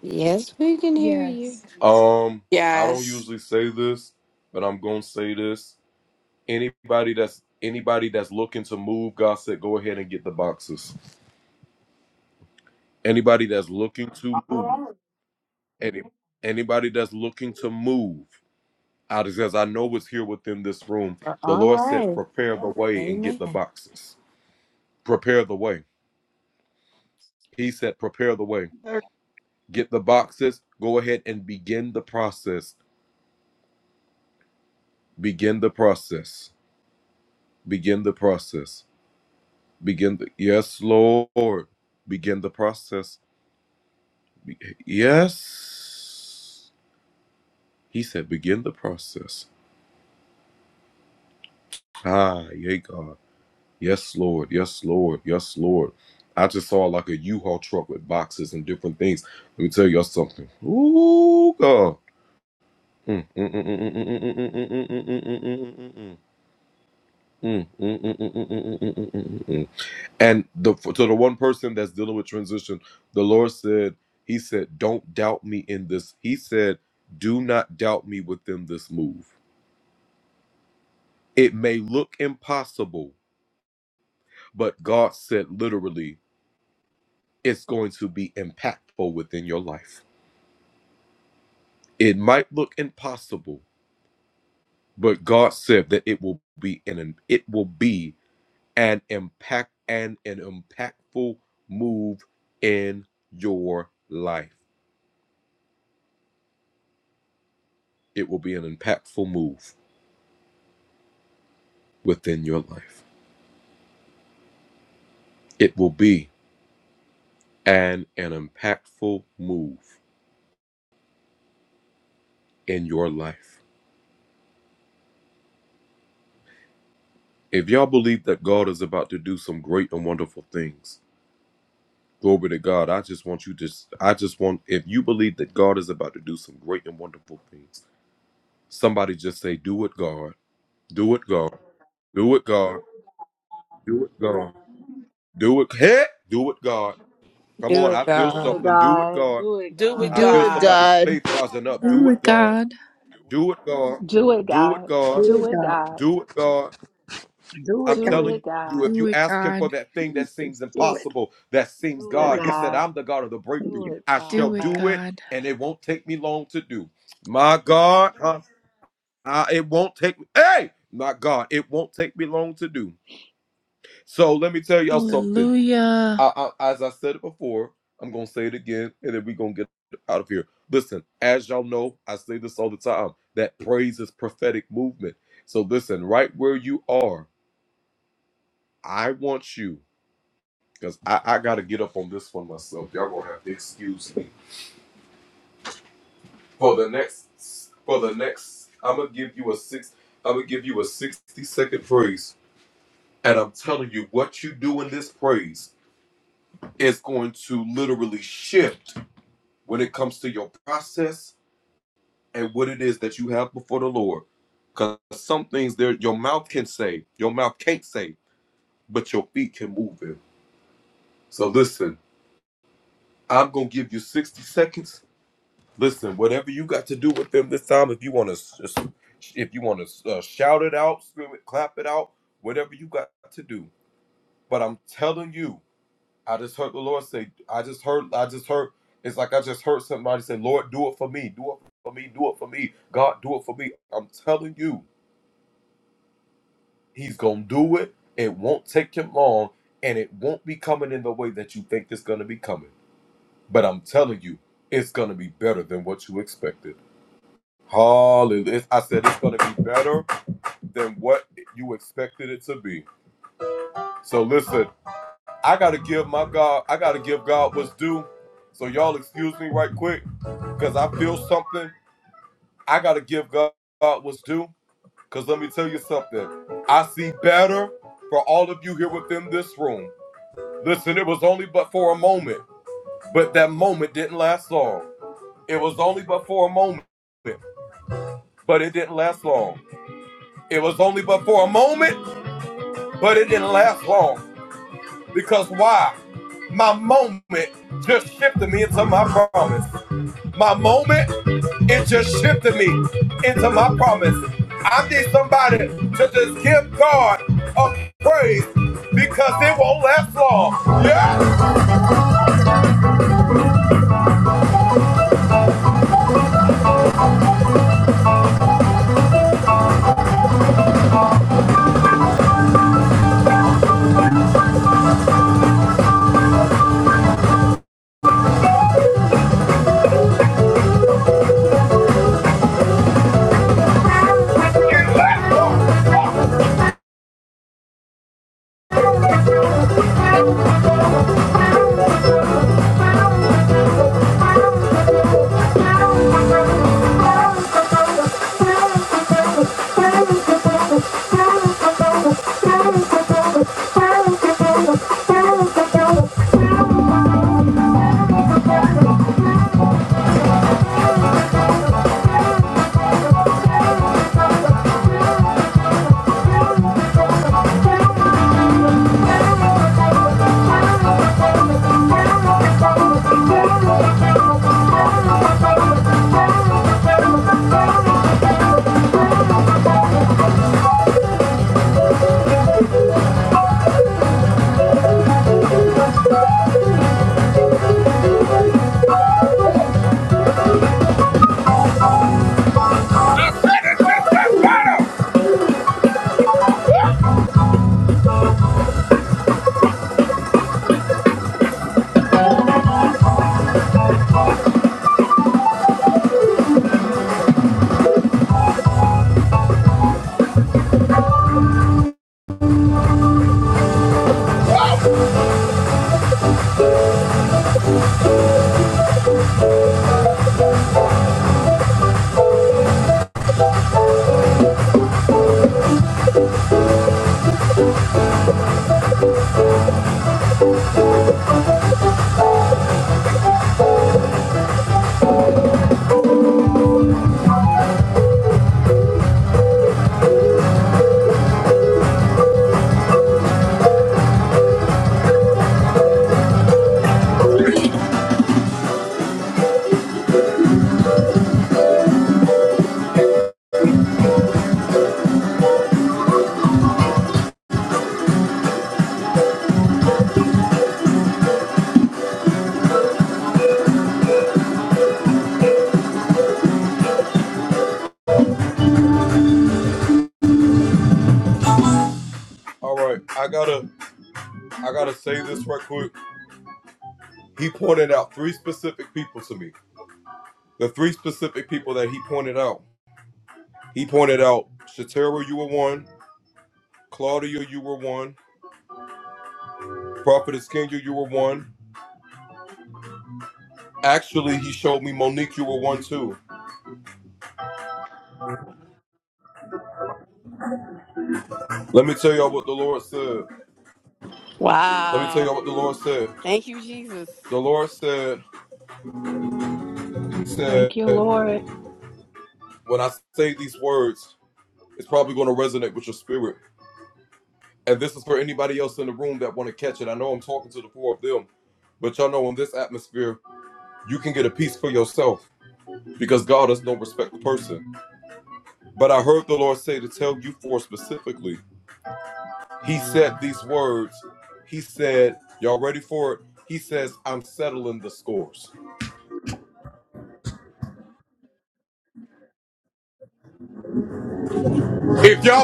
Yes, we can hear
Yes.
you.
Yes.
All right. Amen. Dear
Do it,
God.
God. Do it,
Do with
God.
Do it,
God.
God.
Do it, God.
Do it, God. Do
Lord
it,
God,
God. Do it, God.
Do it, God.
Do it, God. Do it, God.
Do it,
God.
God. Hallelujah.
Listen, I gotta give my God. I gotta give God what's due. So y'all excuse me right quick, cause I feel something. I gotta give God what's due. Cause let me tell you something. I see better for all of you here within this room. Listen, it was only but for a moment, but that moment didn't last long. It was only but for a moment, but it didn't last long. It was only but for a moment, but it didn't last long. Because why? A moment just shifted me into my promise. My moment, it just shifted me into my promise. I need somebody to just give God a praise because it won't last long. It lasts long. Thank you. Thank you.
Wow. Thank you, Jesus.
Thank you, Lord.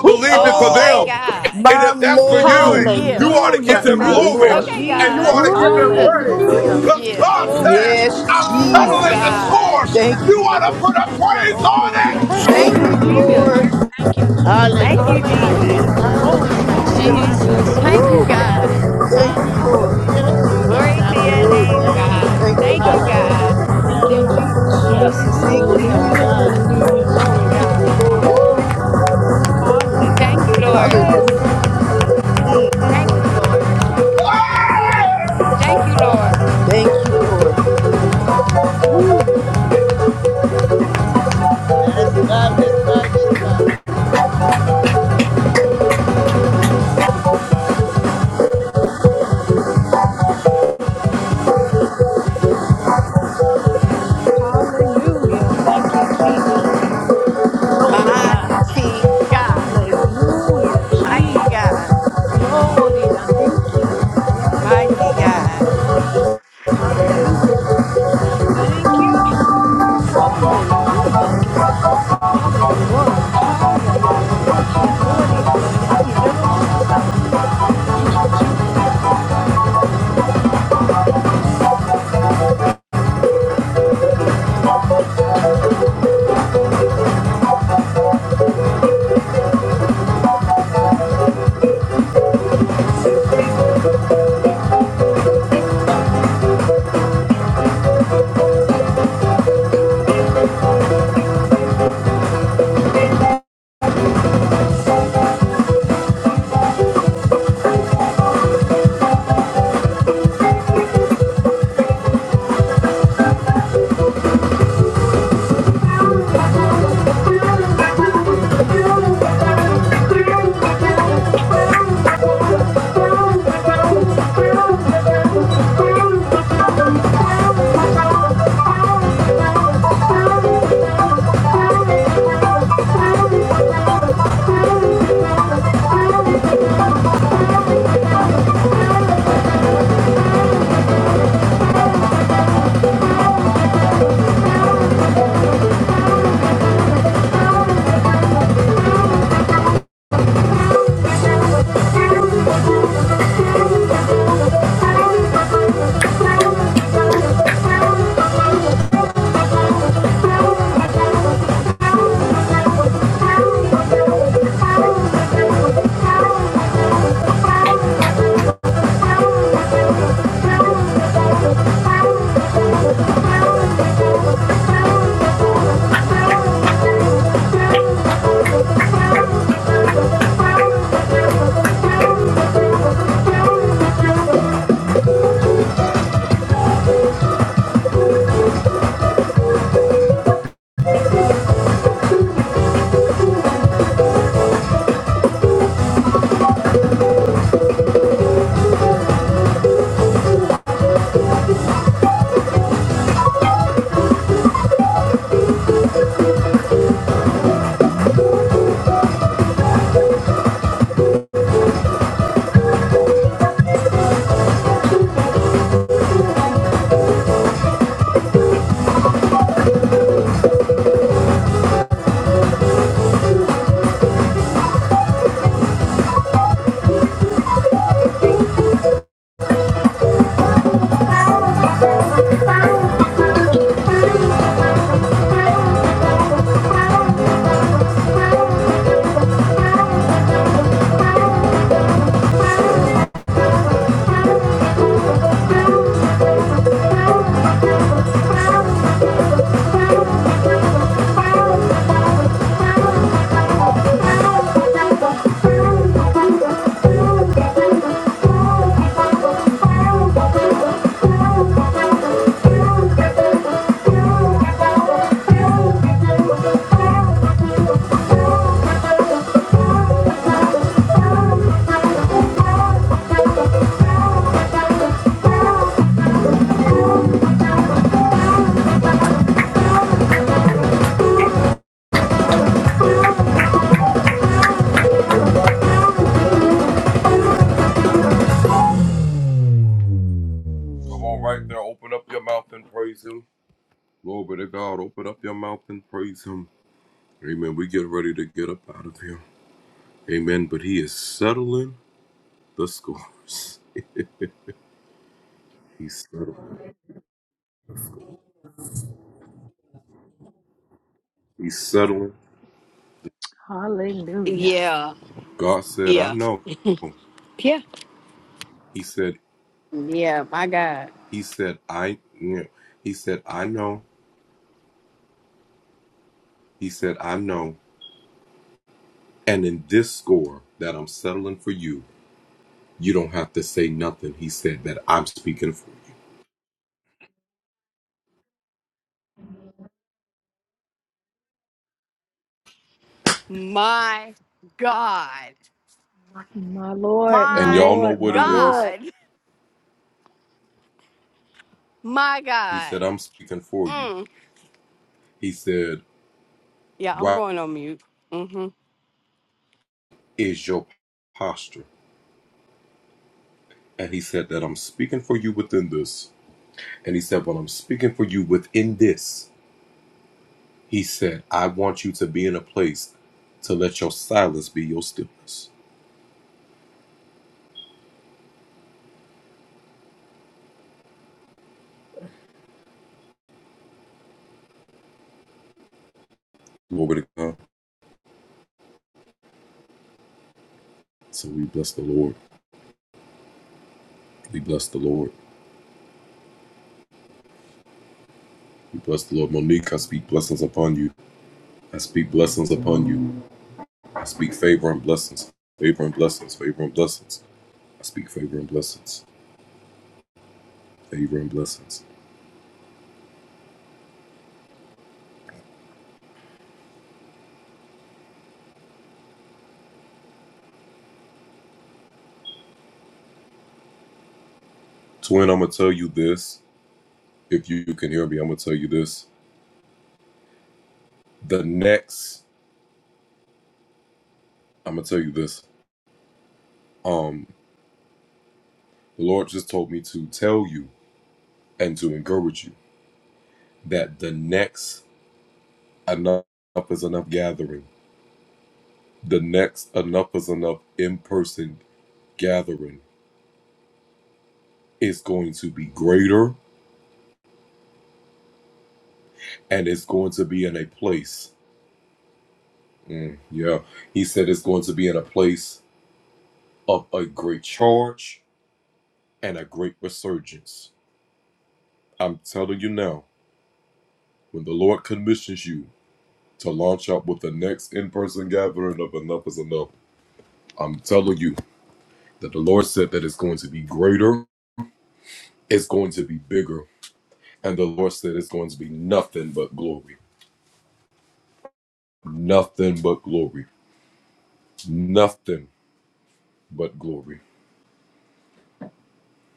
woo
Oh my God.
My Lord.
Yeah.
Hallelujah.
My
Thank you,
Hallelujah.
Lord.
Okay,
Jesus.
God.
Glory. Woo.
Hallelujah.
yeah.
Glory, God.
Yes,
Oh
Yes.
Jesus.
God.
Hallelujah.
Thank you, Lord.
Thank you, Lord.
Mm.
Thank
Thank you,
Hallelujah.
you,
Hallelujah.
Lord.
Jesus.
Thank you, Jesus.
Thank you,
Hallelujah. I
Jesus.
thank
Hallelujah.
God on their
Thank
Glory,
you,
God.
behalf.
Hallelujah.
I
Jesus.
rejoice
Thank
with
you,
Woo.
Hallelujah.
them.
God.
Thank you,
Ha,
Lord.
Hallelujah.
glory, God.
Jesus,
Glory
I
to your
bless
Oh,
your
name,
name.
Jesus.
God.
Thank you,
Thank you,
Hallelujah.
God.
God.
Hallelujah for
Ah,
Thank
them.
you,
thank you,
Jesus.
Hallelujah.
Jesus.
Thank you,
Hallelujah.
Yes,
Hallelujah.
Lord.
God.
Hallelujah.
Glory,
Thank
God.
you, Lord.
Woo.
Thank you,
Hallelujah.
Lord.
Yes.
Hallelujah. Mm, mm,
Thank
mm,
you,
mm.
Lord. Thank you, Lord.
Thank you, Lord. Woo.
Yes, God. Yes, God. Yes, God.
Hallelujah. Thank you, Jesus. Glory, God.
Mighty God.
Hallelujah,
Mighty
Jesus.
God.
Glory, andiki, andaya,
Mighty God.
robosa. Hallelujah. Thank you. Hallelujah, God. Father, you're worthy. Haya, yadoroboki, andori, andaya, yadorobosa. Thank you, Jesus.
oh, you. Thank you. Thank you. Thank you.
Hallelujah.
Yeah. Yeah. Yeah. Yeah. My God. My God.
My Lord, my
My
Lord, my Lord.
God. My God. Mm. Yeah, I'm going on mute. hmm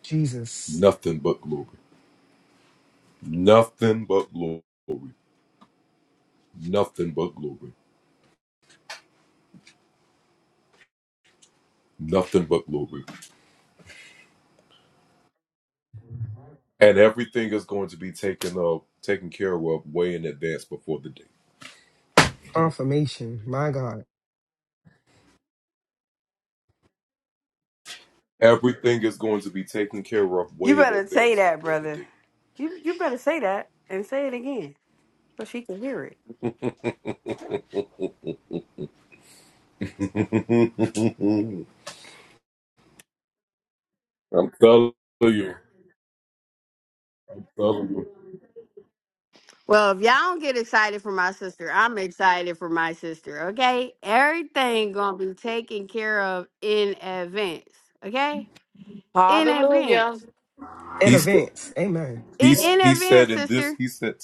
Jesus. Confirmation. My God.
You better say that, brother. You you better say that and say it again so she can hear it. Well, if y'all don't get excited for my sister, I'm excited for my sister, okay? Everything gonna be taken care of in advance, okay? In
Hallelujah.
advance.
In advance. Amen.
In, in advance, sister.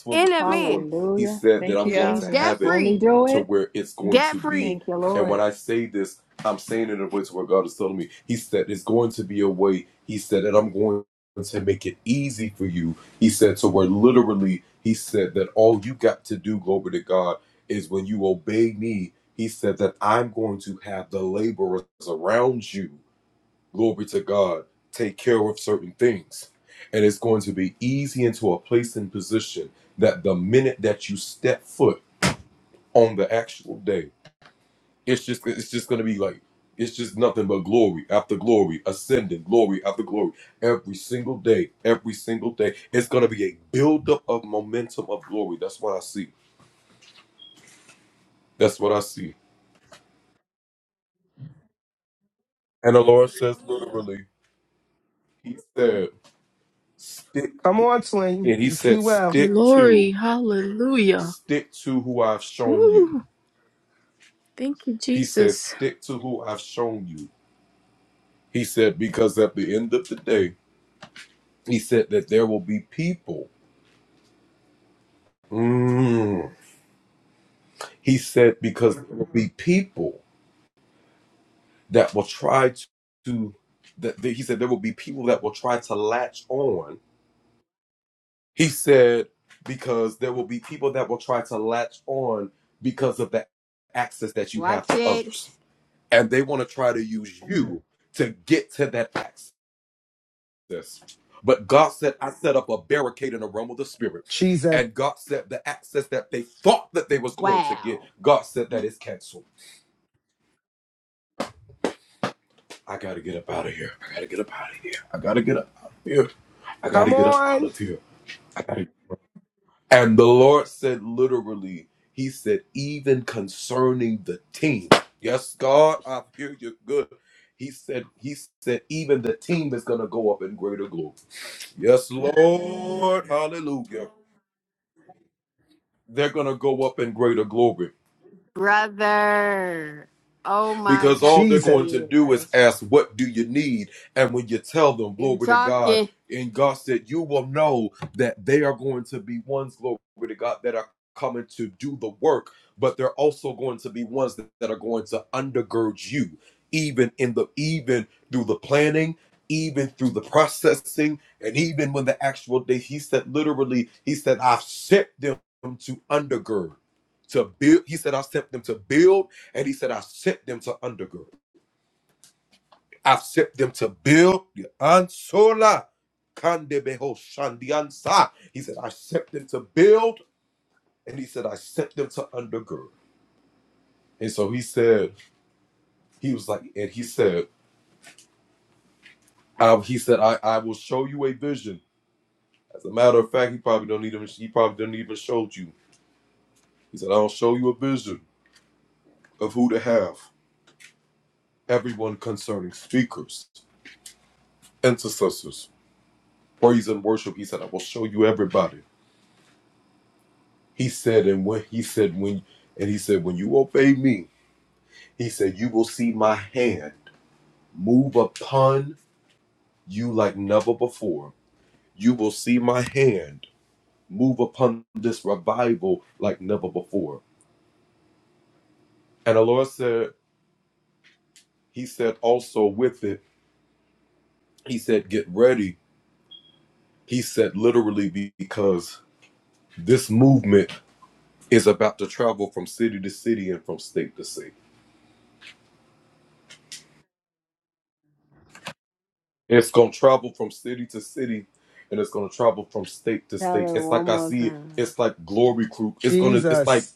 In advance.
Hallelujah. Thank you,
Yeah.
Jesus.
Debt
Won't he
free.
do it?
Debt free.
Thank you, Lord.
Come on, twin. You see well.
Glory. Hallelujah. Woo. Thank you, Jesus.
Watch it.
Jesus.
Wow.
Come on.
Brother. Oh my god.
Jesus.
Yeah. You talking. Tell her one more time.
Jesus.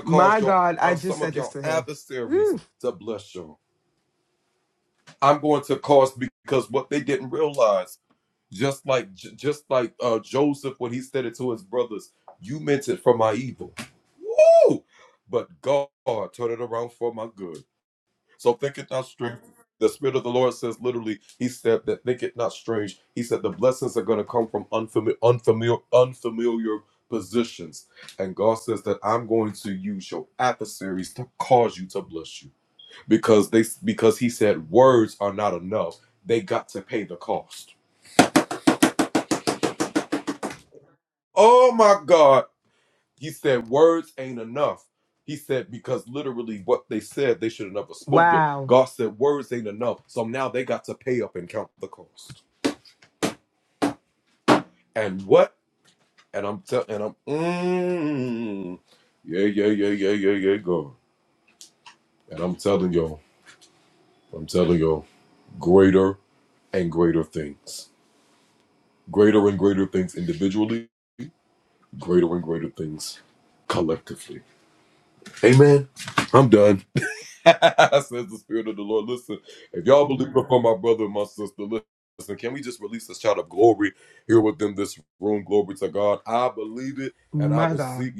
My God. I just said this to him. Woo. Wow. My God.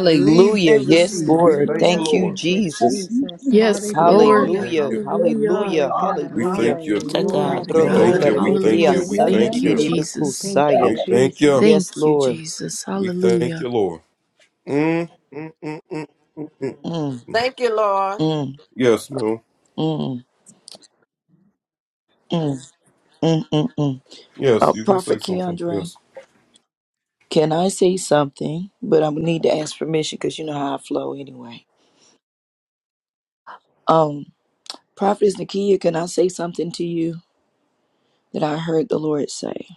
Believe and
Yes,
receive.
We
Lord.
thank the
Hallelujah.
Thank you,
Lord.
Thank you,
Jesus.
you
Jesus.
see
Yes,
all
Lord.
the
Hallelujah.
Thank
Hallelujah,
you.
goodness of
Hallelujah.
hallelujah,
Glory,
God.
God.
We
hallelujah.
Thank
thank you.
Be to
you,
Hallelujah.
Glory
God.
to
We
Thank you,
thank
Spirit.
God.
glory.
you. We
Lord.
thank
Hadrodoberebebea
you.
Hallelujah.
We
Thank
Thank
thank
Hallelujah.
you,
you,
you.
Lord Jesus.
Jesus.
Thank you,
sandadididibikusaya.
We
Father,
thank you.
Jesus.
Thank
Yes,
you,
Lord.
Jesus.
We thank
Hallelujah.
you, Lord. Mm,
Mm,
Thank you, Lord.
mm,
yes, ma'am.
mm, mm, mm, mm, mm.
Yes,
Uh,
you can say
Prophet
something.
Keandre,
Yes.
can I say something? But I'm gonna need to ask permission because you know how I flow anyway. Um, Prophetess Nakia, can I say something to you that I heard the Lord say?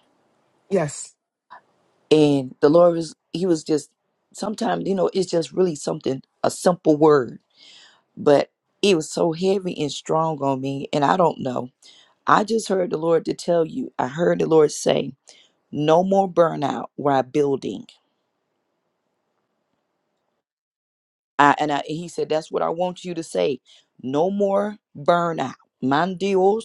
Yes.
And the Lord was, he was just, sometimes, you know, it's just really something, a simple word but it was so heavy and strong on me and i don't know i just heard the lord to tell you i heard the lord say no more burnout while building I, and I, he said that's what i want you to say no more burnout mandios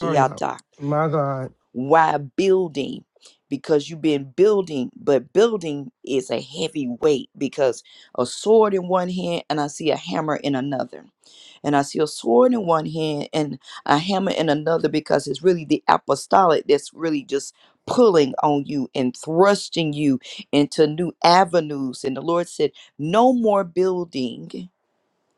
Turn out. My God.
while building because you've been building but building is a heavy weight because a sword in one hand and i see a hammer in another And I see a sword in one hand and a hammer in another because it's really the apostolic that's really just pulling on you and thrusting you into new avenues. And the Lord said, No more building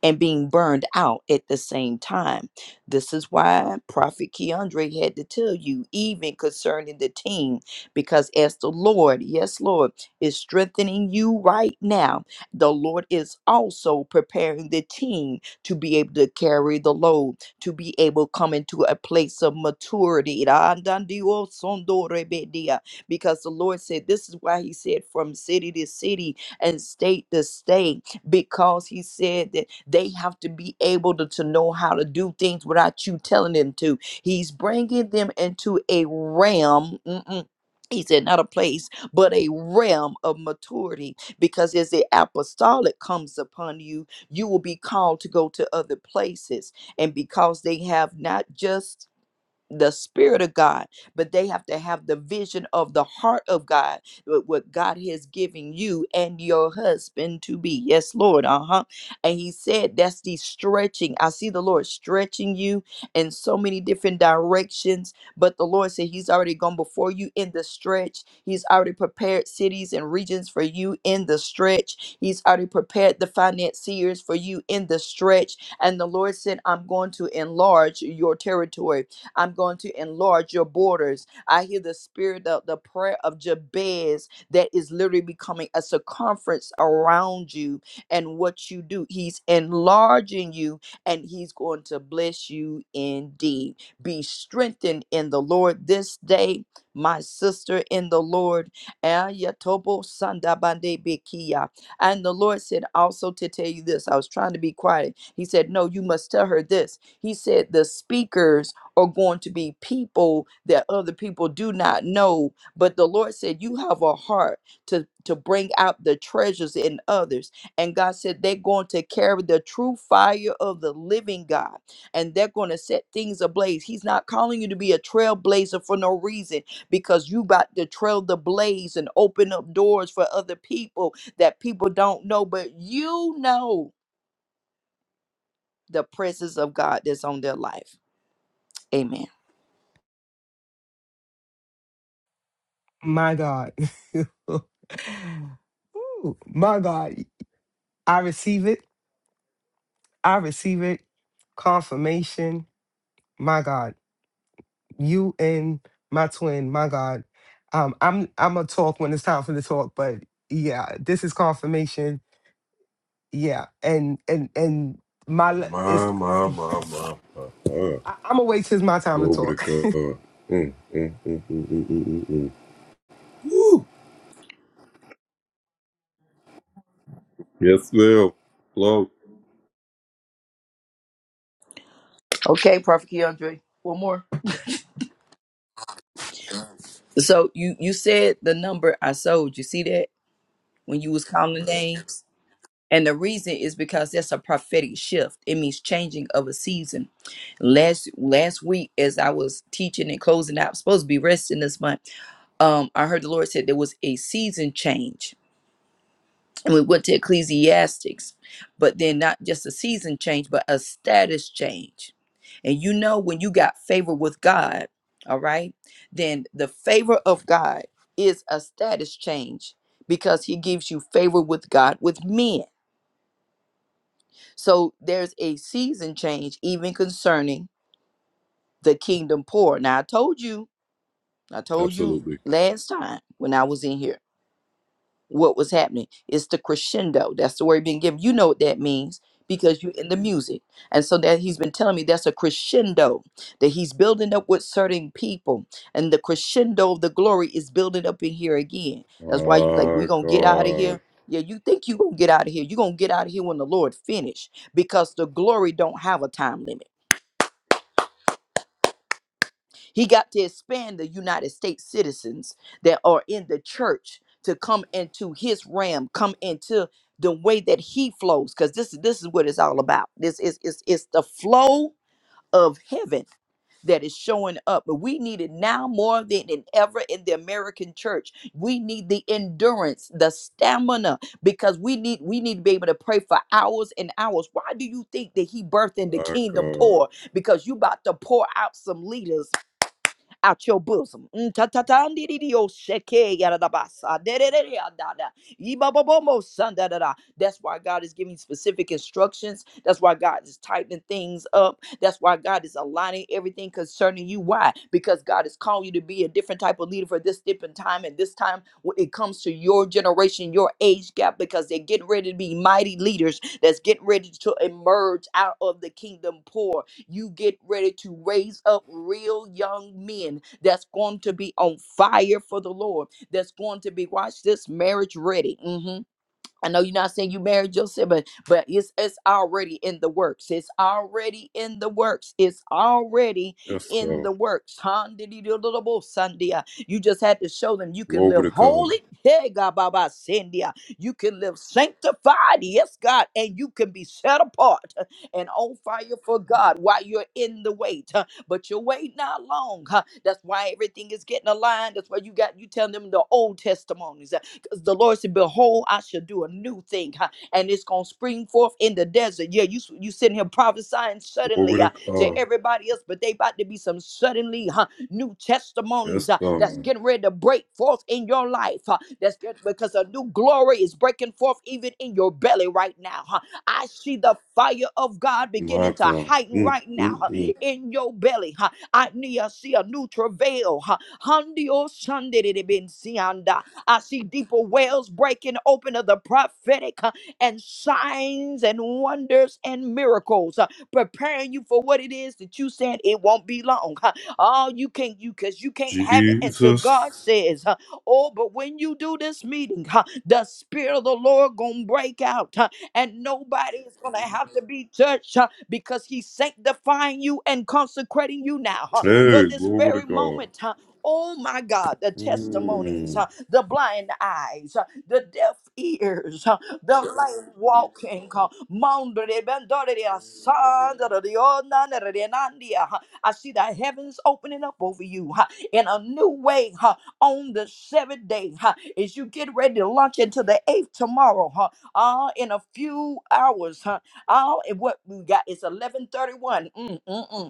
and being burned out at the same time. This is why Prophet Keandre had to tell you, even concerning the team, because as the Lord, yes, Lord, is strengthening you right now, the Lord is also preparing the team to be able to carry the load, to be able to come into a place of maturity. Because the Lord said, This is why He said, from city to city and state to state because he said that they have to be able to, to know how to do things without you telling them to. He's bringing them into a realm. mm-mm, He said, not a place, but a realm of maturity. Because as the apostolic comes upon you, you will be called to go to other places. And because they have not just the spirit of God, but they have to have the vision of the heart of God, what what God has given you and your husband to be. Yes, Lord. Uh huh. And He said that's the stretching. I see the Lord stretching you in so many different directions, but the Lord said He's already gone before you in the stretch. He's already prepared cities and regions for you in the stretch. He's already prepared the financiers for you in the stretch. And the Lord said, I'm going to enlarge your territory. I'm going to enlarge your borders. I hear the spirit of the prayer of Jabez that is literally becoming a circumference around you and what you do. He's enlarging you and he's going to bless you indeed. Be strengthened in the Lord this day, my sister in the Lord. Ayatobo sandabande bekia. And the Lord said also to tell you this. I was trying to be quiet. He said, No, you must tell her this. He said, The speakers are going to be people that other people do not know but the lord said you have a heart to to bring out the treasures in others and god said they're going to carry the true fire of the living god and they're going to set things ablaze he's not calling you to be a trailblazer for no reason because you about to trail the blaze and open up doors for other people that people don't know but you know the presence of god that's on their life amen
My God. Ooh, my God. I receive it. I receive it. Confirmation my God, you and my twin, my God. Um, I'm I'm gonna talk when it's time for the talk, but yeah, this is confirmation. Yeah, and and and my le- it's I, I'm gonna wait till it's my time to talk.
Okay, Prophet Keandre. One more. So you you said the number I sold. You see that when you was counting names, and the reason is because that's a prophetic shift. It means changing of a season. Last last week, as I was teaching and closing out, supposed to be resting this month. Um, I heard the Lord said there was a season change and we went to ecclesiastics but then not just a season change but a status change and you know when you got favor with god all right then the favor of god is a status change because he gives you favor with god with men so there's a season change even concerning the kingdom poor now i told you i told you last time when i was in here what was happening. It's the crescendo. That's the word being given. You know what that means because you're in the music. And so that he's been telling me that's a crescendo that he's building up with certain people. And the crescendo of the glory is building up in here again. That's why you like, we gonna get out of here. Yeah, you think you gonna get out of here. you gonna get out of here when the Lord finish because the glory don't have a time limit. He got to expand the United States citizens that are in the church to come into his realm, come into the way that he flows, because this is this is what it's all about. This is it's, it's the flow of heaven that is showing up. But we need it now more than than ever in the American church. We need the endurance, the stamina, because we need we need to be able to pray for hours and hours. Why do you think that he birthed in the kingdom poor? Because you about to pour out some leaders out your bosom. Mm, ta- ta- ta- ndi- di- di- oh, sheke, yada- da- ba- sa, de- de- de- de- ah, da- da. Ee, ba- ba- mo, son, da- da- da. That's why God is giving specific instructions. That's why God is tightening things up. That's why God is aligning everything concerning you. Why? Because God is calling you to be a different type of leader for this different time. And this time, when it comes to your generation, your age gap, because they're getting ready to be mighty leaders that's getting ready to emerge out of the kingdom poor you get ready to raise up real young men that's going to be on fire for the Lord, that's going to be, watch this, marriage ready. Mhm. I know you're not saying you married yourself, but but it's it's already in the works. It's already in the works. It's already in the works. Sunday. You just had to show them you can live holy. Hey God Baba Sandia. You can live sanctified. Yes, God. And you can be set apart and on fire for God while you're in the wait. huh, But your wait not long. huh. That's why everything is getting aligned. That's why you got you telling them the old testimonies because the Lord said, Behold, I shall do a new thing, huh, and it's gonna spring forth in the desert. Yeah, you you sitting here prophesying suddenly uh, to everybody else, but they about to be some suddenly huh, new testimonies uh, that's getting ready to break forth in your life. uh, that's good because a new glory is breaking forth even in your belly right now. huh. I see the fire of God beginning to heighten right now huh, in your belly. huh. I need I see a new travail. huh. Handio Sunday I see deeper wells breaking open of the prophetic uh, and signs and wonders and miracles, uh, preparing you for what it is that you said it won't be long. huh. Oh, you can't, you because you can't have it until God says, huh, Oh, but when you do this meeting, huh, the Spirit of the Lord gonna break out, huh, and nobody is gonna have to be touched huh, because He's sanctifying you and consecrating you now huh, for this very moment. huh. Oh my God, the testimonies. Huh the blind eyes, uh, the deaf ears, uh, the lame walking. uh, Mondo de bendore de asanda de de ona de de de nandia, uh, I see the heavens opening up over you uh, in a new way uh, on the seventh day. uh, As you get ready to launch into the eighth tomorrow, uh, uh, in a few hours, uh, all and what we got is 11:31. Mm, mm, mm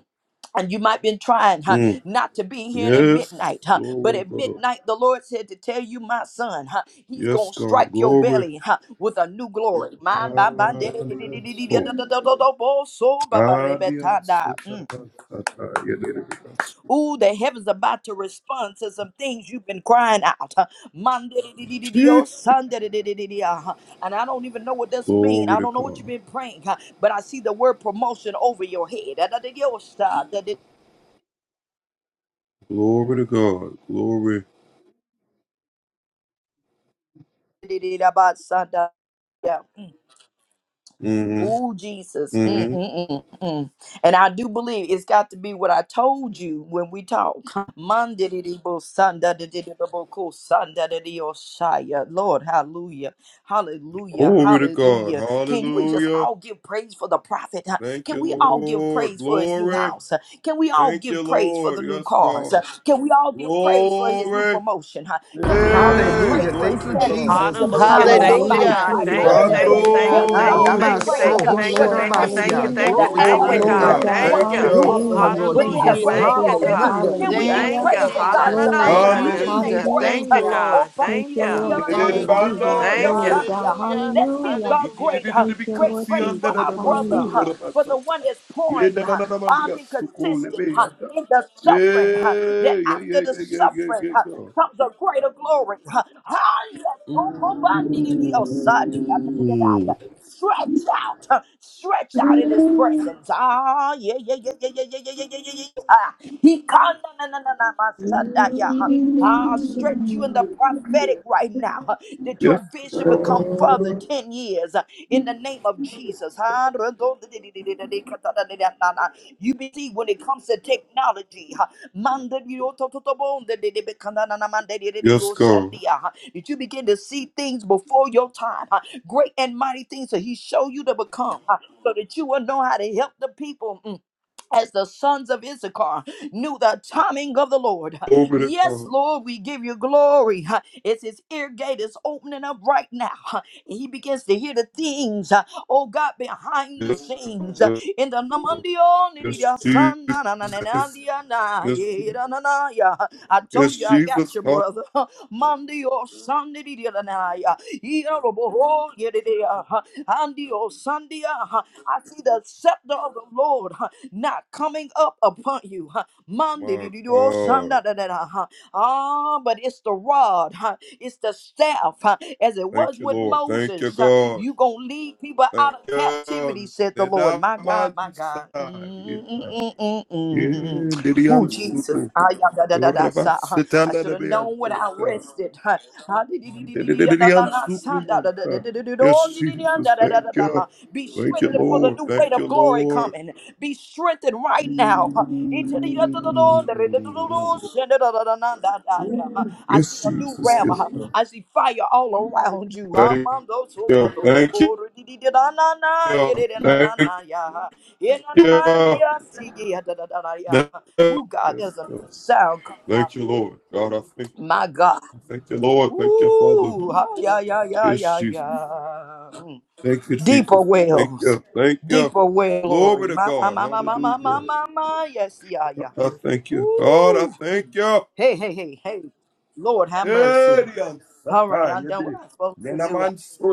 and you might been trying huh, not to be here at midnight, huh? But at midnight, the Lord said to tell you, my son, huh, He's gonna strike your belly huh, with a new glory. Man, ba- ba- de- de- de- de- de- de- de- de- de- de- de- de- bo- so- ba- ba- re- be- ta- da. Mm. Ooh, the heaven's about to respond to some things you've been crying out. huh. Man, de- de- de- de- de- de- oh, son, de- de- de- de- de- de- ah, huh. And I don't even know what this means. I don't know what you've been praying, huh, but I see the word promotion over your head. Da- da- de- de- oh, sa- da- de- Yeah. oh Jesus. Mm, mm, mm, mm. And I do believe it's got to be what I told you when we talk. Mandididibbo, sandadididibbo, cool, sandadidiosaya. Lord, hallelujah. Hallelujah. Hallelujah. Can we just all give praise for the prophet? huh? Can we all give praise for his new house? huh? Can we all give praise for the new cars? huh? Can we all give praise for his new promotion? huh? Can we all give praise
Hallelujah!
for his
Thank you,
Thank
status
you,
change
Jesus.
of
Jesus.
Hallelujah.
becoming
Do it for
Thank you,
my
Hallelujah.
somebody's
Hallelujah.
God.
Thank
twin,
mighty
you,
Thank
Lord
you,
husband?
thank you,
Jesus.
Jesus.
Hallelujah.
thank
Can
Hallelujah.
you,
we
Ah,
thank you,
all
Thank you,
give
Hallelujah.
thank you, thank
dabaso,
praise
Lord.
you,
Thank
uh,
you,
thank you,
for his
Lord.
Hallelujah.
thank you,
name
thank you,
being
hoshirabasia.
in
Hallelujah.
thank
the
you,
Glory to your
thank you,
name,
airways uh,
Glory,
God.
God.
Hallelujah.
God.
Thank
Thank
Hallelujah.
once
you.
you,
Yes,
Do it
Father,
again,
for
Lord.
for
huh,
him,
the
Hallelujah.
Thank
Lord
new
but
you,
Thank
in
you,
a
house,
Hallelujah.
Jesus.
Lord
greater
Jesus.
Lord.
Thank you,
glory?
Jesus.
huh?
God.
Everything
Hallelujah.
that
Can
you
we give
Thank
asked us
Hallelujah.
Thank
you,
you.
for,
praise that
God.
God is
Jesus.
Haranana
about
Glory,
Thank
to
Thank you,
make
you,
God.
his
Jesus.
name
Jesus.
great?
Thank
Thank
you,
huh?
you,
Hallelujah.
Lord.
Oh,
God.
Thank
Thank
you,
you.
Lord.
Thank you,
Hallelujah.
Lord.
Thank you.
Glory,
Sunday.
God.
Hallelujah.
Let's give
Hallelujah.
God
Hallelujah.
great, huh,
Thank you,
great
Lord
praise for
Jesus.
our brother, huh,
Hallelujah.
for the one that's pouring. huh, I've been consistent huh, in the suffering, huh, that after the suffering huh, comes a greater glory. huh. Hallelujah. Stretch out, huh, stretch out in his presence. Ah, yeah, yeah, yeah, yeah, yeah, yeah, yeah, yeah, yeah, yeah. yeah. Ah, He can na na na na my son, ah, yeah. huh. Ah, stretch you in the prophetic right now. huh, That your vision become further 10 years uh, in the name of Jesus. huh. You be see when it comes to technology, huh, Manda di o to to to bo nde de de be kana na na manda de de de o shandia, huh, that you begin to see things before your time. huh, great and mighty things that He show you to become, uh, so that you will know how to help the people. Mm as the sons of Issachar knew the timing of the Lord. Yes, Lord, we give you glory. It's his ear gate is opening up right now. He begins to hear the things, oh God, behind the scenes. In the namandionidia son, na- na- na- na- na- dia- na- ye- da- na- na- ya. I told you I got you, brother. Mandio sandidia na- na- ya. Yeroboho, yedidia. Andio sandia. I see the scepter of the Lord not coming up upon you. huh. Mandididio shandadadada, huh. Ah, but it's the rod, huh? it's the staff, huh? as it was with Moses. huh. You gonna lead people out of captivity, said the Lord. My God, my God. Mm-mm-mm-mm-mm. Ooh, Jesus. Ah, yeah, da, da, da, da, sa, huh. I should have known when I rested. huh. Ah, di- di- di- di- di- di- da- da- da- da- sa- da- da- da- da- da- da- da- da- oh, di- di- di- da- da- da- da- da- da- huh. Be strengthened for the new weight of glory coming. Be strengthened right now. I see a new realm. I see fire all around you. Who God, there's a sound coming out. My God. Ooh, ah, yeah, yeah, yeah, yeah, yeah. Deeper wells. Deeper well, glory. My, my, my, my, my, my, my, my, my. Yes, yeah, yeah. Woo. Hey, hey, hey, hey. Lord, have mercy. All right, I'm done what I'm supposed to do, I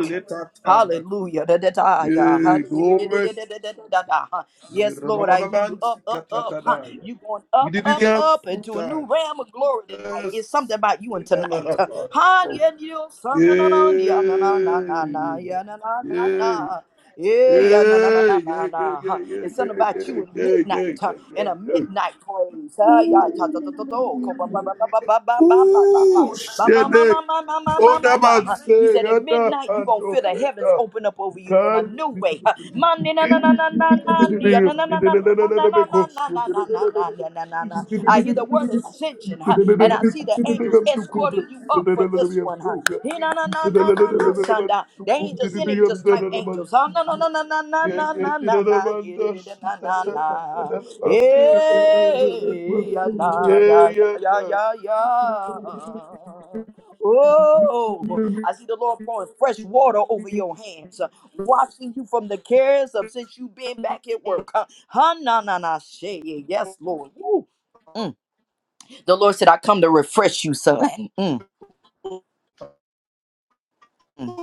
think. Hallelujah. Da, da, da, ya. Ha, da, da, da, da, da, da, da, da, da, da, da, huh. Yes, Lord, I hear you. Up, up, up. huh. You going up, up, up into a new realm of glory tonight. It's something about you and tonight. huh. Ha, yeah, you son, na, na, na, yeah, na, na, na, na, na, yeah, na, na, na, na. Yeah, yeah, na na na na na na. huh. It's something about you in midnight, huh? In a midnight praise. huh? Yeah, ta ta ta ta ta. oh, Ko ba ba ba ba ba ba ba ba ba ba. Ba, ba, ma, ma, ma, ma, ma, ma, ma, ma, huh. He said, At midnight, you're going to feel the heavens open up over you in a new way. huh. Ma, na, na, na, na, na, na, dia, na, na, na, na, na, na, na, na, na, na, na, na, na, na, na, na, na. I hear the word ascension, huh, and I see the angels escorting you up for this one. huh. He, na, na, na, na, na, na, sanda. They ain't just any just type angels. huh. Na, na, na, na, na, na, na, na, na, na, yeah, da, da, da, na, na, na. Hey, ya, na, ya, ya, ya, ya, ya. Oh, I see the Lord pouring fresh water over your hands, uh, washing you from the cares of since you've been back at work. Huh? Huh, na, na, na, shay. Yes, Lord. Woo. Mm. The Lord said, I come to refresh you, son. Mm, mm.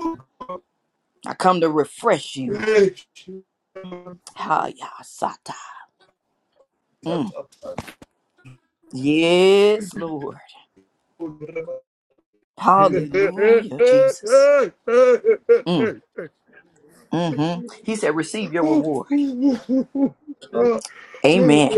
I come to refresh you. Ha, ya, sata. Mm. Yes, Lord. Hallelujah, Jesus. Mm. hmm He said, receive your reward. Amen.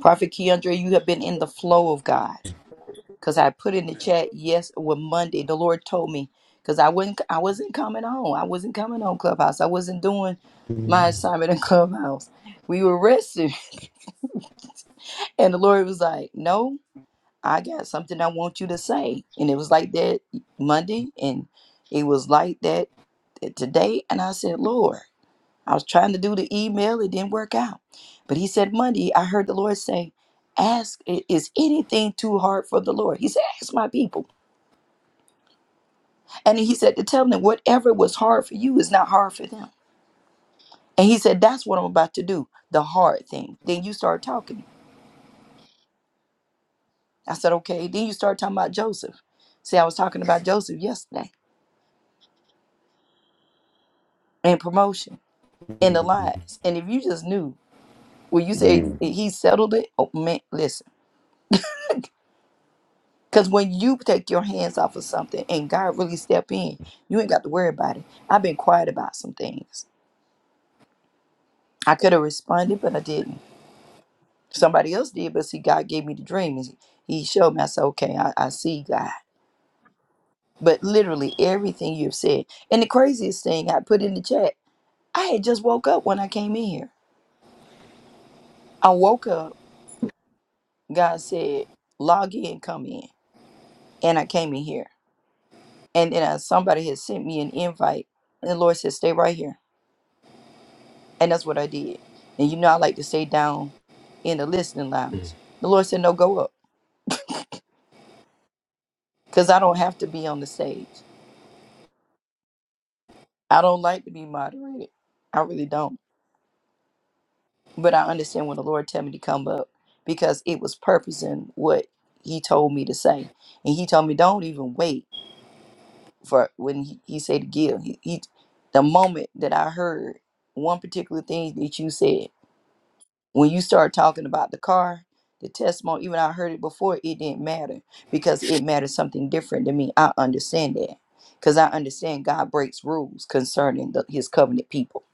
Prophet Keandre, you have been in the flow of God. Because I put in the chat, yes, when Monday, the Lord told me, because I wasn't I wasn't coming home. I wasn't coming on Clubhouse. I wasn't doing my assignment in Clubhouse. We were resting. And the Lord was like, No, I got something I want you to say. And it was like that Monday, and it was like that today. And I said, Lord. I was trying to do the email, it didn't work out. But he said, Monday, I heard the Lord say, Ask, i- is anything too hard for the Lord? He said, Ask my people. And he said, To tell them whatever was hard for you is not hard for them. And he said, That's what I'm about to do, the hard thing. Then you start talking. I said, Okay. Then you start talking about Joseph. See, I was talking about Joseph yesterday and promotion and the lies. And if you just knew, well, you say he settled it. Oh, man, listen. Because when you take your hands off of something and God really step in, you ain't got to worry about it. I've been quiet about some things. I could have responded, but I didn't. Somebody else did, but see, God gave me the dream. and He showed me. I said, okay, I, I see God. But literally everything you've said. And the craziest thing I put in the chat, I had just woke up when I came in here. I woke up, God said, log in, come in. And I came in here. And then uh, somebody had sent me an invite. And the Lord said, stay right here. And that's what I did. And you know, I like to stay down in the listening lounge. The Lord said, no, go up because I don't have to be on the stage. I don't like to be moderated. I really don't. But I understand when the Lord tell me to come up because it was purpose in what he told me to say. And he told me, don't even wait for when he, he said to give. He, he, the moment that I heard one particular thing that you said, when you start talking about the car, the testimony, even I heard it before, it didn't matter because it mattered something different to me. I understand that because I understand God breaks rules concerning the, his covenant people.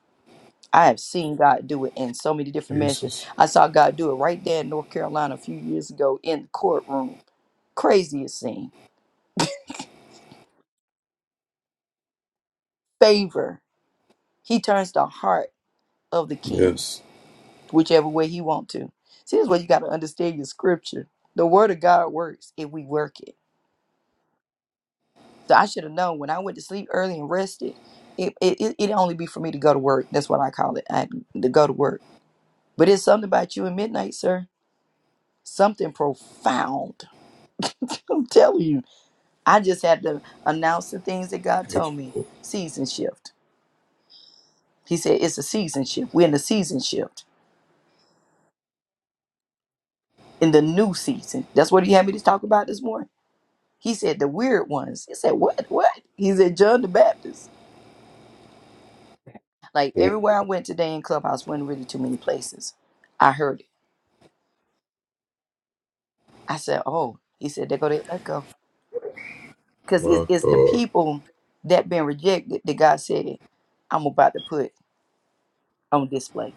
I have seen God do it in so many different measures. I saw God do it right there in North Carolina a few years ago in the courtroom. Craziest scene. Favor. He turns the heart of the king whichever way he want to. See, this is where you got to understand your scripture. The word of God works if we work it. So I should have known when I went to sleep early and rested, it it it it'd only be for me to go to work. That's what I call it. I, to go to work. But it's something about you in midnight, sir. Something profound. I'm telling you. I just had to announce the things that God told me. Season shift. He said it's a season shift. We're in the season shift. In the new season. That's what he had me to talk about this morning. He said the weird ones. He said, What? What? He said John the Baptist. Like everywhere I went today in Clubhouse, wasn't really too many places. I heard it. I said, oh, he said, they're going to let go. Because it's, it's the people that been rejected that God said, I'm about to put on display.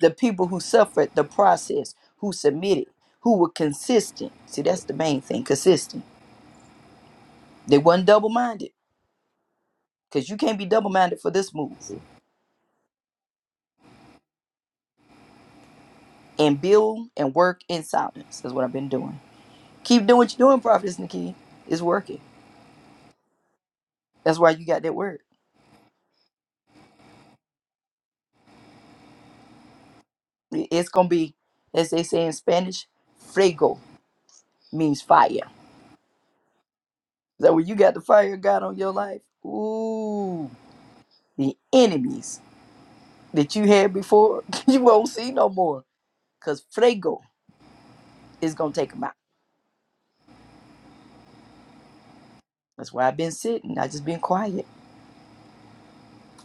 The people who suffered the process, who submitted, who were consistent. See, that's the main thing, consistent. They wasn't double-minded because you can't be double-minded for this move. And build and work in silence is what I've been doing. Keep doing what you're doing, Prophetess Nikki. It's working. That's why you got that word. It- It's going to be, as they say in Spanish, fuego means fire So when you got the fire of God on your life, ooh, the enemies that you had before, you won't see no more. Cause Fuego is gonna take them out. That's why I've been sitting. I just been quiet.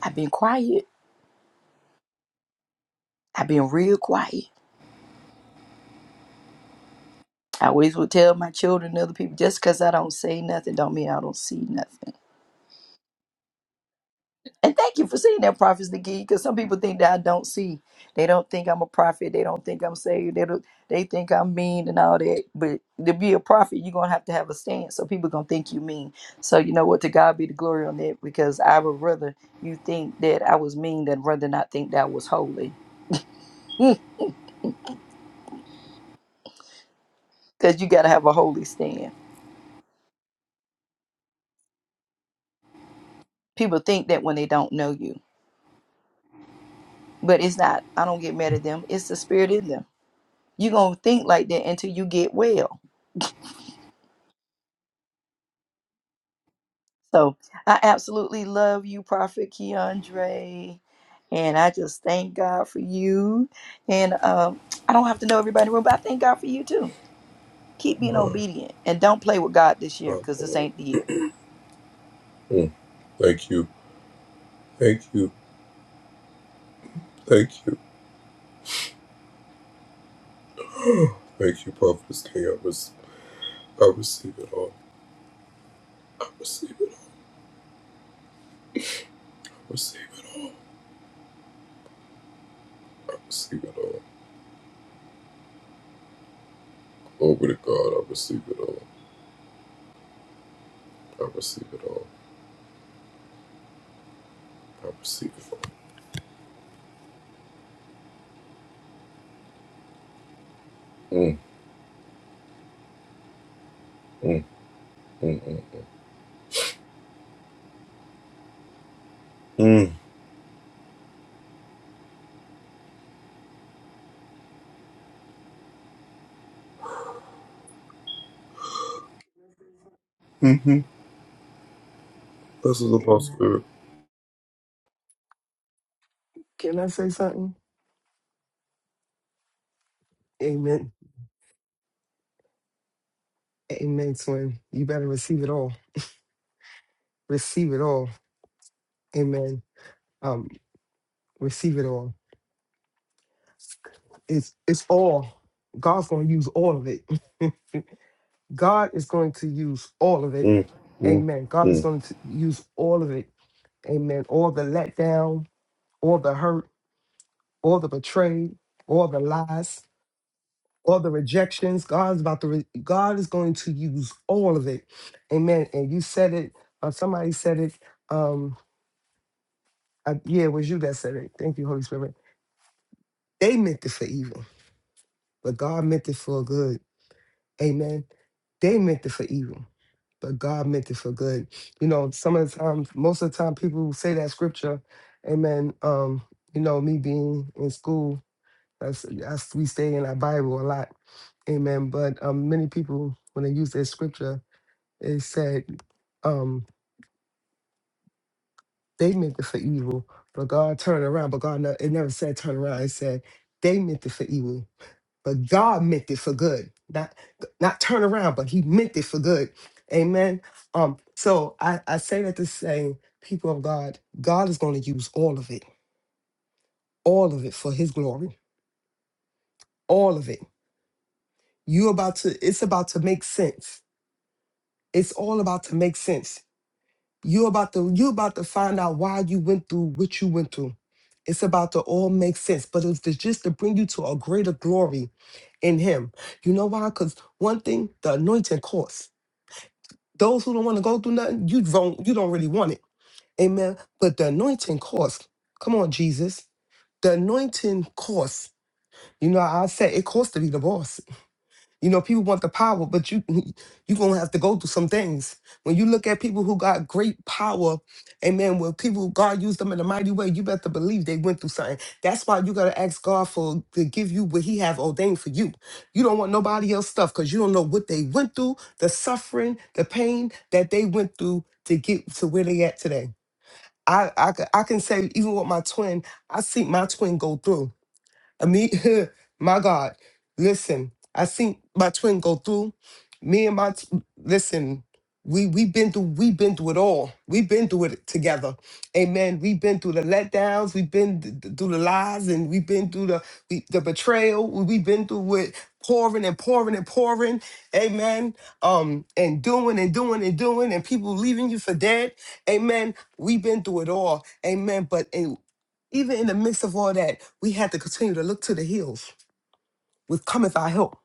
I've been quiet. I've been real quiet. I always would tell my children and other people, just cause I don't say nothing, don't mean I don't see nothing. And thank you for seeing that prophet's the because some people think that I don't see. They don't think I'm a prophet. They don't think I'm saved. They don't, they think I'm mean and all that. But to be a prophet, you're gonna have to have a stance. So people gonna think you mean. So you know what? To God be the glory on that because I would rather you think that I was mean than rather not think that I was holy. Because you gotta have a holy stand. People think that when they don't know you, but it's not. I don't get mad at them. It's the spirit in them. You're gonna think like that until you get well So I absolutely love you, Prophet Keandre. And I just thank God for you. And um, I don't have to know everybody in the room, but I thank God for you too. Keep being obedient and don't play with God this year because this ain't the year.
Can I say something? Amen. Amen, twin. You better receive it all. receive it all. Amen. Um, receive it all. It's it's all. God's gonna use all of it. God is going to use all of it. Amen. God is going to use all of it. Amen. All the letdown, all the hurt, all the betrayed, all the lies, all the rejections. God's about to. Re- God is going to use all of it. Amen. And you said it. Uh, somebody said it. Um, I- yeah, it was you that said it. Thank you, Holy Spirit. They meant it for evil but God meant it for good. Amen. They meant it for evil, but God meant it for good. You know, some of the time, most of the time, people who say that scripture, amen. Um, you know, me being in school, that's, that's we stay in our Bible a lot, amen. But um, many people, when they use that scripture, it said um, they meant it for evil, but God turned around. But God, ne- it never said turn around. It said they meant it for evil, but God meant it for good. Not not turn around, but He meant it for good. Amen. Um, so I, I say that to say, people of God, God is going to use all of it, all of it for His glory, all of it. You about to, it's about to make sense. It's all about to make sense. You about to, you about to find out why you went through what you went through. It's about to all make sense, but it's to, just to bring you to a greater glory in Him. You know why? Because one thing, the anointing costs. Those who don't want to go through nothing, you don't you don't really want it. Amen. But the anointing costs. Come on, Jesus. The anointing costs. You know, I said it costs to be the boss. You know, people want the power, but you you gonna have to go through some things. When you look at people who got great power, amen. When people God used them in a mighty way, you better believe they went through something. That's why you gotta ask God for to give you what He have ordained for you. You don't want nobody else stuff because you don't know what they went through, the suffering, the pain that they went through to get to where they at today. I I, c- I can say even with my twin, I see my twin go through. I mean, my God, listen, I seen my twin go through. Me and my t- listen, we we have been through we have been through it all. We've been through it together. Amen. We've been through the letdowns, we've been th- th- through the lies, and we've been through the we, the betrayal. We've been through it pouring and pouring and pouring. Amen. Um, and doing and doing and doing, and people leaving you for dead. Amen. We've been through it all. Amen. But even in the midst of all that, we had to continue to look to the hills with cometh our help,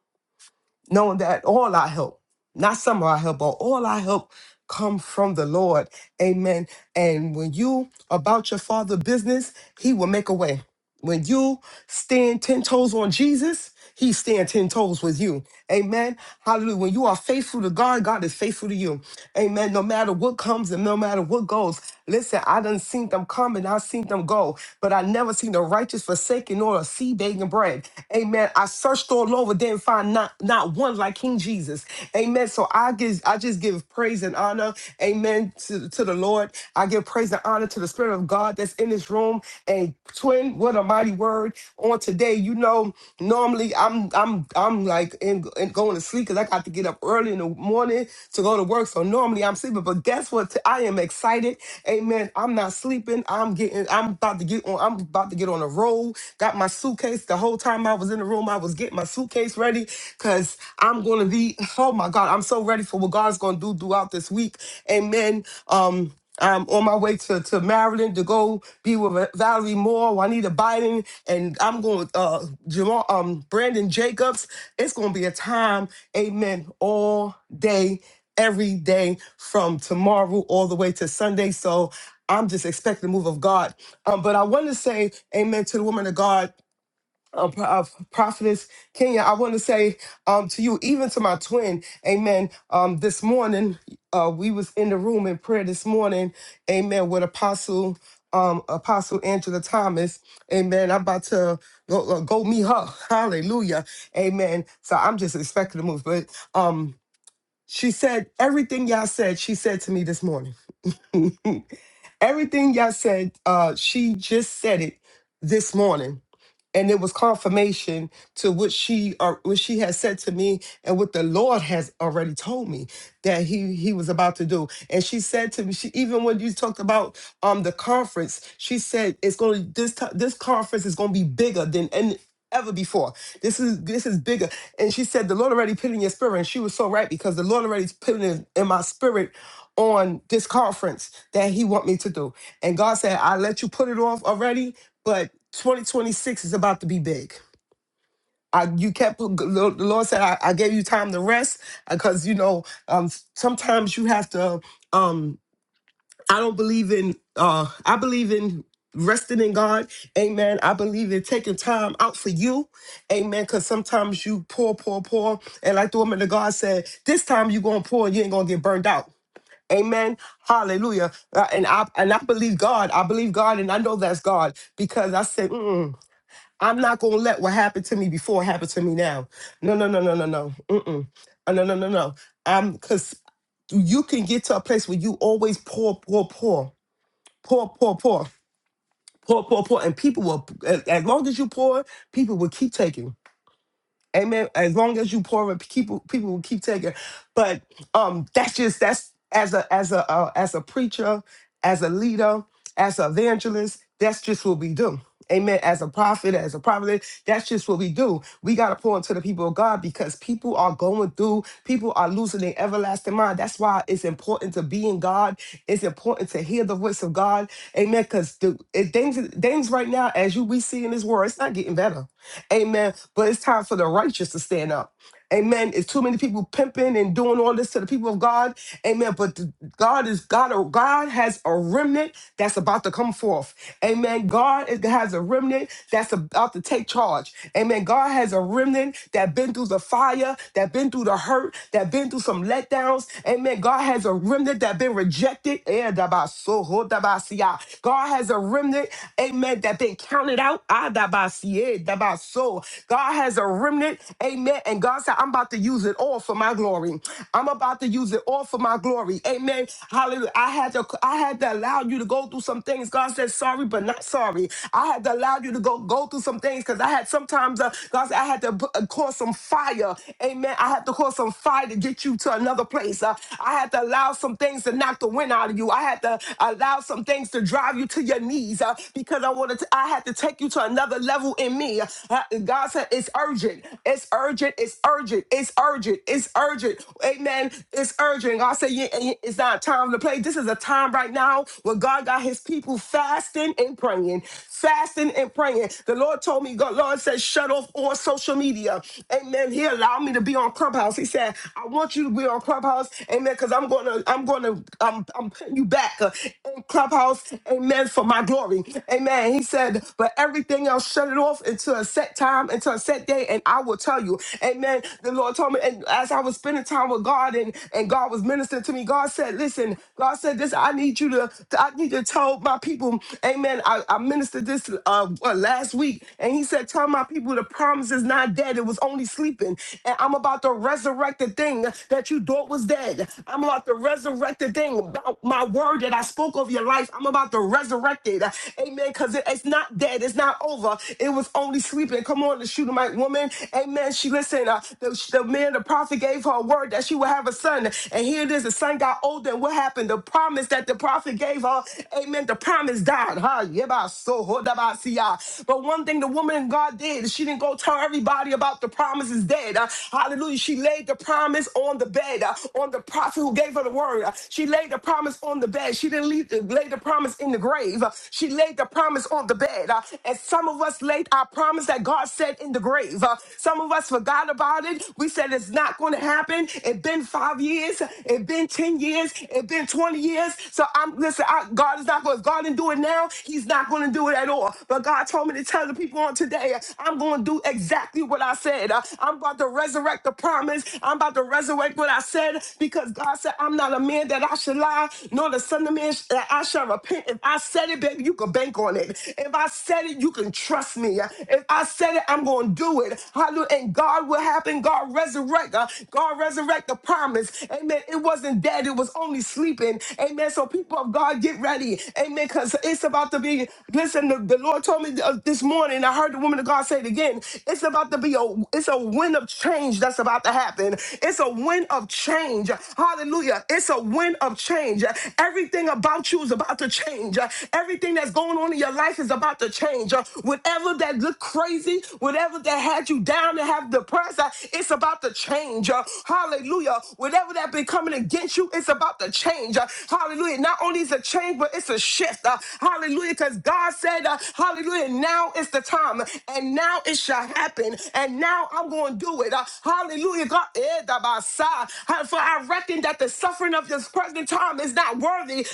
knowing that all our help, not some of our help, but all our help come from the Lord. Amen. And when you about your Father's business, he will make a way. When you stand 10 toes on Jesus, he stand 10 toes with you. Amen. Hallelujah. When you are faithful to God, God is faithful to you. Amen. No matter what comes and no matter what goes. Listen, I done seen them come and I seen them go, but I never seen the righteous forsaken or a sea begging bread. Amen. I searched all over, didn't find not, not one like King Jesus. Amen. So I give I just give praise and honor. Amen. To, to the Lord. I give praise and honor to the Spirit of God that's in this room. And twin, what a mighty word on today. You know, normally I'm I'm I'm like in, in going to sleep because I got to get up early in the morning to go to work. So normally I'm sleeping, but guess what? T- I am excited. Amen. I'm not sleeping. I'm getting. I'm about to get on. I'm about to get on a roll. Got my suitcase. The whole time I was in the room, I was getting my suitcase ready because I'm going to be. Oh my God, I'm so ready for what God's going to do throughout this week. Amen. Um. I'm on my way to, to Maryland to go be with uh, Valerie Moore, Juanita Biden, and I'm going with uh, Jamal, um, Brandon Jacobs. It's going to be a time, amen, all day, every day from tomorrow all the way to Sunday. So I'm just expecting the move of God. Um, but I want to say amen to the woman of God uh, Pro- uh, prophetess Kenya, I want to say um, to you, even to my twin, Amen. Um, this morning, uh, we was in the room in prayer this morning, Amen, with Apostle um, Apostle Angela Thomas, Amen. I'm about to go uh, go meet her, Hallelujah, Amen. So I'm just expecting to move, but um, she said everything y'all said. She said to me this morning, everything y'all said. Uh, she just said it this morning and it was confirmation to what she or what she had said to me and what the lord has already told me that he he was about to do and she said to me she even when you talked about um the conference she said it's going to this ti- this conference is going to be bigger than and ever before this is this is bigger and she said the lord already put it in your spirit and she was so right because the lord already put it in, in my spirit on this conference that he want me to do and god said i let you put it off already but 2026 is about to be big. I, you kept the Lord said I, I gave you time to rest because you know um, sometimes you have to. Um, I don't believe in. Uh, I believe in resting in God. Amen. I believe in taking time out for you. Amen. Because sometimes you pour, pour, pour, and like the woman of God said, this time you gonna pour, and you ain't gonna get burned out. Amen. Hallelujah. Uh, and I and I believe God. I believe God, and I know that's God because I said. Mm-mm. I'm not gonna let what happened to me before happen to me now. No, no, no, no, no, no. Mm-mm. Uh, No, no, no, no. Um, cause you can get to a place where you always pour, pour, pour, pour, pour, pour, pour, pour, pour, and people will. a- As long as you pour, people will keep taking. Amen. As long as you pour it, people people will keep taking. But um, that's just that's as a as a uh, as a preacher, as a leader, as an evangelist. That's just what we do. Amen. As a prophet, as a prophet, that's just what we do. We gotta pour into the people of God because people are going through. People are losing their everlasting mind. That's why it's important to be in God. It's important to hear the voice of God. Amen. Because the it, things things right now, as you we see in this world, it's not getting better. Amen. But it's time for the righteous to stand up. Amen. It's too many people pimping and doing all this to the people of God. Amen. But God is God. God has a remnant that's about to come forth. Amen. God is- has a remnant that's about to take charge. Amen. God has a remnant that been through the fire, that been through the hurt, that been through some letdowns. Amen. God has a remnant that been rejected. Eh, dabasoho, dabasia. God has a remnant, amen, that been counted out. Ah, dabasie, dabaso. God has a remnant, amen. And God said, I'm about to use it all for my glory. I'm about to use it all for my glory. Amen. Hallelujah. I had to I had to allow you to go through some things. God said, sorry, but not sorry. I had to allow you to go go through some things because I had sometimes uh, God said I had to put- uh, cause some fire. Amen. I had to cause some fire to get you to another place. Uh, I had to allow some things to knock the wind out of you. I had to allow some things to drive you to your knees uh, because I wanted to, I had to take you to another level in me. Uh, God said it's urgent. It's urgent urgent. It's urgent. It's urgent. It's urgent. Amen. It's urgent. God said, yeah, yeah, it's not time to play. This is a time right now where God got his people fasting and praying, fasting and praying. The Lord told me, God, Lord said, shut off all social media. Amen. He allowed me to be on Clubhouse. He said, I want you to be on Clubhouse. Amen. Because I'm going to, I'm going to, I'm, I'm putting you back uh, in Clubhouse. Amen. For my glory. Amen. He said, but everything else, shut it off until a set time, until a set day. And I will tell you." tell you. Amen. The Lord told me, and as I was spending time with God and, and God was ministering to me, God said, Listen, God said this, I need you to, I need to tell my people, Amen. I, I ministered this uh what, last week, and he said, Tell my people the promise is not dead, it was only sleeping. And I'm about to resurrect the thing that you thought was dead. I'm about to resurrect the thing about my word that I spoke over your life. I'm about to resurrect it. Amen. Because it, it's not dead, it's not over. It was only sleeping. Come on, the shooter, my woman. Amen. She listened. Uh, the, the man, the prophet, gave her a word that she would have a son. And here it is. The son got older. And what happened? The promise that the prophet gave her. Amen. The promise died. Huh? Yeba so hodabasiya. But one thing the woman in God did, she didn't go tell everybody about the promise is dead. Uh, hallelujah. She laid the promise on the bed, uh, on the prophet who gave her the word. Uh, she laid the promise on the bed. She didn't leave, uh, lay the promise in the grave. Uh, she laid the promise on the bed. Uh, and some of us laid our promise that God said in the grave. Uh, enough. Some of us forgot about it. We said it's not going to happen. It's been five years. It's been 10 years. It's been 20 years. So I'm, listen, I, God is not going, to, if God didn't do it now, he's not going to do it at all. But God told me to tell the people on today, I'm going to do exactly what I said. Uh, I'm about to resurrect the promise. I'm about to resurrect what I said because God said, I'm not a man that I should lie, nor the son of man sh- that I shall repent. If I said it, baby, you can bank on it. If I said it, you can trust me. If I said it, I'm going to do do it. Hallelujah. And God will happen. God resurrect. uh, God resurrect the promise. Amen. It wasn't dead. It was only sleeping. Amen. So people of God, get ready. Amen. Because it's about to be. Listen, the, the Lord told me uh, this morning. I heard the woman of God say it again. It's about to be a. It's a wind of change that's about to happen. It's a wind of change. Hallelujah. It's a wind of change. Everything about you is about to change. Everything that's going on in your life is about to change. Whatever that look crazy, whatever whatever that had you down and have depressed, uh, it's about to change. uh, hallelujah. Whatever that been coming against you, it's about to change. uh, hallelujah. Not only is a change, but it's a shift. uh, hallelujah. Because God said, uh, hallelujah, now is the time. And now it shall happen. And now I'm going to do it. uh, hallelujah. God, eh, da ba sa. Ha- for I reckon that the suffering of this present time is not worthy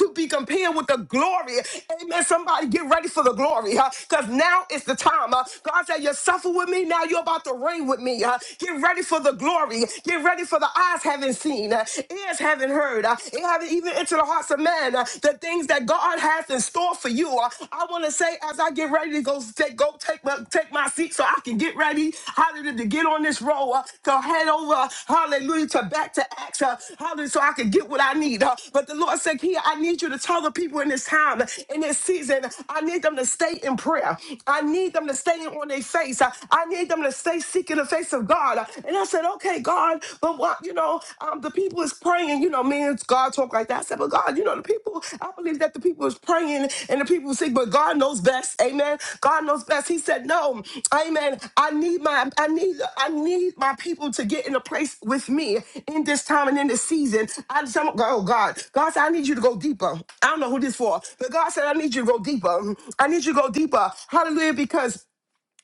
to be compared with the glory. Amen. Somebody get ready for the glory. Because now is the time. uh, God tell you, suffer with me. Now you're about to reign with me. Uh, get ready for the glory. Get ready for the eyes haven't seen, uh, ears haven't heard, uh, it haven't even entered the hearts of man. uh, the things that God has in store for you. Uh, I want to say, as I get ready to go take go take my take my seat, so I can get ready. Hallelujah to get on this roll uh, to head over. Hallelujah to back to Acts. Uh, hallelujah, so I can get what I need. Uh, but the Lord said, "Here, I need you to tell the people in this time, in this season, I need them to stay in prayer. I need them to stay in painting on their face. I, I need them to stay seeking the face of God. And I said, okay, God, but what, you know, um, the people is praying, you know, me and God talk like that. I said, but God, you know, the people, I believe that the people is praying and the people sick, but God knows best. Amen. God knows best. He said, no, amen. I need my, I need, I need my people to get in a place with me in this time and in this season. I just, I'm, oh God, God said, I need you to go deeper. I don't know who this for, but God said, I need you to go deeper. I need you to go deeper. Hallelujah. Because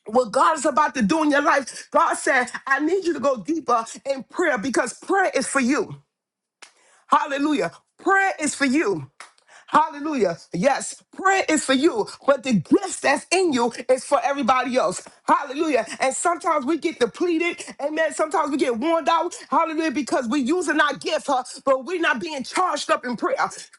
what God is about to do in your life. God said, I need you to go deeper in prayer because prayer is for you. Hallelujah. Prayer is for you. Hallelujah. Yes, prayer is for you, but the gifts that's in you is for everybody else. Hallelujah. And sometimes we get depleted. Amen. Sometimes we get worn out. Hallelujah. Because we're using our gift, huh, but we're not being charged up in prayer.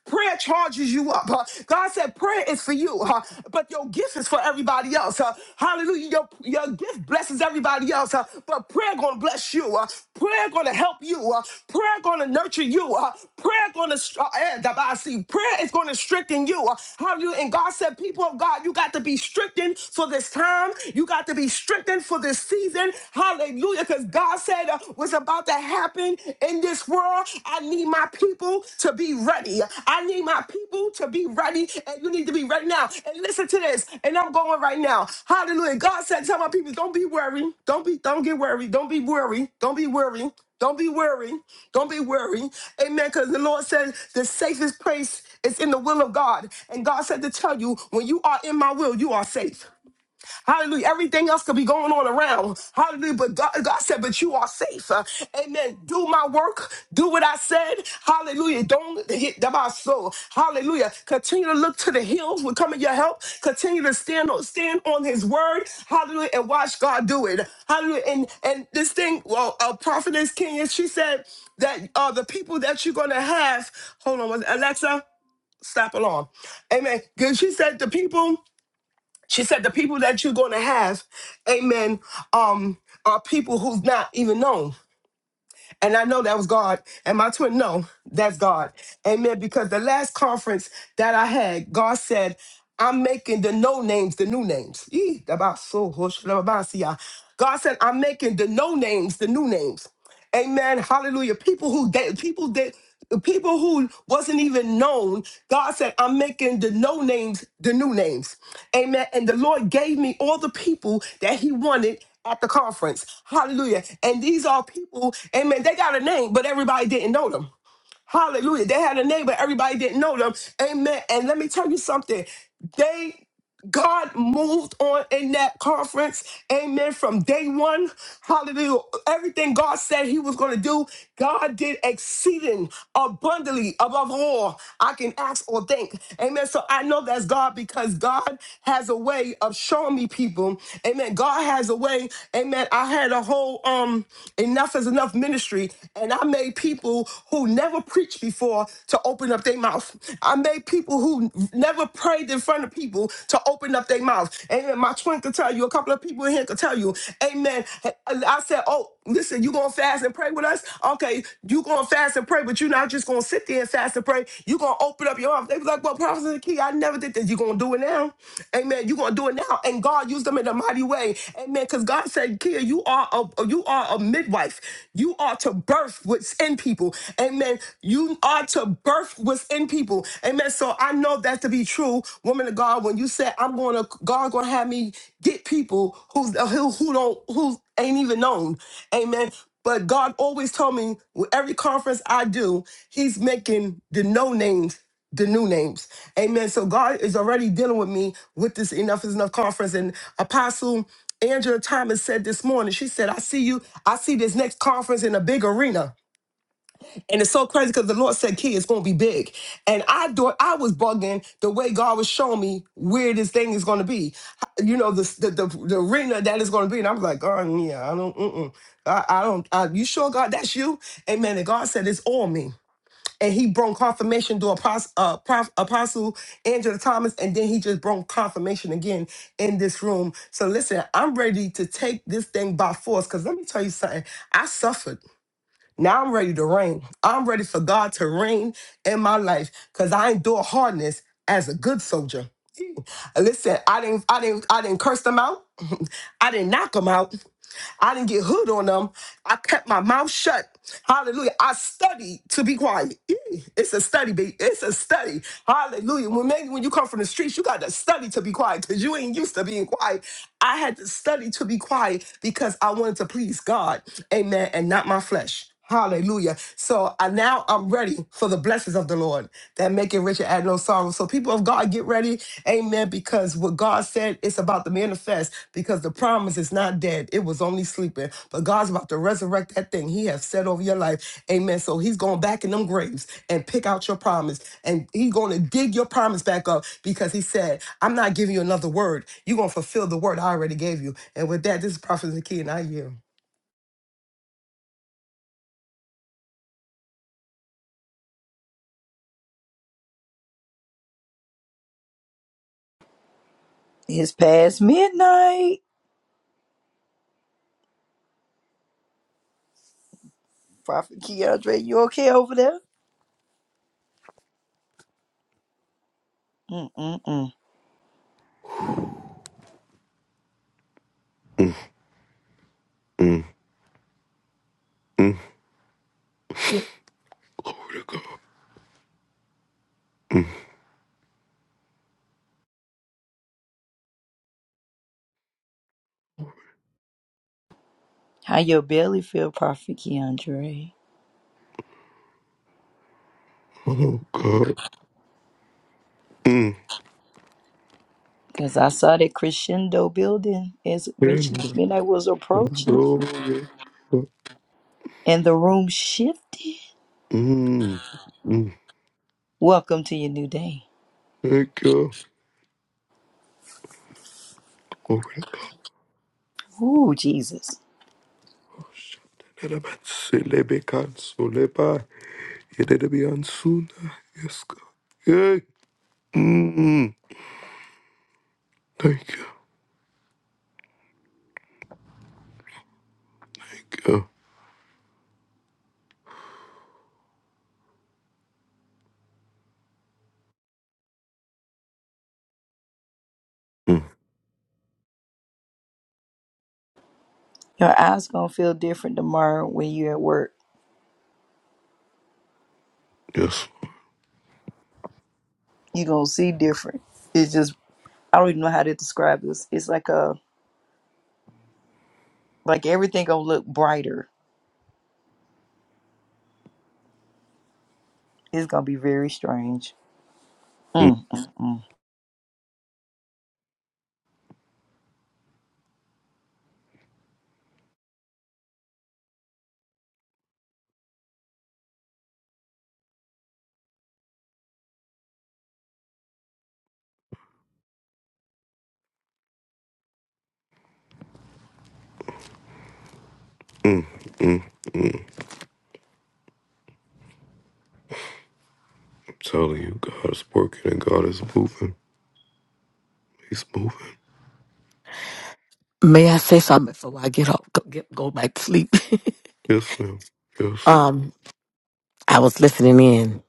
Prayer charges you up. huh. God said prayer is for you, huh, but your gift is for everybody else. huh. Hallelujah. Your, your gift blesses everybody else, uh, but prayer gonna bless you. uh, prayer gonna help you. uh, prayer gonna nurture you. uh, prayer gonna str- uh, and I see prayer is gonna strengthen you. uh, how you and God said, people of God, you got to be strengthened for this time. You got to be strengthened for this season. Hallelujah, because God said uh, what's about to happen in this world. I need my people people to be ready. I need my people to be ready, and you need to be ready now. And listen to this, and I'm going right now. Hallelujah. God said, Tell my people, don't be worried. Don't be, don't get worried. Don't be worried. Don't be worried. Don't be worried. Don't be worried. Amen. Because the Lord said the safest place is in the will of God. And God said to tell you, when you are in my will, you are safe. Hallelujah. Everything else could be going on around. Hallelujah. But God, God said, but you are safe. Uh, amen. Do my work. Do what I said. Hallelujah. Don't hit the my soul. Hallelujah. Continue to look to the hills with coming your help. Continue to stand on stand on his word. Hallelujah. And watch God do it. Hallelujah. And and this thing, well, uh, prophetess Kenya, she said that uh the people that you're gonna have, hold on, was it Alexa, stop alarm. Amen. Because she said the people. She said the people that you're going to have, amen, um, are people who's not even known. And I know that was God. And my twin, no, that's God. Amen. Because the last conference that I had, God said, I'm making the no names the new names. Yee, da ba so ho sh- da ba ba si ya. God said, I'm making the no names the new names. Amen. Hallelujah. People who they people that people who wasn't even known god said i'm making the no names the new names amen and the lord gave me all the people that he wanted at the conference hallelujah and these are people amen they got a name but everybody didn't know them Hallelujah. They had a name, but everybody didn't know them. Amen. And let me tell you something. They God moved on in that conference. Amen. From day one. Hallelujah. Everything God said he was going to do, God did exceeding abundantly above all I can ask or think. Amen. So I know that's God because God has a way of showing me people. Amen. God has a way. Amen. I had a whole um enough is enough ministry and I made people who never preached before to open up their mouth. I made people who never prayed in front of people to open up their mouth. Amen. My twin could tell you, a couple of people in here could tell you. Amen. I said, oh, listen, you gonna fast and pray with us? Okay, you gonna fast and pray, but you're not just gonna sit there and fast and pray. you gonna open up your mouth." They was like, well, Prophet the key, I never did this. you gonna do it now. Amen. you gonna do it now. And God used them in a mighty way. Amen. Because God said, Kia, you are a you are a midwife. You are to birth what's in people people. Amen. You are to birth what's in people. Amen. So I know that to be true, woman of God. When you said I'm going to, God going to have me get people who's who who don't who ain't even known. Amen. But God always told me with every conference I do, He's making the no names the new names. Amen. So God is already dealing with me with this Enough is Enough conference. And Apostle Angela Thomas said this morning, she said, I see you, I see this next conference in a big arena. And it's so crazy because the Lord said, "Kid, it's gonna be big." And I do, I was bugging the way God was showing me where this thing is gonna be. You know, the the the, the arena that is gonna be. And I was like, "Oh yeah, I don't, mm-mm. I, I don't. I, you sure, God? That's you?" Amen. And God said, "It's all me." And he brought confirmation to Apostle, uh, Prof, Apostle Angela Thomas, and then he just brought confirmation again in this room. So listen, I'm ready to take this thing by force. Cause let me tell you something. I suffered. Now I'm ready to reign. I'm ready for God to reign in my life because I endure hardness as a good soldier. Listen, I didn't, I didn't, I didn't curse them out. I didn't knock them out. I didn't get hood on them. I kept my mouth shut. Hallelujah. I studied to be quiet. Eh, It's a study, baby. It's a study. Hallelujah. When maybe when you come from the streets, you got to study to be quiet because you ain't used to being quiet. I had to study to be quiet because I wanted to please God. Amen. And not my flesh. Hallelujah. So I, now I'm ready for the blessings of the Lord that make it rich and add no sorrow. So people of God, get ready. Amen. Because what God said, it's about to manifest because the promise is not not dead. It was only sleeping. But God's about to resurrect that thing He has said over your life. Amen. So He's going back in them graves and pick out your promise. And He's going to dig your promise back up because He said, I'm not giving you another word. You're going to fulfill the word I already gave you. And with that, this is Prophet Zakiya and I yield.
It's past midnight. Prophet Keandre, you okay over there? Mm-mm-mm. How your belly feel, Prophet Keandre? Because I saw that crescendo building as midnight midnight was approaching and the room shifted. Welcome to your new day. Ooh, Jesus. Your eyes gonna feel different tomorrow when you're at work. you gonna see different. It's just I don't even know how to describe this. It's like a like everything gonna look brighter. It's gonna be very strange. Mm-mm.
May I say something before I get up, go, get, go back to sleep? um, I was listening in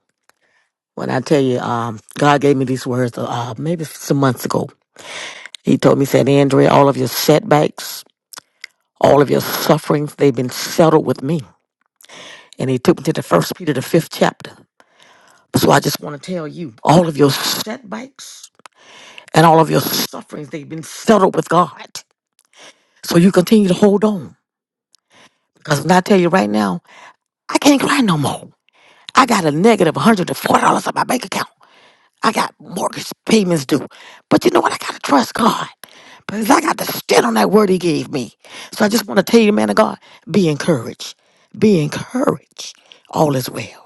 when I tell you, um, God gave me these words, uh, maybe some months ago. He told me, said, Andrea, all of your setbacks, all of your sufferings, they've been settled with me. And he took me to the first Peter, the fifth chapter. So I just want to tell you, all of your setbacks and all of your sufferings, they've been settled with God. So you continue to hold on. Because when I tell you right now, I can't cry no more. I got a $104 on my bank account. I got mortgage payments due. But you know what? I got to trust God because I got to stand on that word He gave me. So I just want to tell you, man of God, be encouraged. Be encouraged. All is well.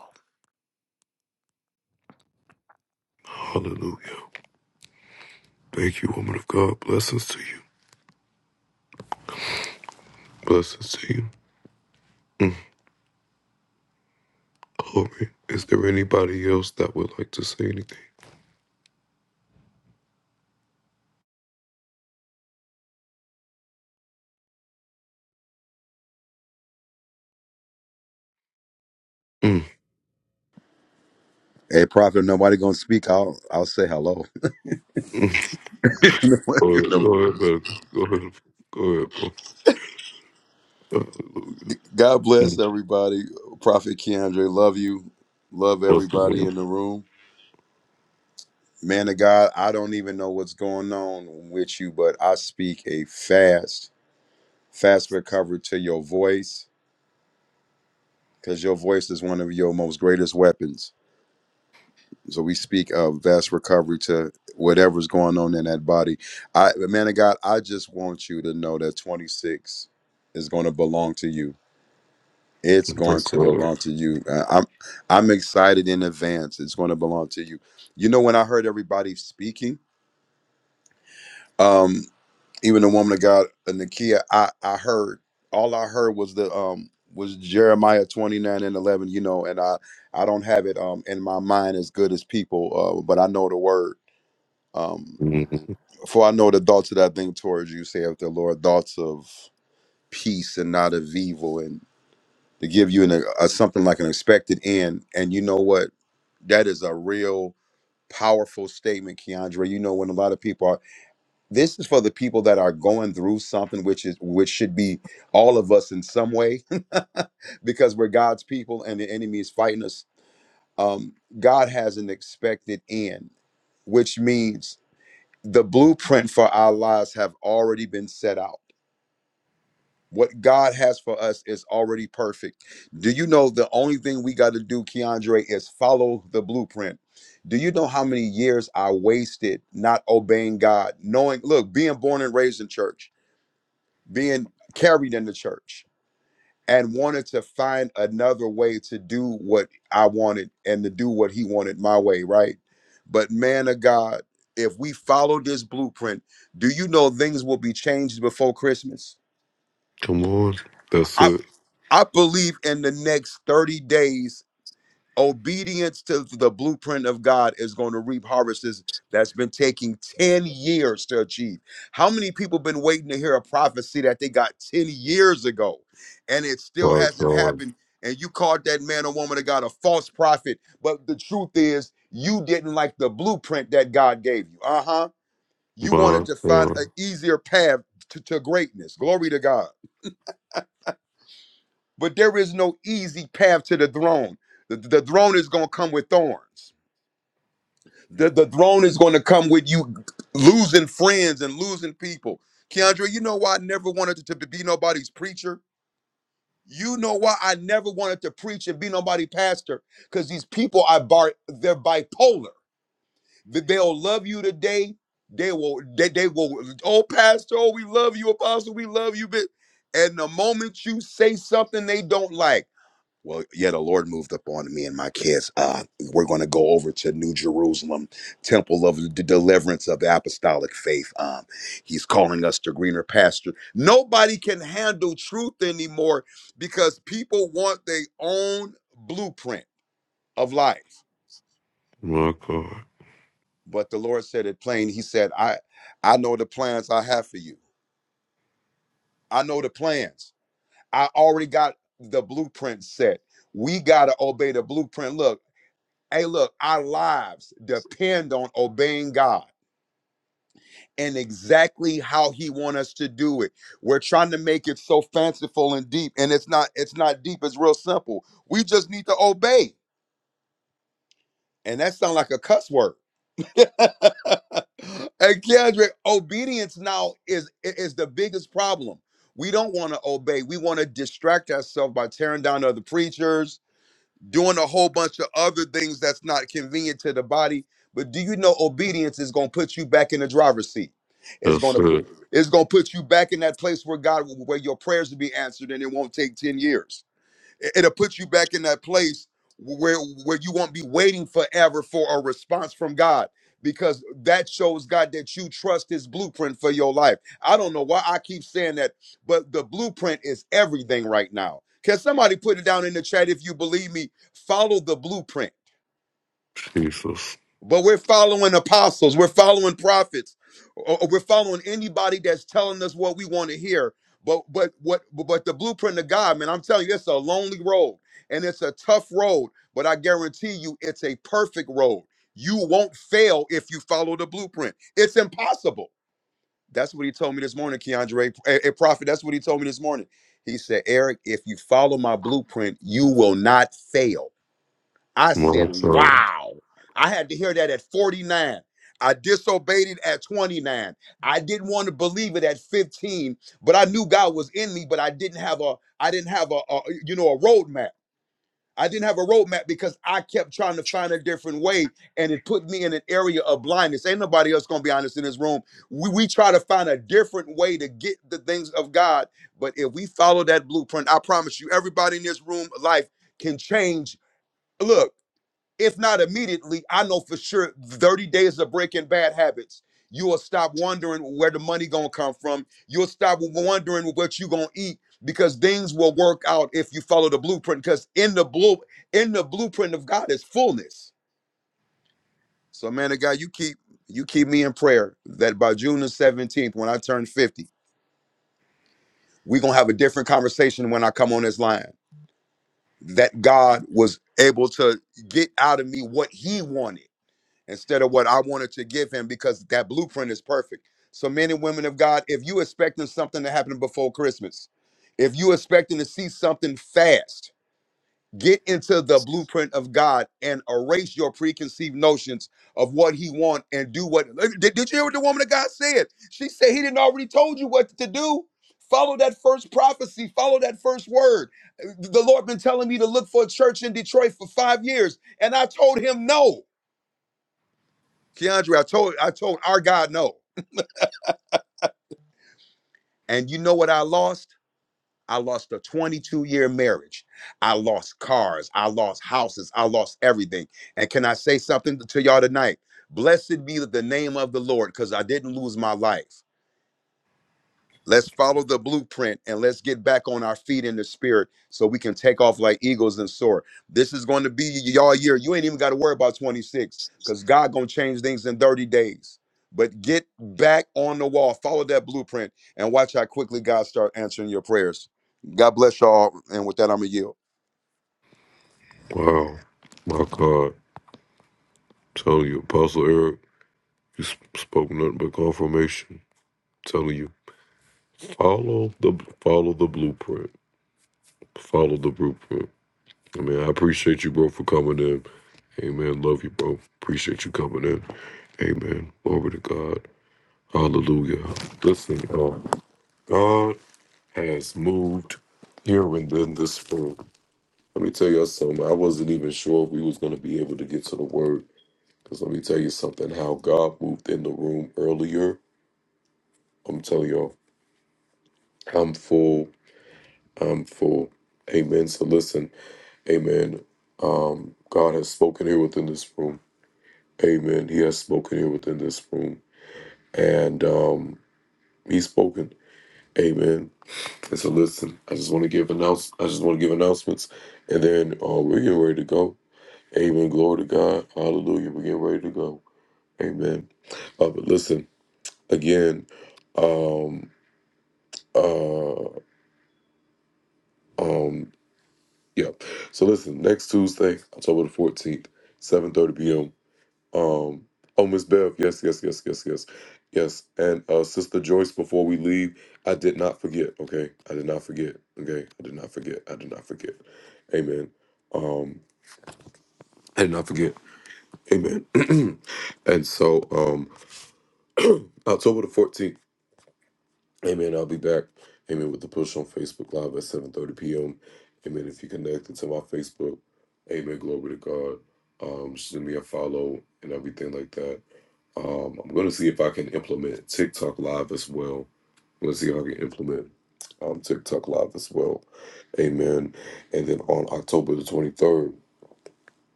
Hey, Prophet, if nobody gonna speak. I'll I'll say hello. God bless everybody. Prophet Keandre, love you. Love everybody in the room. Man of God, I don't even know what's going on with you, but I speak a fast, fast recovery to your voice because your voice is one of your most greatest weapons. So we speak of vast recovery to whatever's going on in that body. I, man of God, I just want you to know that 26 is going to belong to you. It's going to belong to you. Uh, I'm I'm excited in advance. It's going to belong to you. You know, when I heard everybody speaking, um, even the woman of God, uh, Nakia, I I heard all I heard was the um was Jeremiah 29 and 11. You know, and I I don't have it um in my mind as good as people, uh, but I know the word. Um, for I know the thoughts that I think towards you, saith the Lord, thoughts of peace and not of evil, and to give you an, a, something like an expected end. And you know what? That is a real powerful statement, Keandre. You know, when a lot of people are, this is for the people that are going through something, which is which should be all of us in some way, because we're God's people and the enemy is fighting us. Um, God has an expected end, which means the blueprint for our lives have already been set out. What God has for us is already perfect. Do you know the only thing we got to do, Keandre, is follow the blueprint? Do you know how many years I wasted not obeying God, knowing, look, being born and raised in church, being carried in the church, and wanted to find another way to do what I wanted and to do what He wanted my way, right? But man of God, if we follow this blueprint, do you know things will be changed before Christmas? I, I believe in the next 30 days, obedience to the blueprint of God is going to reap harvests that's been taking 10 years to achieve. How many people been waiting to hear a prophecy that they got 10 years ago and it still hasn't happened? And you called that man or woman of God a false prophet, but the truth is you didn't like the blueprint that God gave you. Uh-huh. You wanted to find an easier path to, to greatness. Glory to God. But there is no easy path to the throne. The, the throne is going to come with thorns. The, the throne is going to come with you losing friends and losing people. Keandre, you know why I never wanted to, to be nobody's preacher? You know why I never wanted to preach and be nobody's pastor? Because these people are bar, they're bipolar. Th- They'll love you today. They will, they, they will, oh, pastor, oh, we love you, apostle, we love you. But and the moment you say something they don't like, well, yeah, the Lord moved up on me and my kids. Uh, we're going to go over to New Jerusalem, temple of the deliverance of the apostolic faith. Um, he's calling us to greener pasture. Nobody can handle truth anymore because people want their own blueprint of life. But the Lord said it plain. He said, "I, I know the plans I have for you. I know the plans. I already got the blueprint set. We got to obey the blueprint. Look." Hey, look, our lives depend on obeying God and exactly how he wants us to do it. We're trying to make it so fanciful and deep and it's not it's not deep, it's real simple. We just need to obey. And that sounds like a cuss word. and Kendrick, obedience now is is the biggest problem. We don't want to obey. We want to distract ourselves by tearing down other preachers, doing a whole bunch of other things that's not convenient to the body. But do you know obedience is going to put you back in the driver's seat? It's going to put it's going to put you back in that place where God where your prayers will be answered and it won't take 10 years. It- It'll put you back in that place where where you won't be waiting forever for a response from God because that shows God that you trust his blueprint for your life. I don't know why I keep saying that, but the blueprint is everything right now. Can somebody put it down in the chat if you believe me? Follow the blueprint but we're following apostles, we're following prophets, or or we're following anybody that's telling us what we want to hear. But but what but the blueprint of God, man, I'm telling you, it's a lonely road and it's a tough road, but I guarantee you it's a perfect road. You won't fail if you follow the blueprint. It's impossible. That's what he told me this morning, Keandre, a, a prophet. That's what he told me this morning. He said, Eric, if you follow my blueprint, you will not fail. I said, wow. I had to hear that at 49. I disobeyed it at 29. I didn't want to believe it at 15, but I knew God was in me, but I didn't have a I didn't have a, a you know a roadmap. I didn't have a roadmap because I kept trying to find a different way and it put me in an area of blindness. Ain't nobody else gonna be honest in this room. We, we try to find a different way to get the things of God. But if we follow that blueprint, I promise you, everybody in this room, life can change. Look if not immediately, I know for sure 30 days of breaking bad habits. You will stop wondering where the money gonna come from. You'll stop wondering what you gonna eat because things will work out if you follow the blueprint. Because in the blue, in the blueprint of God is fullness. So, man of God, you keep you keep me in prayer that by June the 17th, when I turn 50, we're gonna have a different conversation when I come on this line. That God was able to get out of me what he wanted instead of what I wanted to give him because that blueprint is perfect. So, men and women of God, if you expecting something to happen before Christmas, if you expecting to see something fast, get into the blueprint of God and erase your preconceived notions of what He want and do what. Did, did you hear what the woman of God said? She said He didn't already told you what to do. Follow that first prophecy. Follow that first word. The Lord been telling me to look for a church in Detroit for five years, and I told Him no. Keandre, I told I told our God no. And you know what I lost? I lost a 22 year marriage. I lost cars. I lost houses. I lost everything. And can I say something to y'all tonight? Blessed be the name of the Lord because I didn't lose my life. Let's follow the blueprint and let's get back on our feet in the spirit so we can take off like eagles and soar. This is going to be y'all year. You ain't even got to worry about 26 because God gonna change things in 30 days. But get back on the wall, follow that blueprint, and watch how quickly God start answering your prayers. God bless y'all. And with that, I'm gonna yield.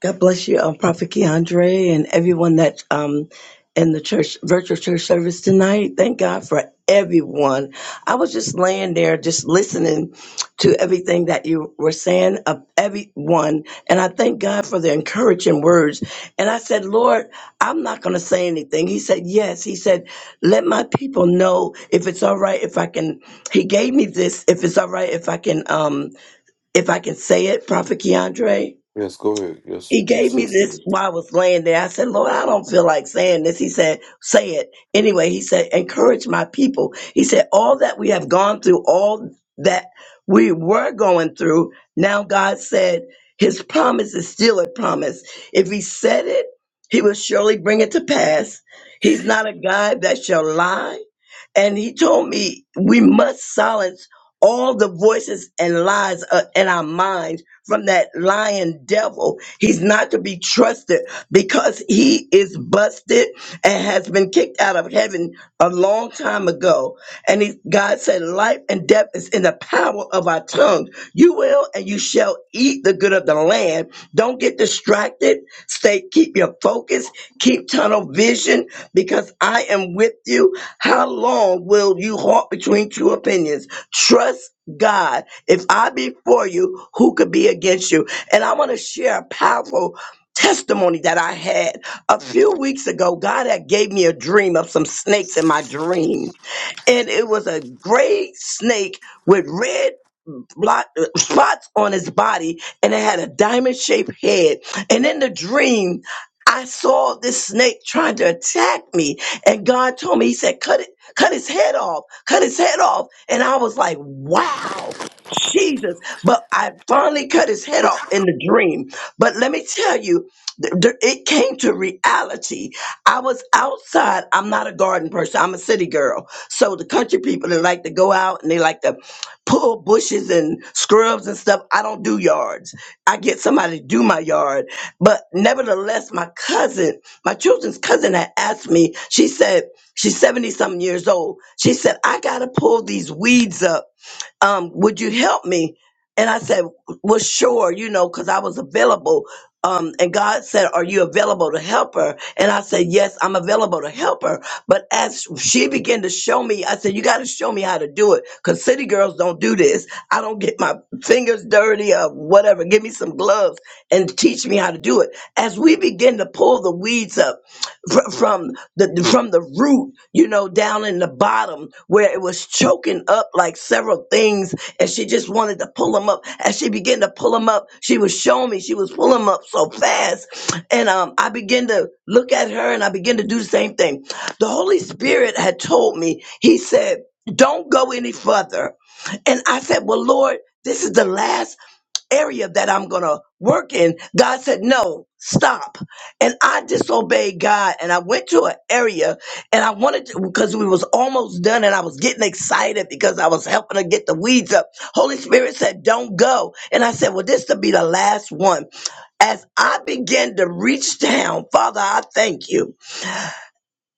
God bless you, um, Prophet Keandre, and everyone that's um in the church virtual church service tonight. Thank God for everyone. I was just laying there, just listening to everything that you were saying of everyone, and I thank God for the encouraging words. And I said, Lord, I'm not going to say anything. He said, Yes. He said, Let my people know if it's all right if I can. He gave me this. If it's all right if I can, um, if I can say it, Prophet Keandre. He gave me this while I was laying there. I said, Lord, I don't feel like saying this. He said, say it. Anyway, he said, encourage my people. He said, all that we have gone through, all that we were going through, now God said his promise is still a promise. If he said it, he will surely bring it to pass. He's not a God that shall lie and he told me we must silence all the voices and lies uh, in our minds from that lying devil. He's not to be trusted because he is busted and has been kicked out of heaven a long time ago. And he, God said, Life and death is in the power of our tongue. You will and you shall eat the good of the land. Don't get distracted. Stay, keep your focus, keep tunnel vision because I am with you how long will you halt between two opinions? Trust God. If I be for you, who could be against you? And I want to share a powerful testimony that I had a few weeks ago. God had gave me a dream of some snakes in my dream. And it was a gray snake with red blot, spots on his body and it had a diamond shaped head. And in the dream, I saw this snake trying to attack me. And God told me, He said, cut it, cut his head off, cut his head off. And I was like, wow, Jesus. But I finally cut his head off in the dream. But let me tell you, th- th- it came to reality. I was outside. I'm not a garden person. I'm a city girl. So the country people, they like to go out and they like to pull bushes and scrubs and stuff. I don't do yards. I get somebody to do my yard. But nevertheless, my cousin, my children's cousin had asked me, she said, she's 70 something years old. She said, I got to pull these weeds up um, would you help me? And I said, well, sure, you know, because I was available. Um, and God said, are you available to help her? And I said, yes, I'm available to help her. But as she began to show me, I said, you got to show me how to do it because city girls don't do this. I don't get my fingers dirty or whatever. Give me some gloves and teach me how to do it. As we begin to pull the weeds up fr- from, the, the- from the root, you know, down in the bottom where it was choking up like several things, and she just wanted to pull them up. As she began to pull them up, she was showing me she was pulling them up so fast, and um, I began to look at her, and I began to do the same thing. The Holy Spirit had told me. He said, "Don't go any further." And I said, Well, Lord, this is the last area that I'm going to work in. God said, no, stop. And I disobeyed God and I went to an area and I wanted to, because we was almost done and I was getting excited because I was helping to get the weeds up. Holy Spirit said, don't go. And I said, well, this to be the last one. As I began to reach down, Father, I thank you.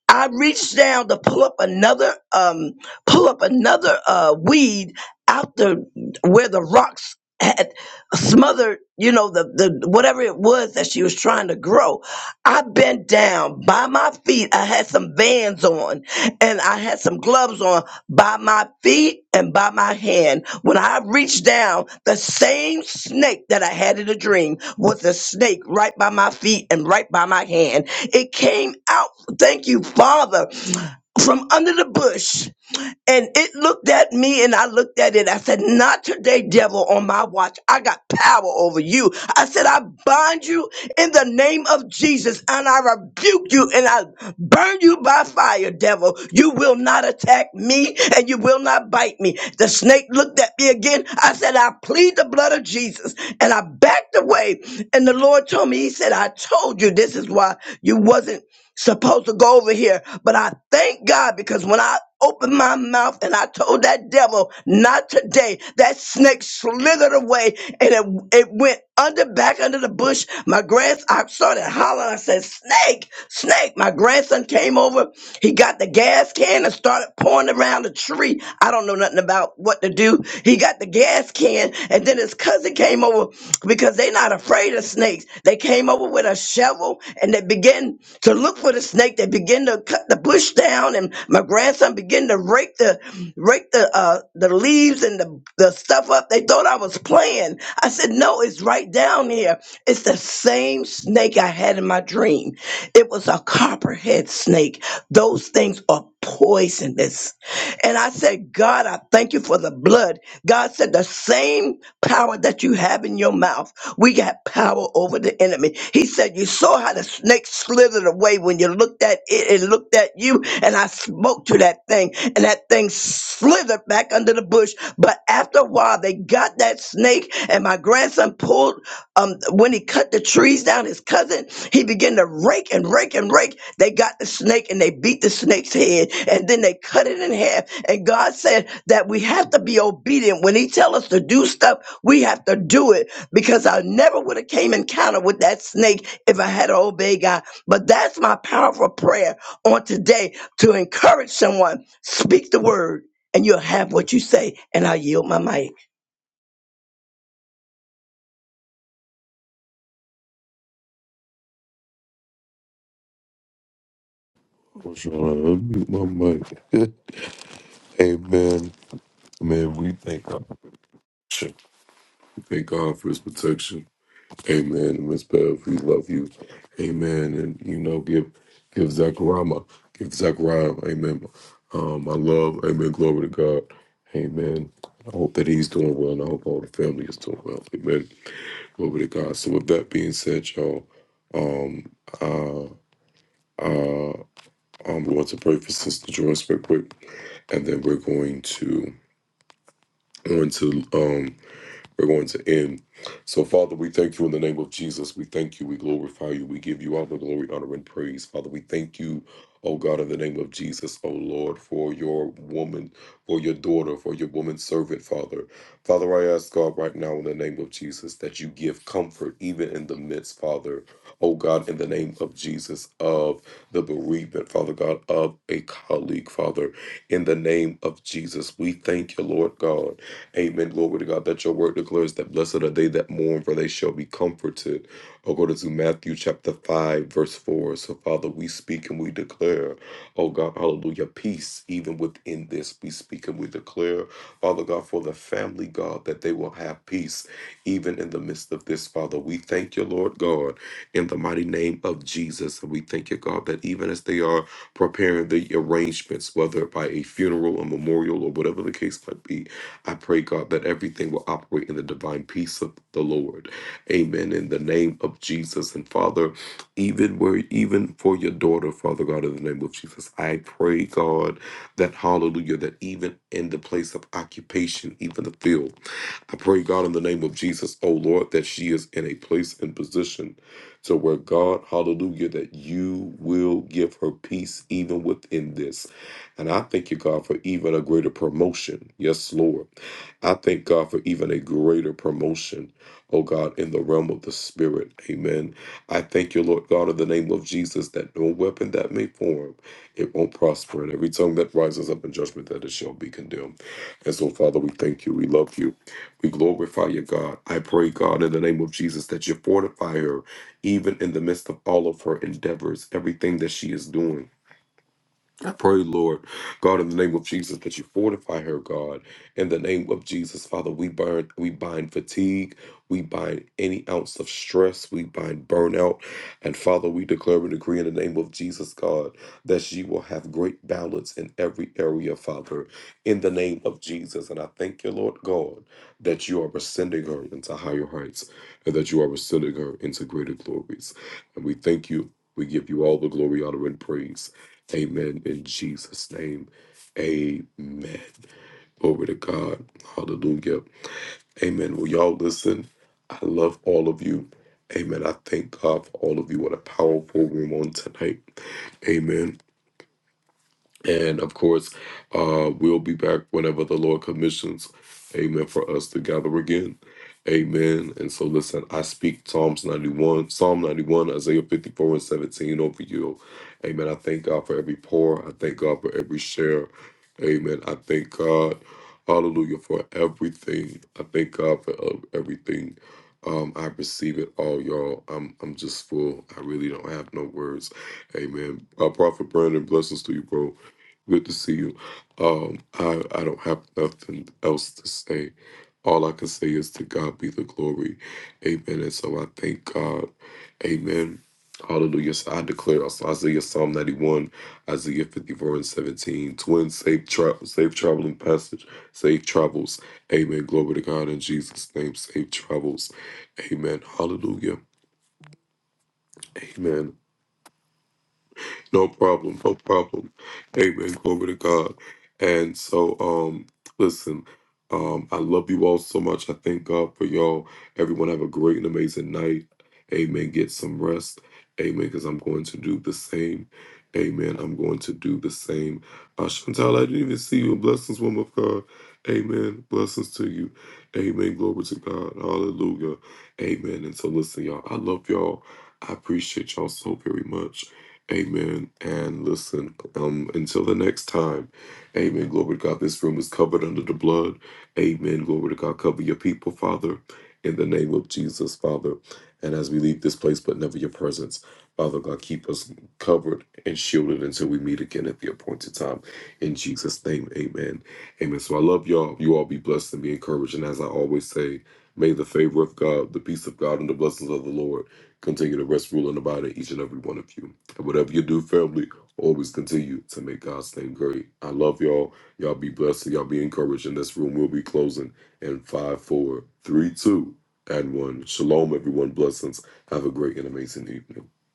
I reached down to pull up another um pull up another uh weed out the where the rocks had smothered, you know, the the whatever it was that she was trying to grow. I bent down by my feet. I had some vans on and I had some gloves on by my feet and by my hand. When I reached down, the same snake that I had in a dream was a snake right by my feet and right by my hand. It came out Thank you, Father, from under the bush. And it looked at me and I looked at it. I said, Not today, devil, on my watch. I got power over you. I said, I bind you in the name of Jesus and I rebuke you and I burn you by fire, devil. You will not attack me and you will not bite me. The snake looked at me again. I said, I plead the blood of Jesus and I backed away. And the Lord told me, He said, I told you this is why you wasn't supposed to go over here. But I thank God because when I opened my mouth and I told that devil, not today, that snake slithered away and it, it went under back under the bush. My grandson, I started hollering. I said, Snake, snake. My grandson came over. He got the gas can and started pouring around the tree. I don't know nothing nothing about what to do. He got the gas can, and then his cousin came over because they not afraid of snakes. They came over with a shovel and they began to look for the snake. They began to cut the bush down, and my grandson began to rake the rake the uh, the leaves and the, the stuff up. They thought I was playing. I said, no, it's right down here. It's the same snake I had in my dream. It was a copperhead snake. Those things are poisonous. And I said, God, I thank you for the blood. God said, the same power that you have in your mouth, we got power over the enemy. He said, you saw how the snake slithered away when you looked at it and looked at you. And I spoke to that thing and that thing slithered back under the bush. But after a while, they got that snake and my grandson pulled um, when he cut the trees down, his cousin, he began to rake and rake and rake. They got the snake and they beat the snake's head and then they cut it in half. And God said that we have to be obedient. When he tell us to do stuff, we have to do it because I never would have came encounter with that snake if I had obeyed God. But that's my powerful prayer on today to encourage someone. Speak the word and you'll have what you say. And I yield my mic.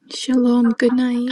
Shalom. Good night.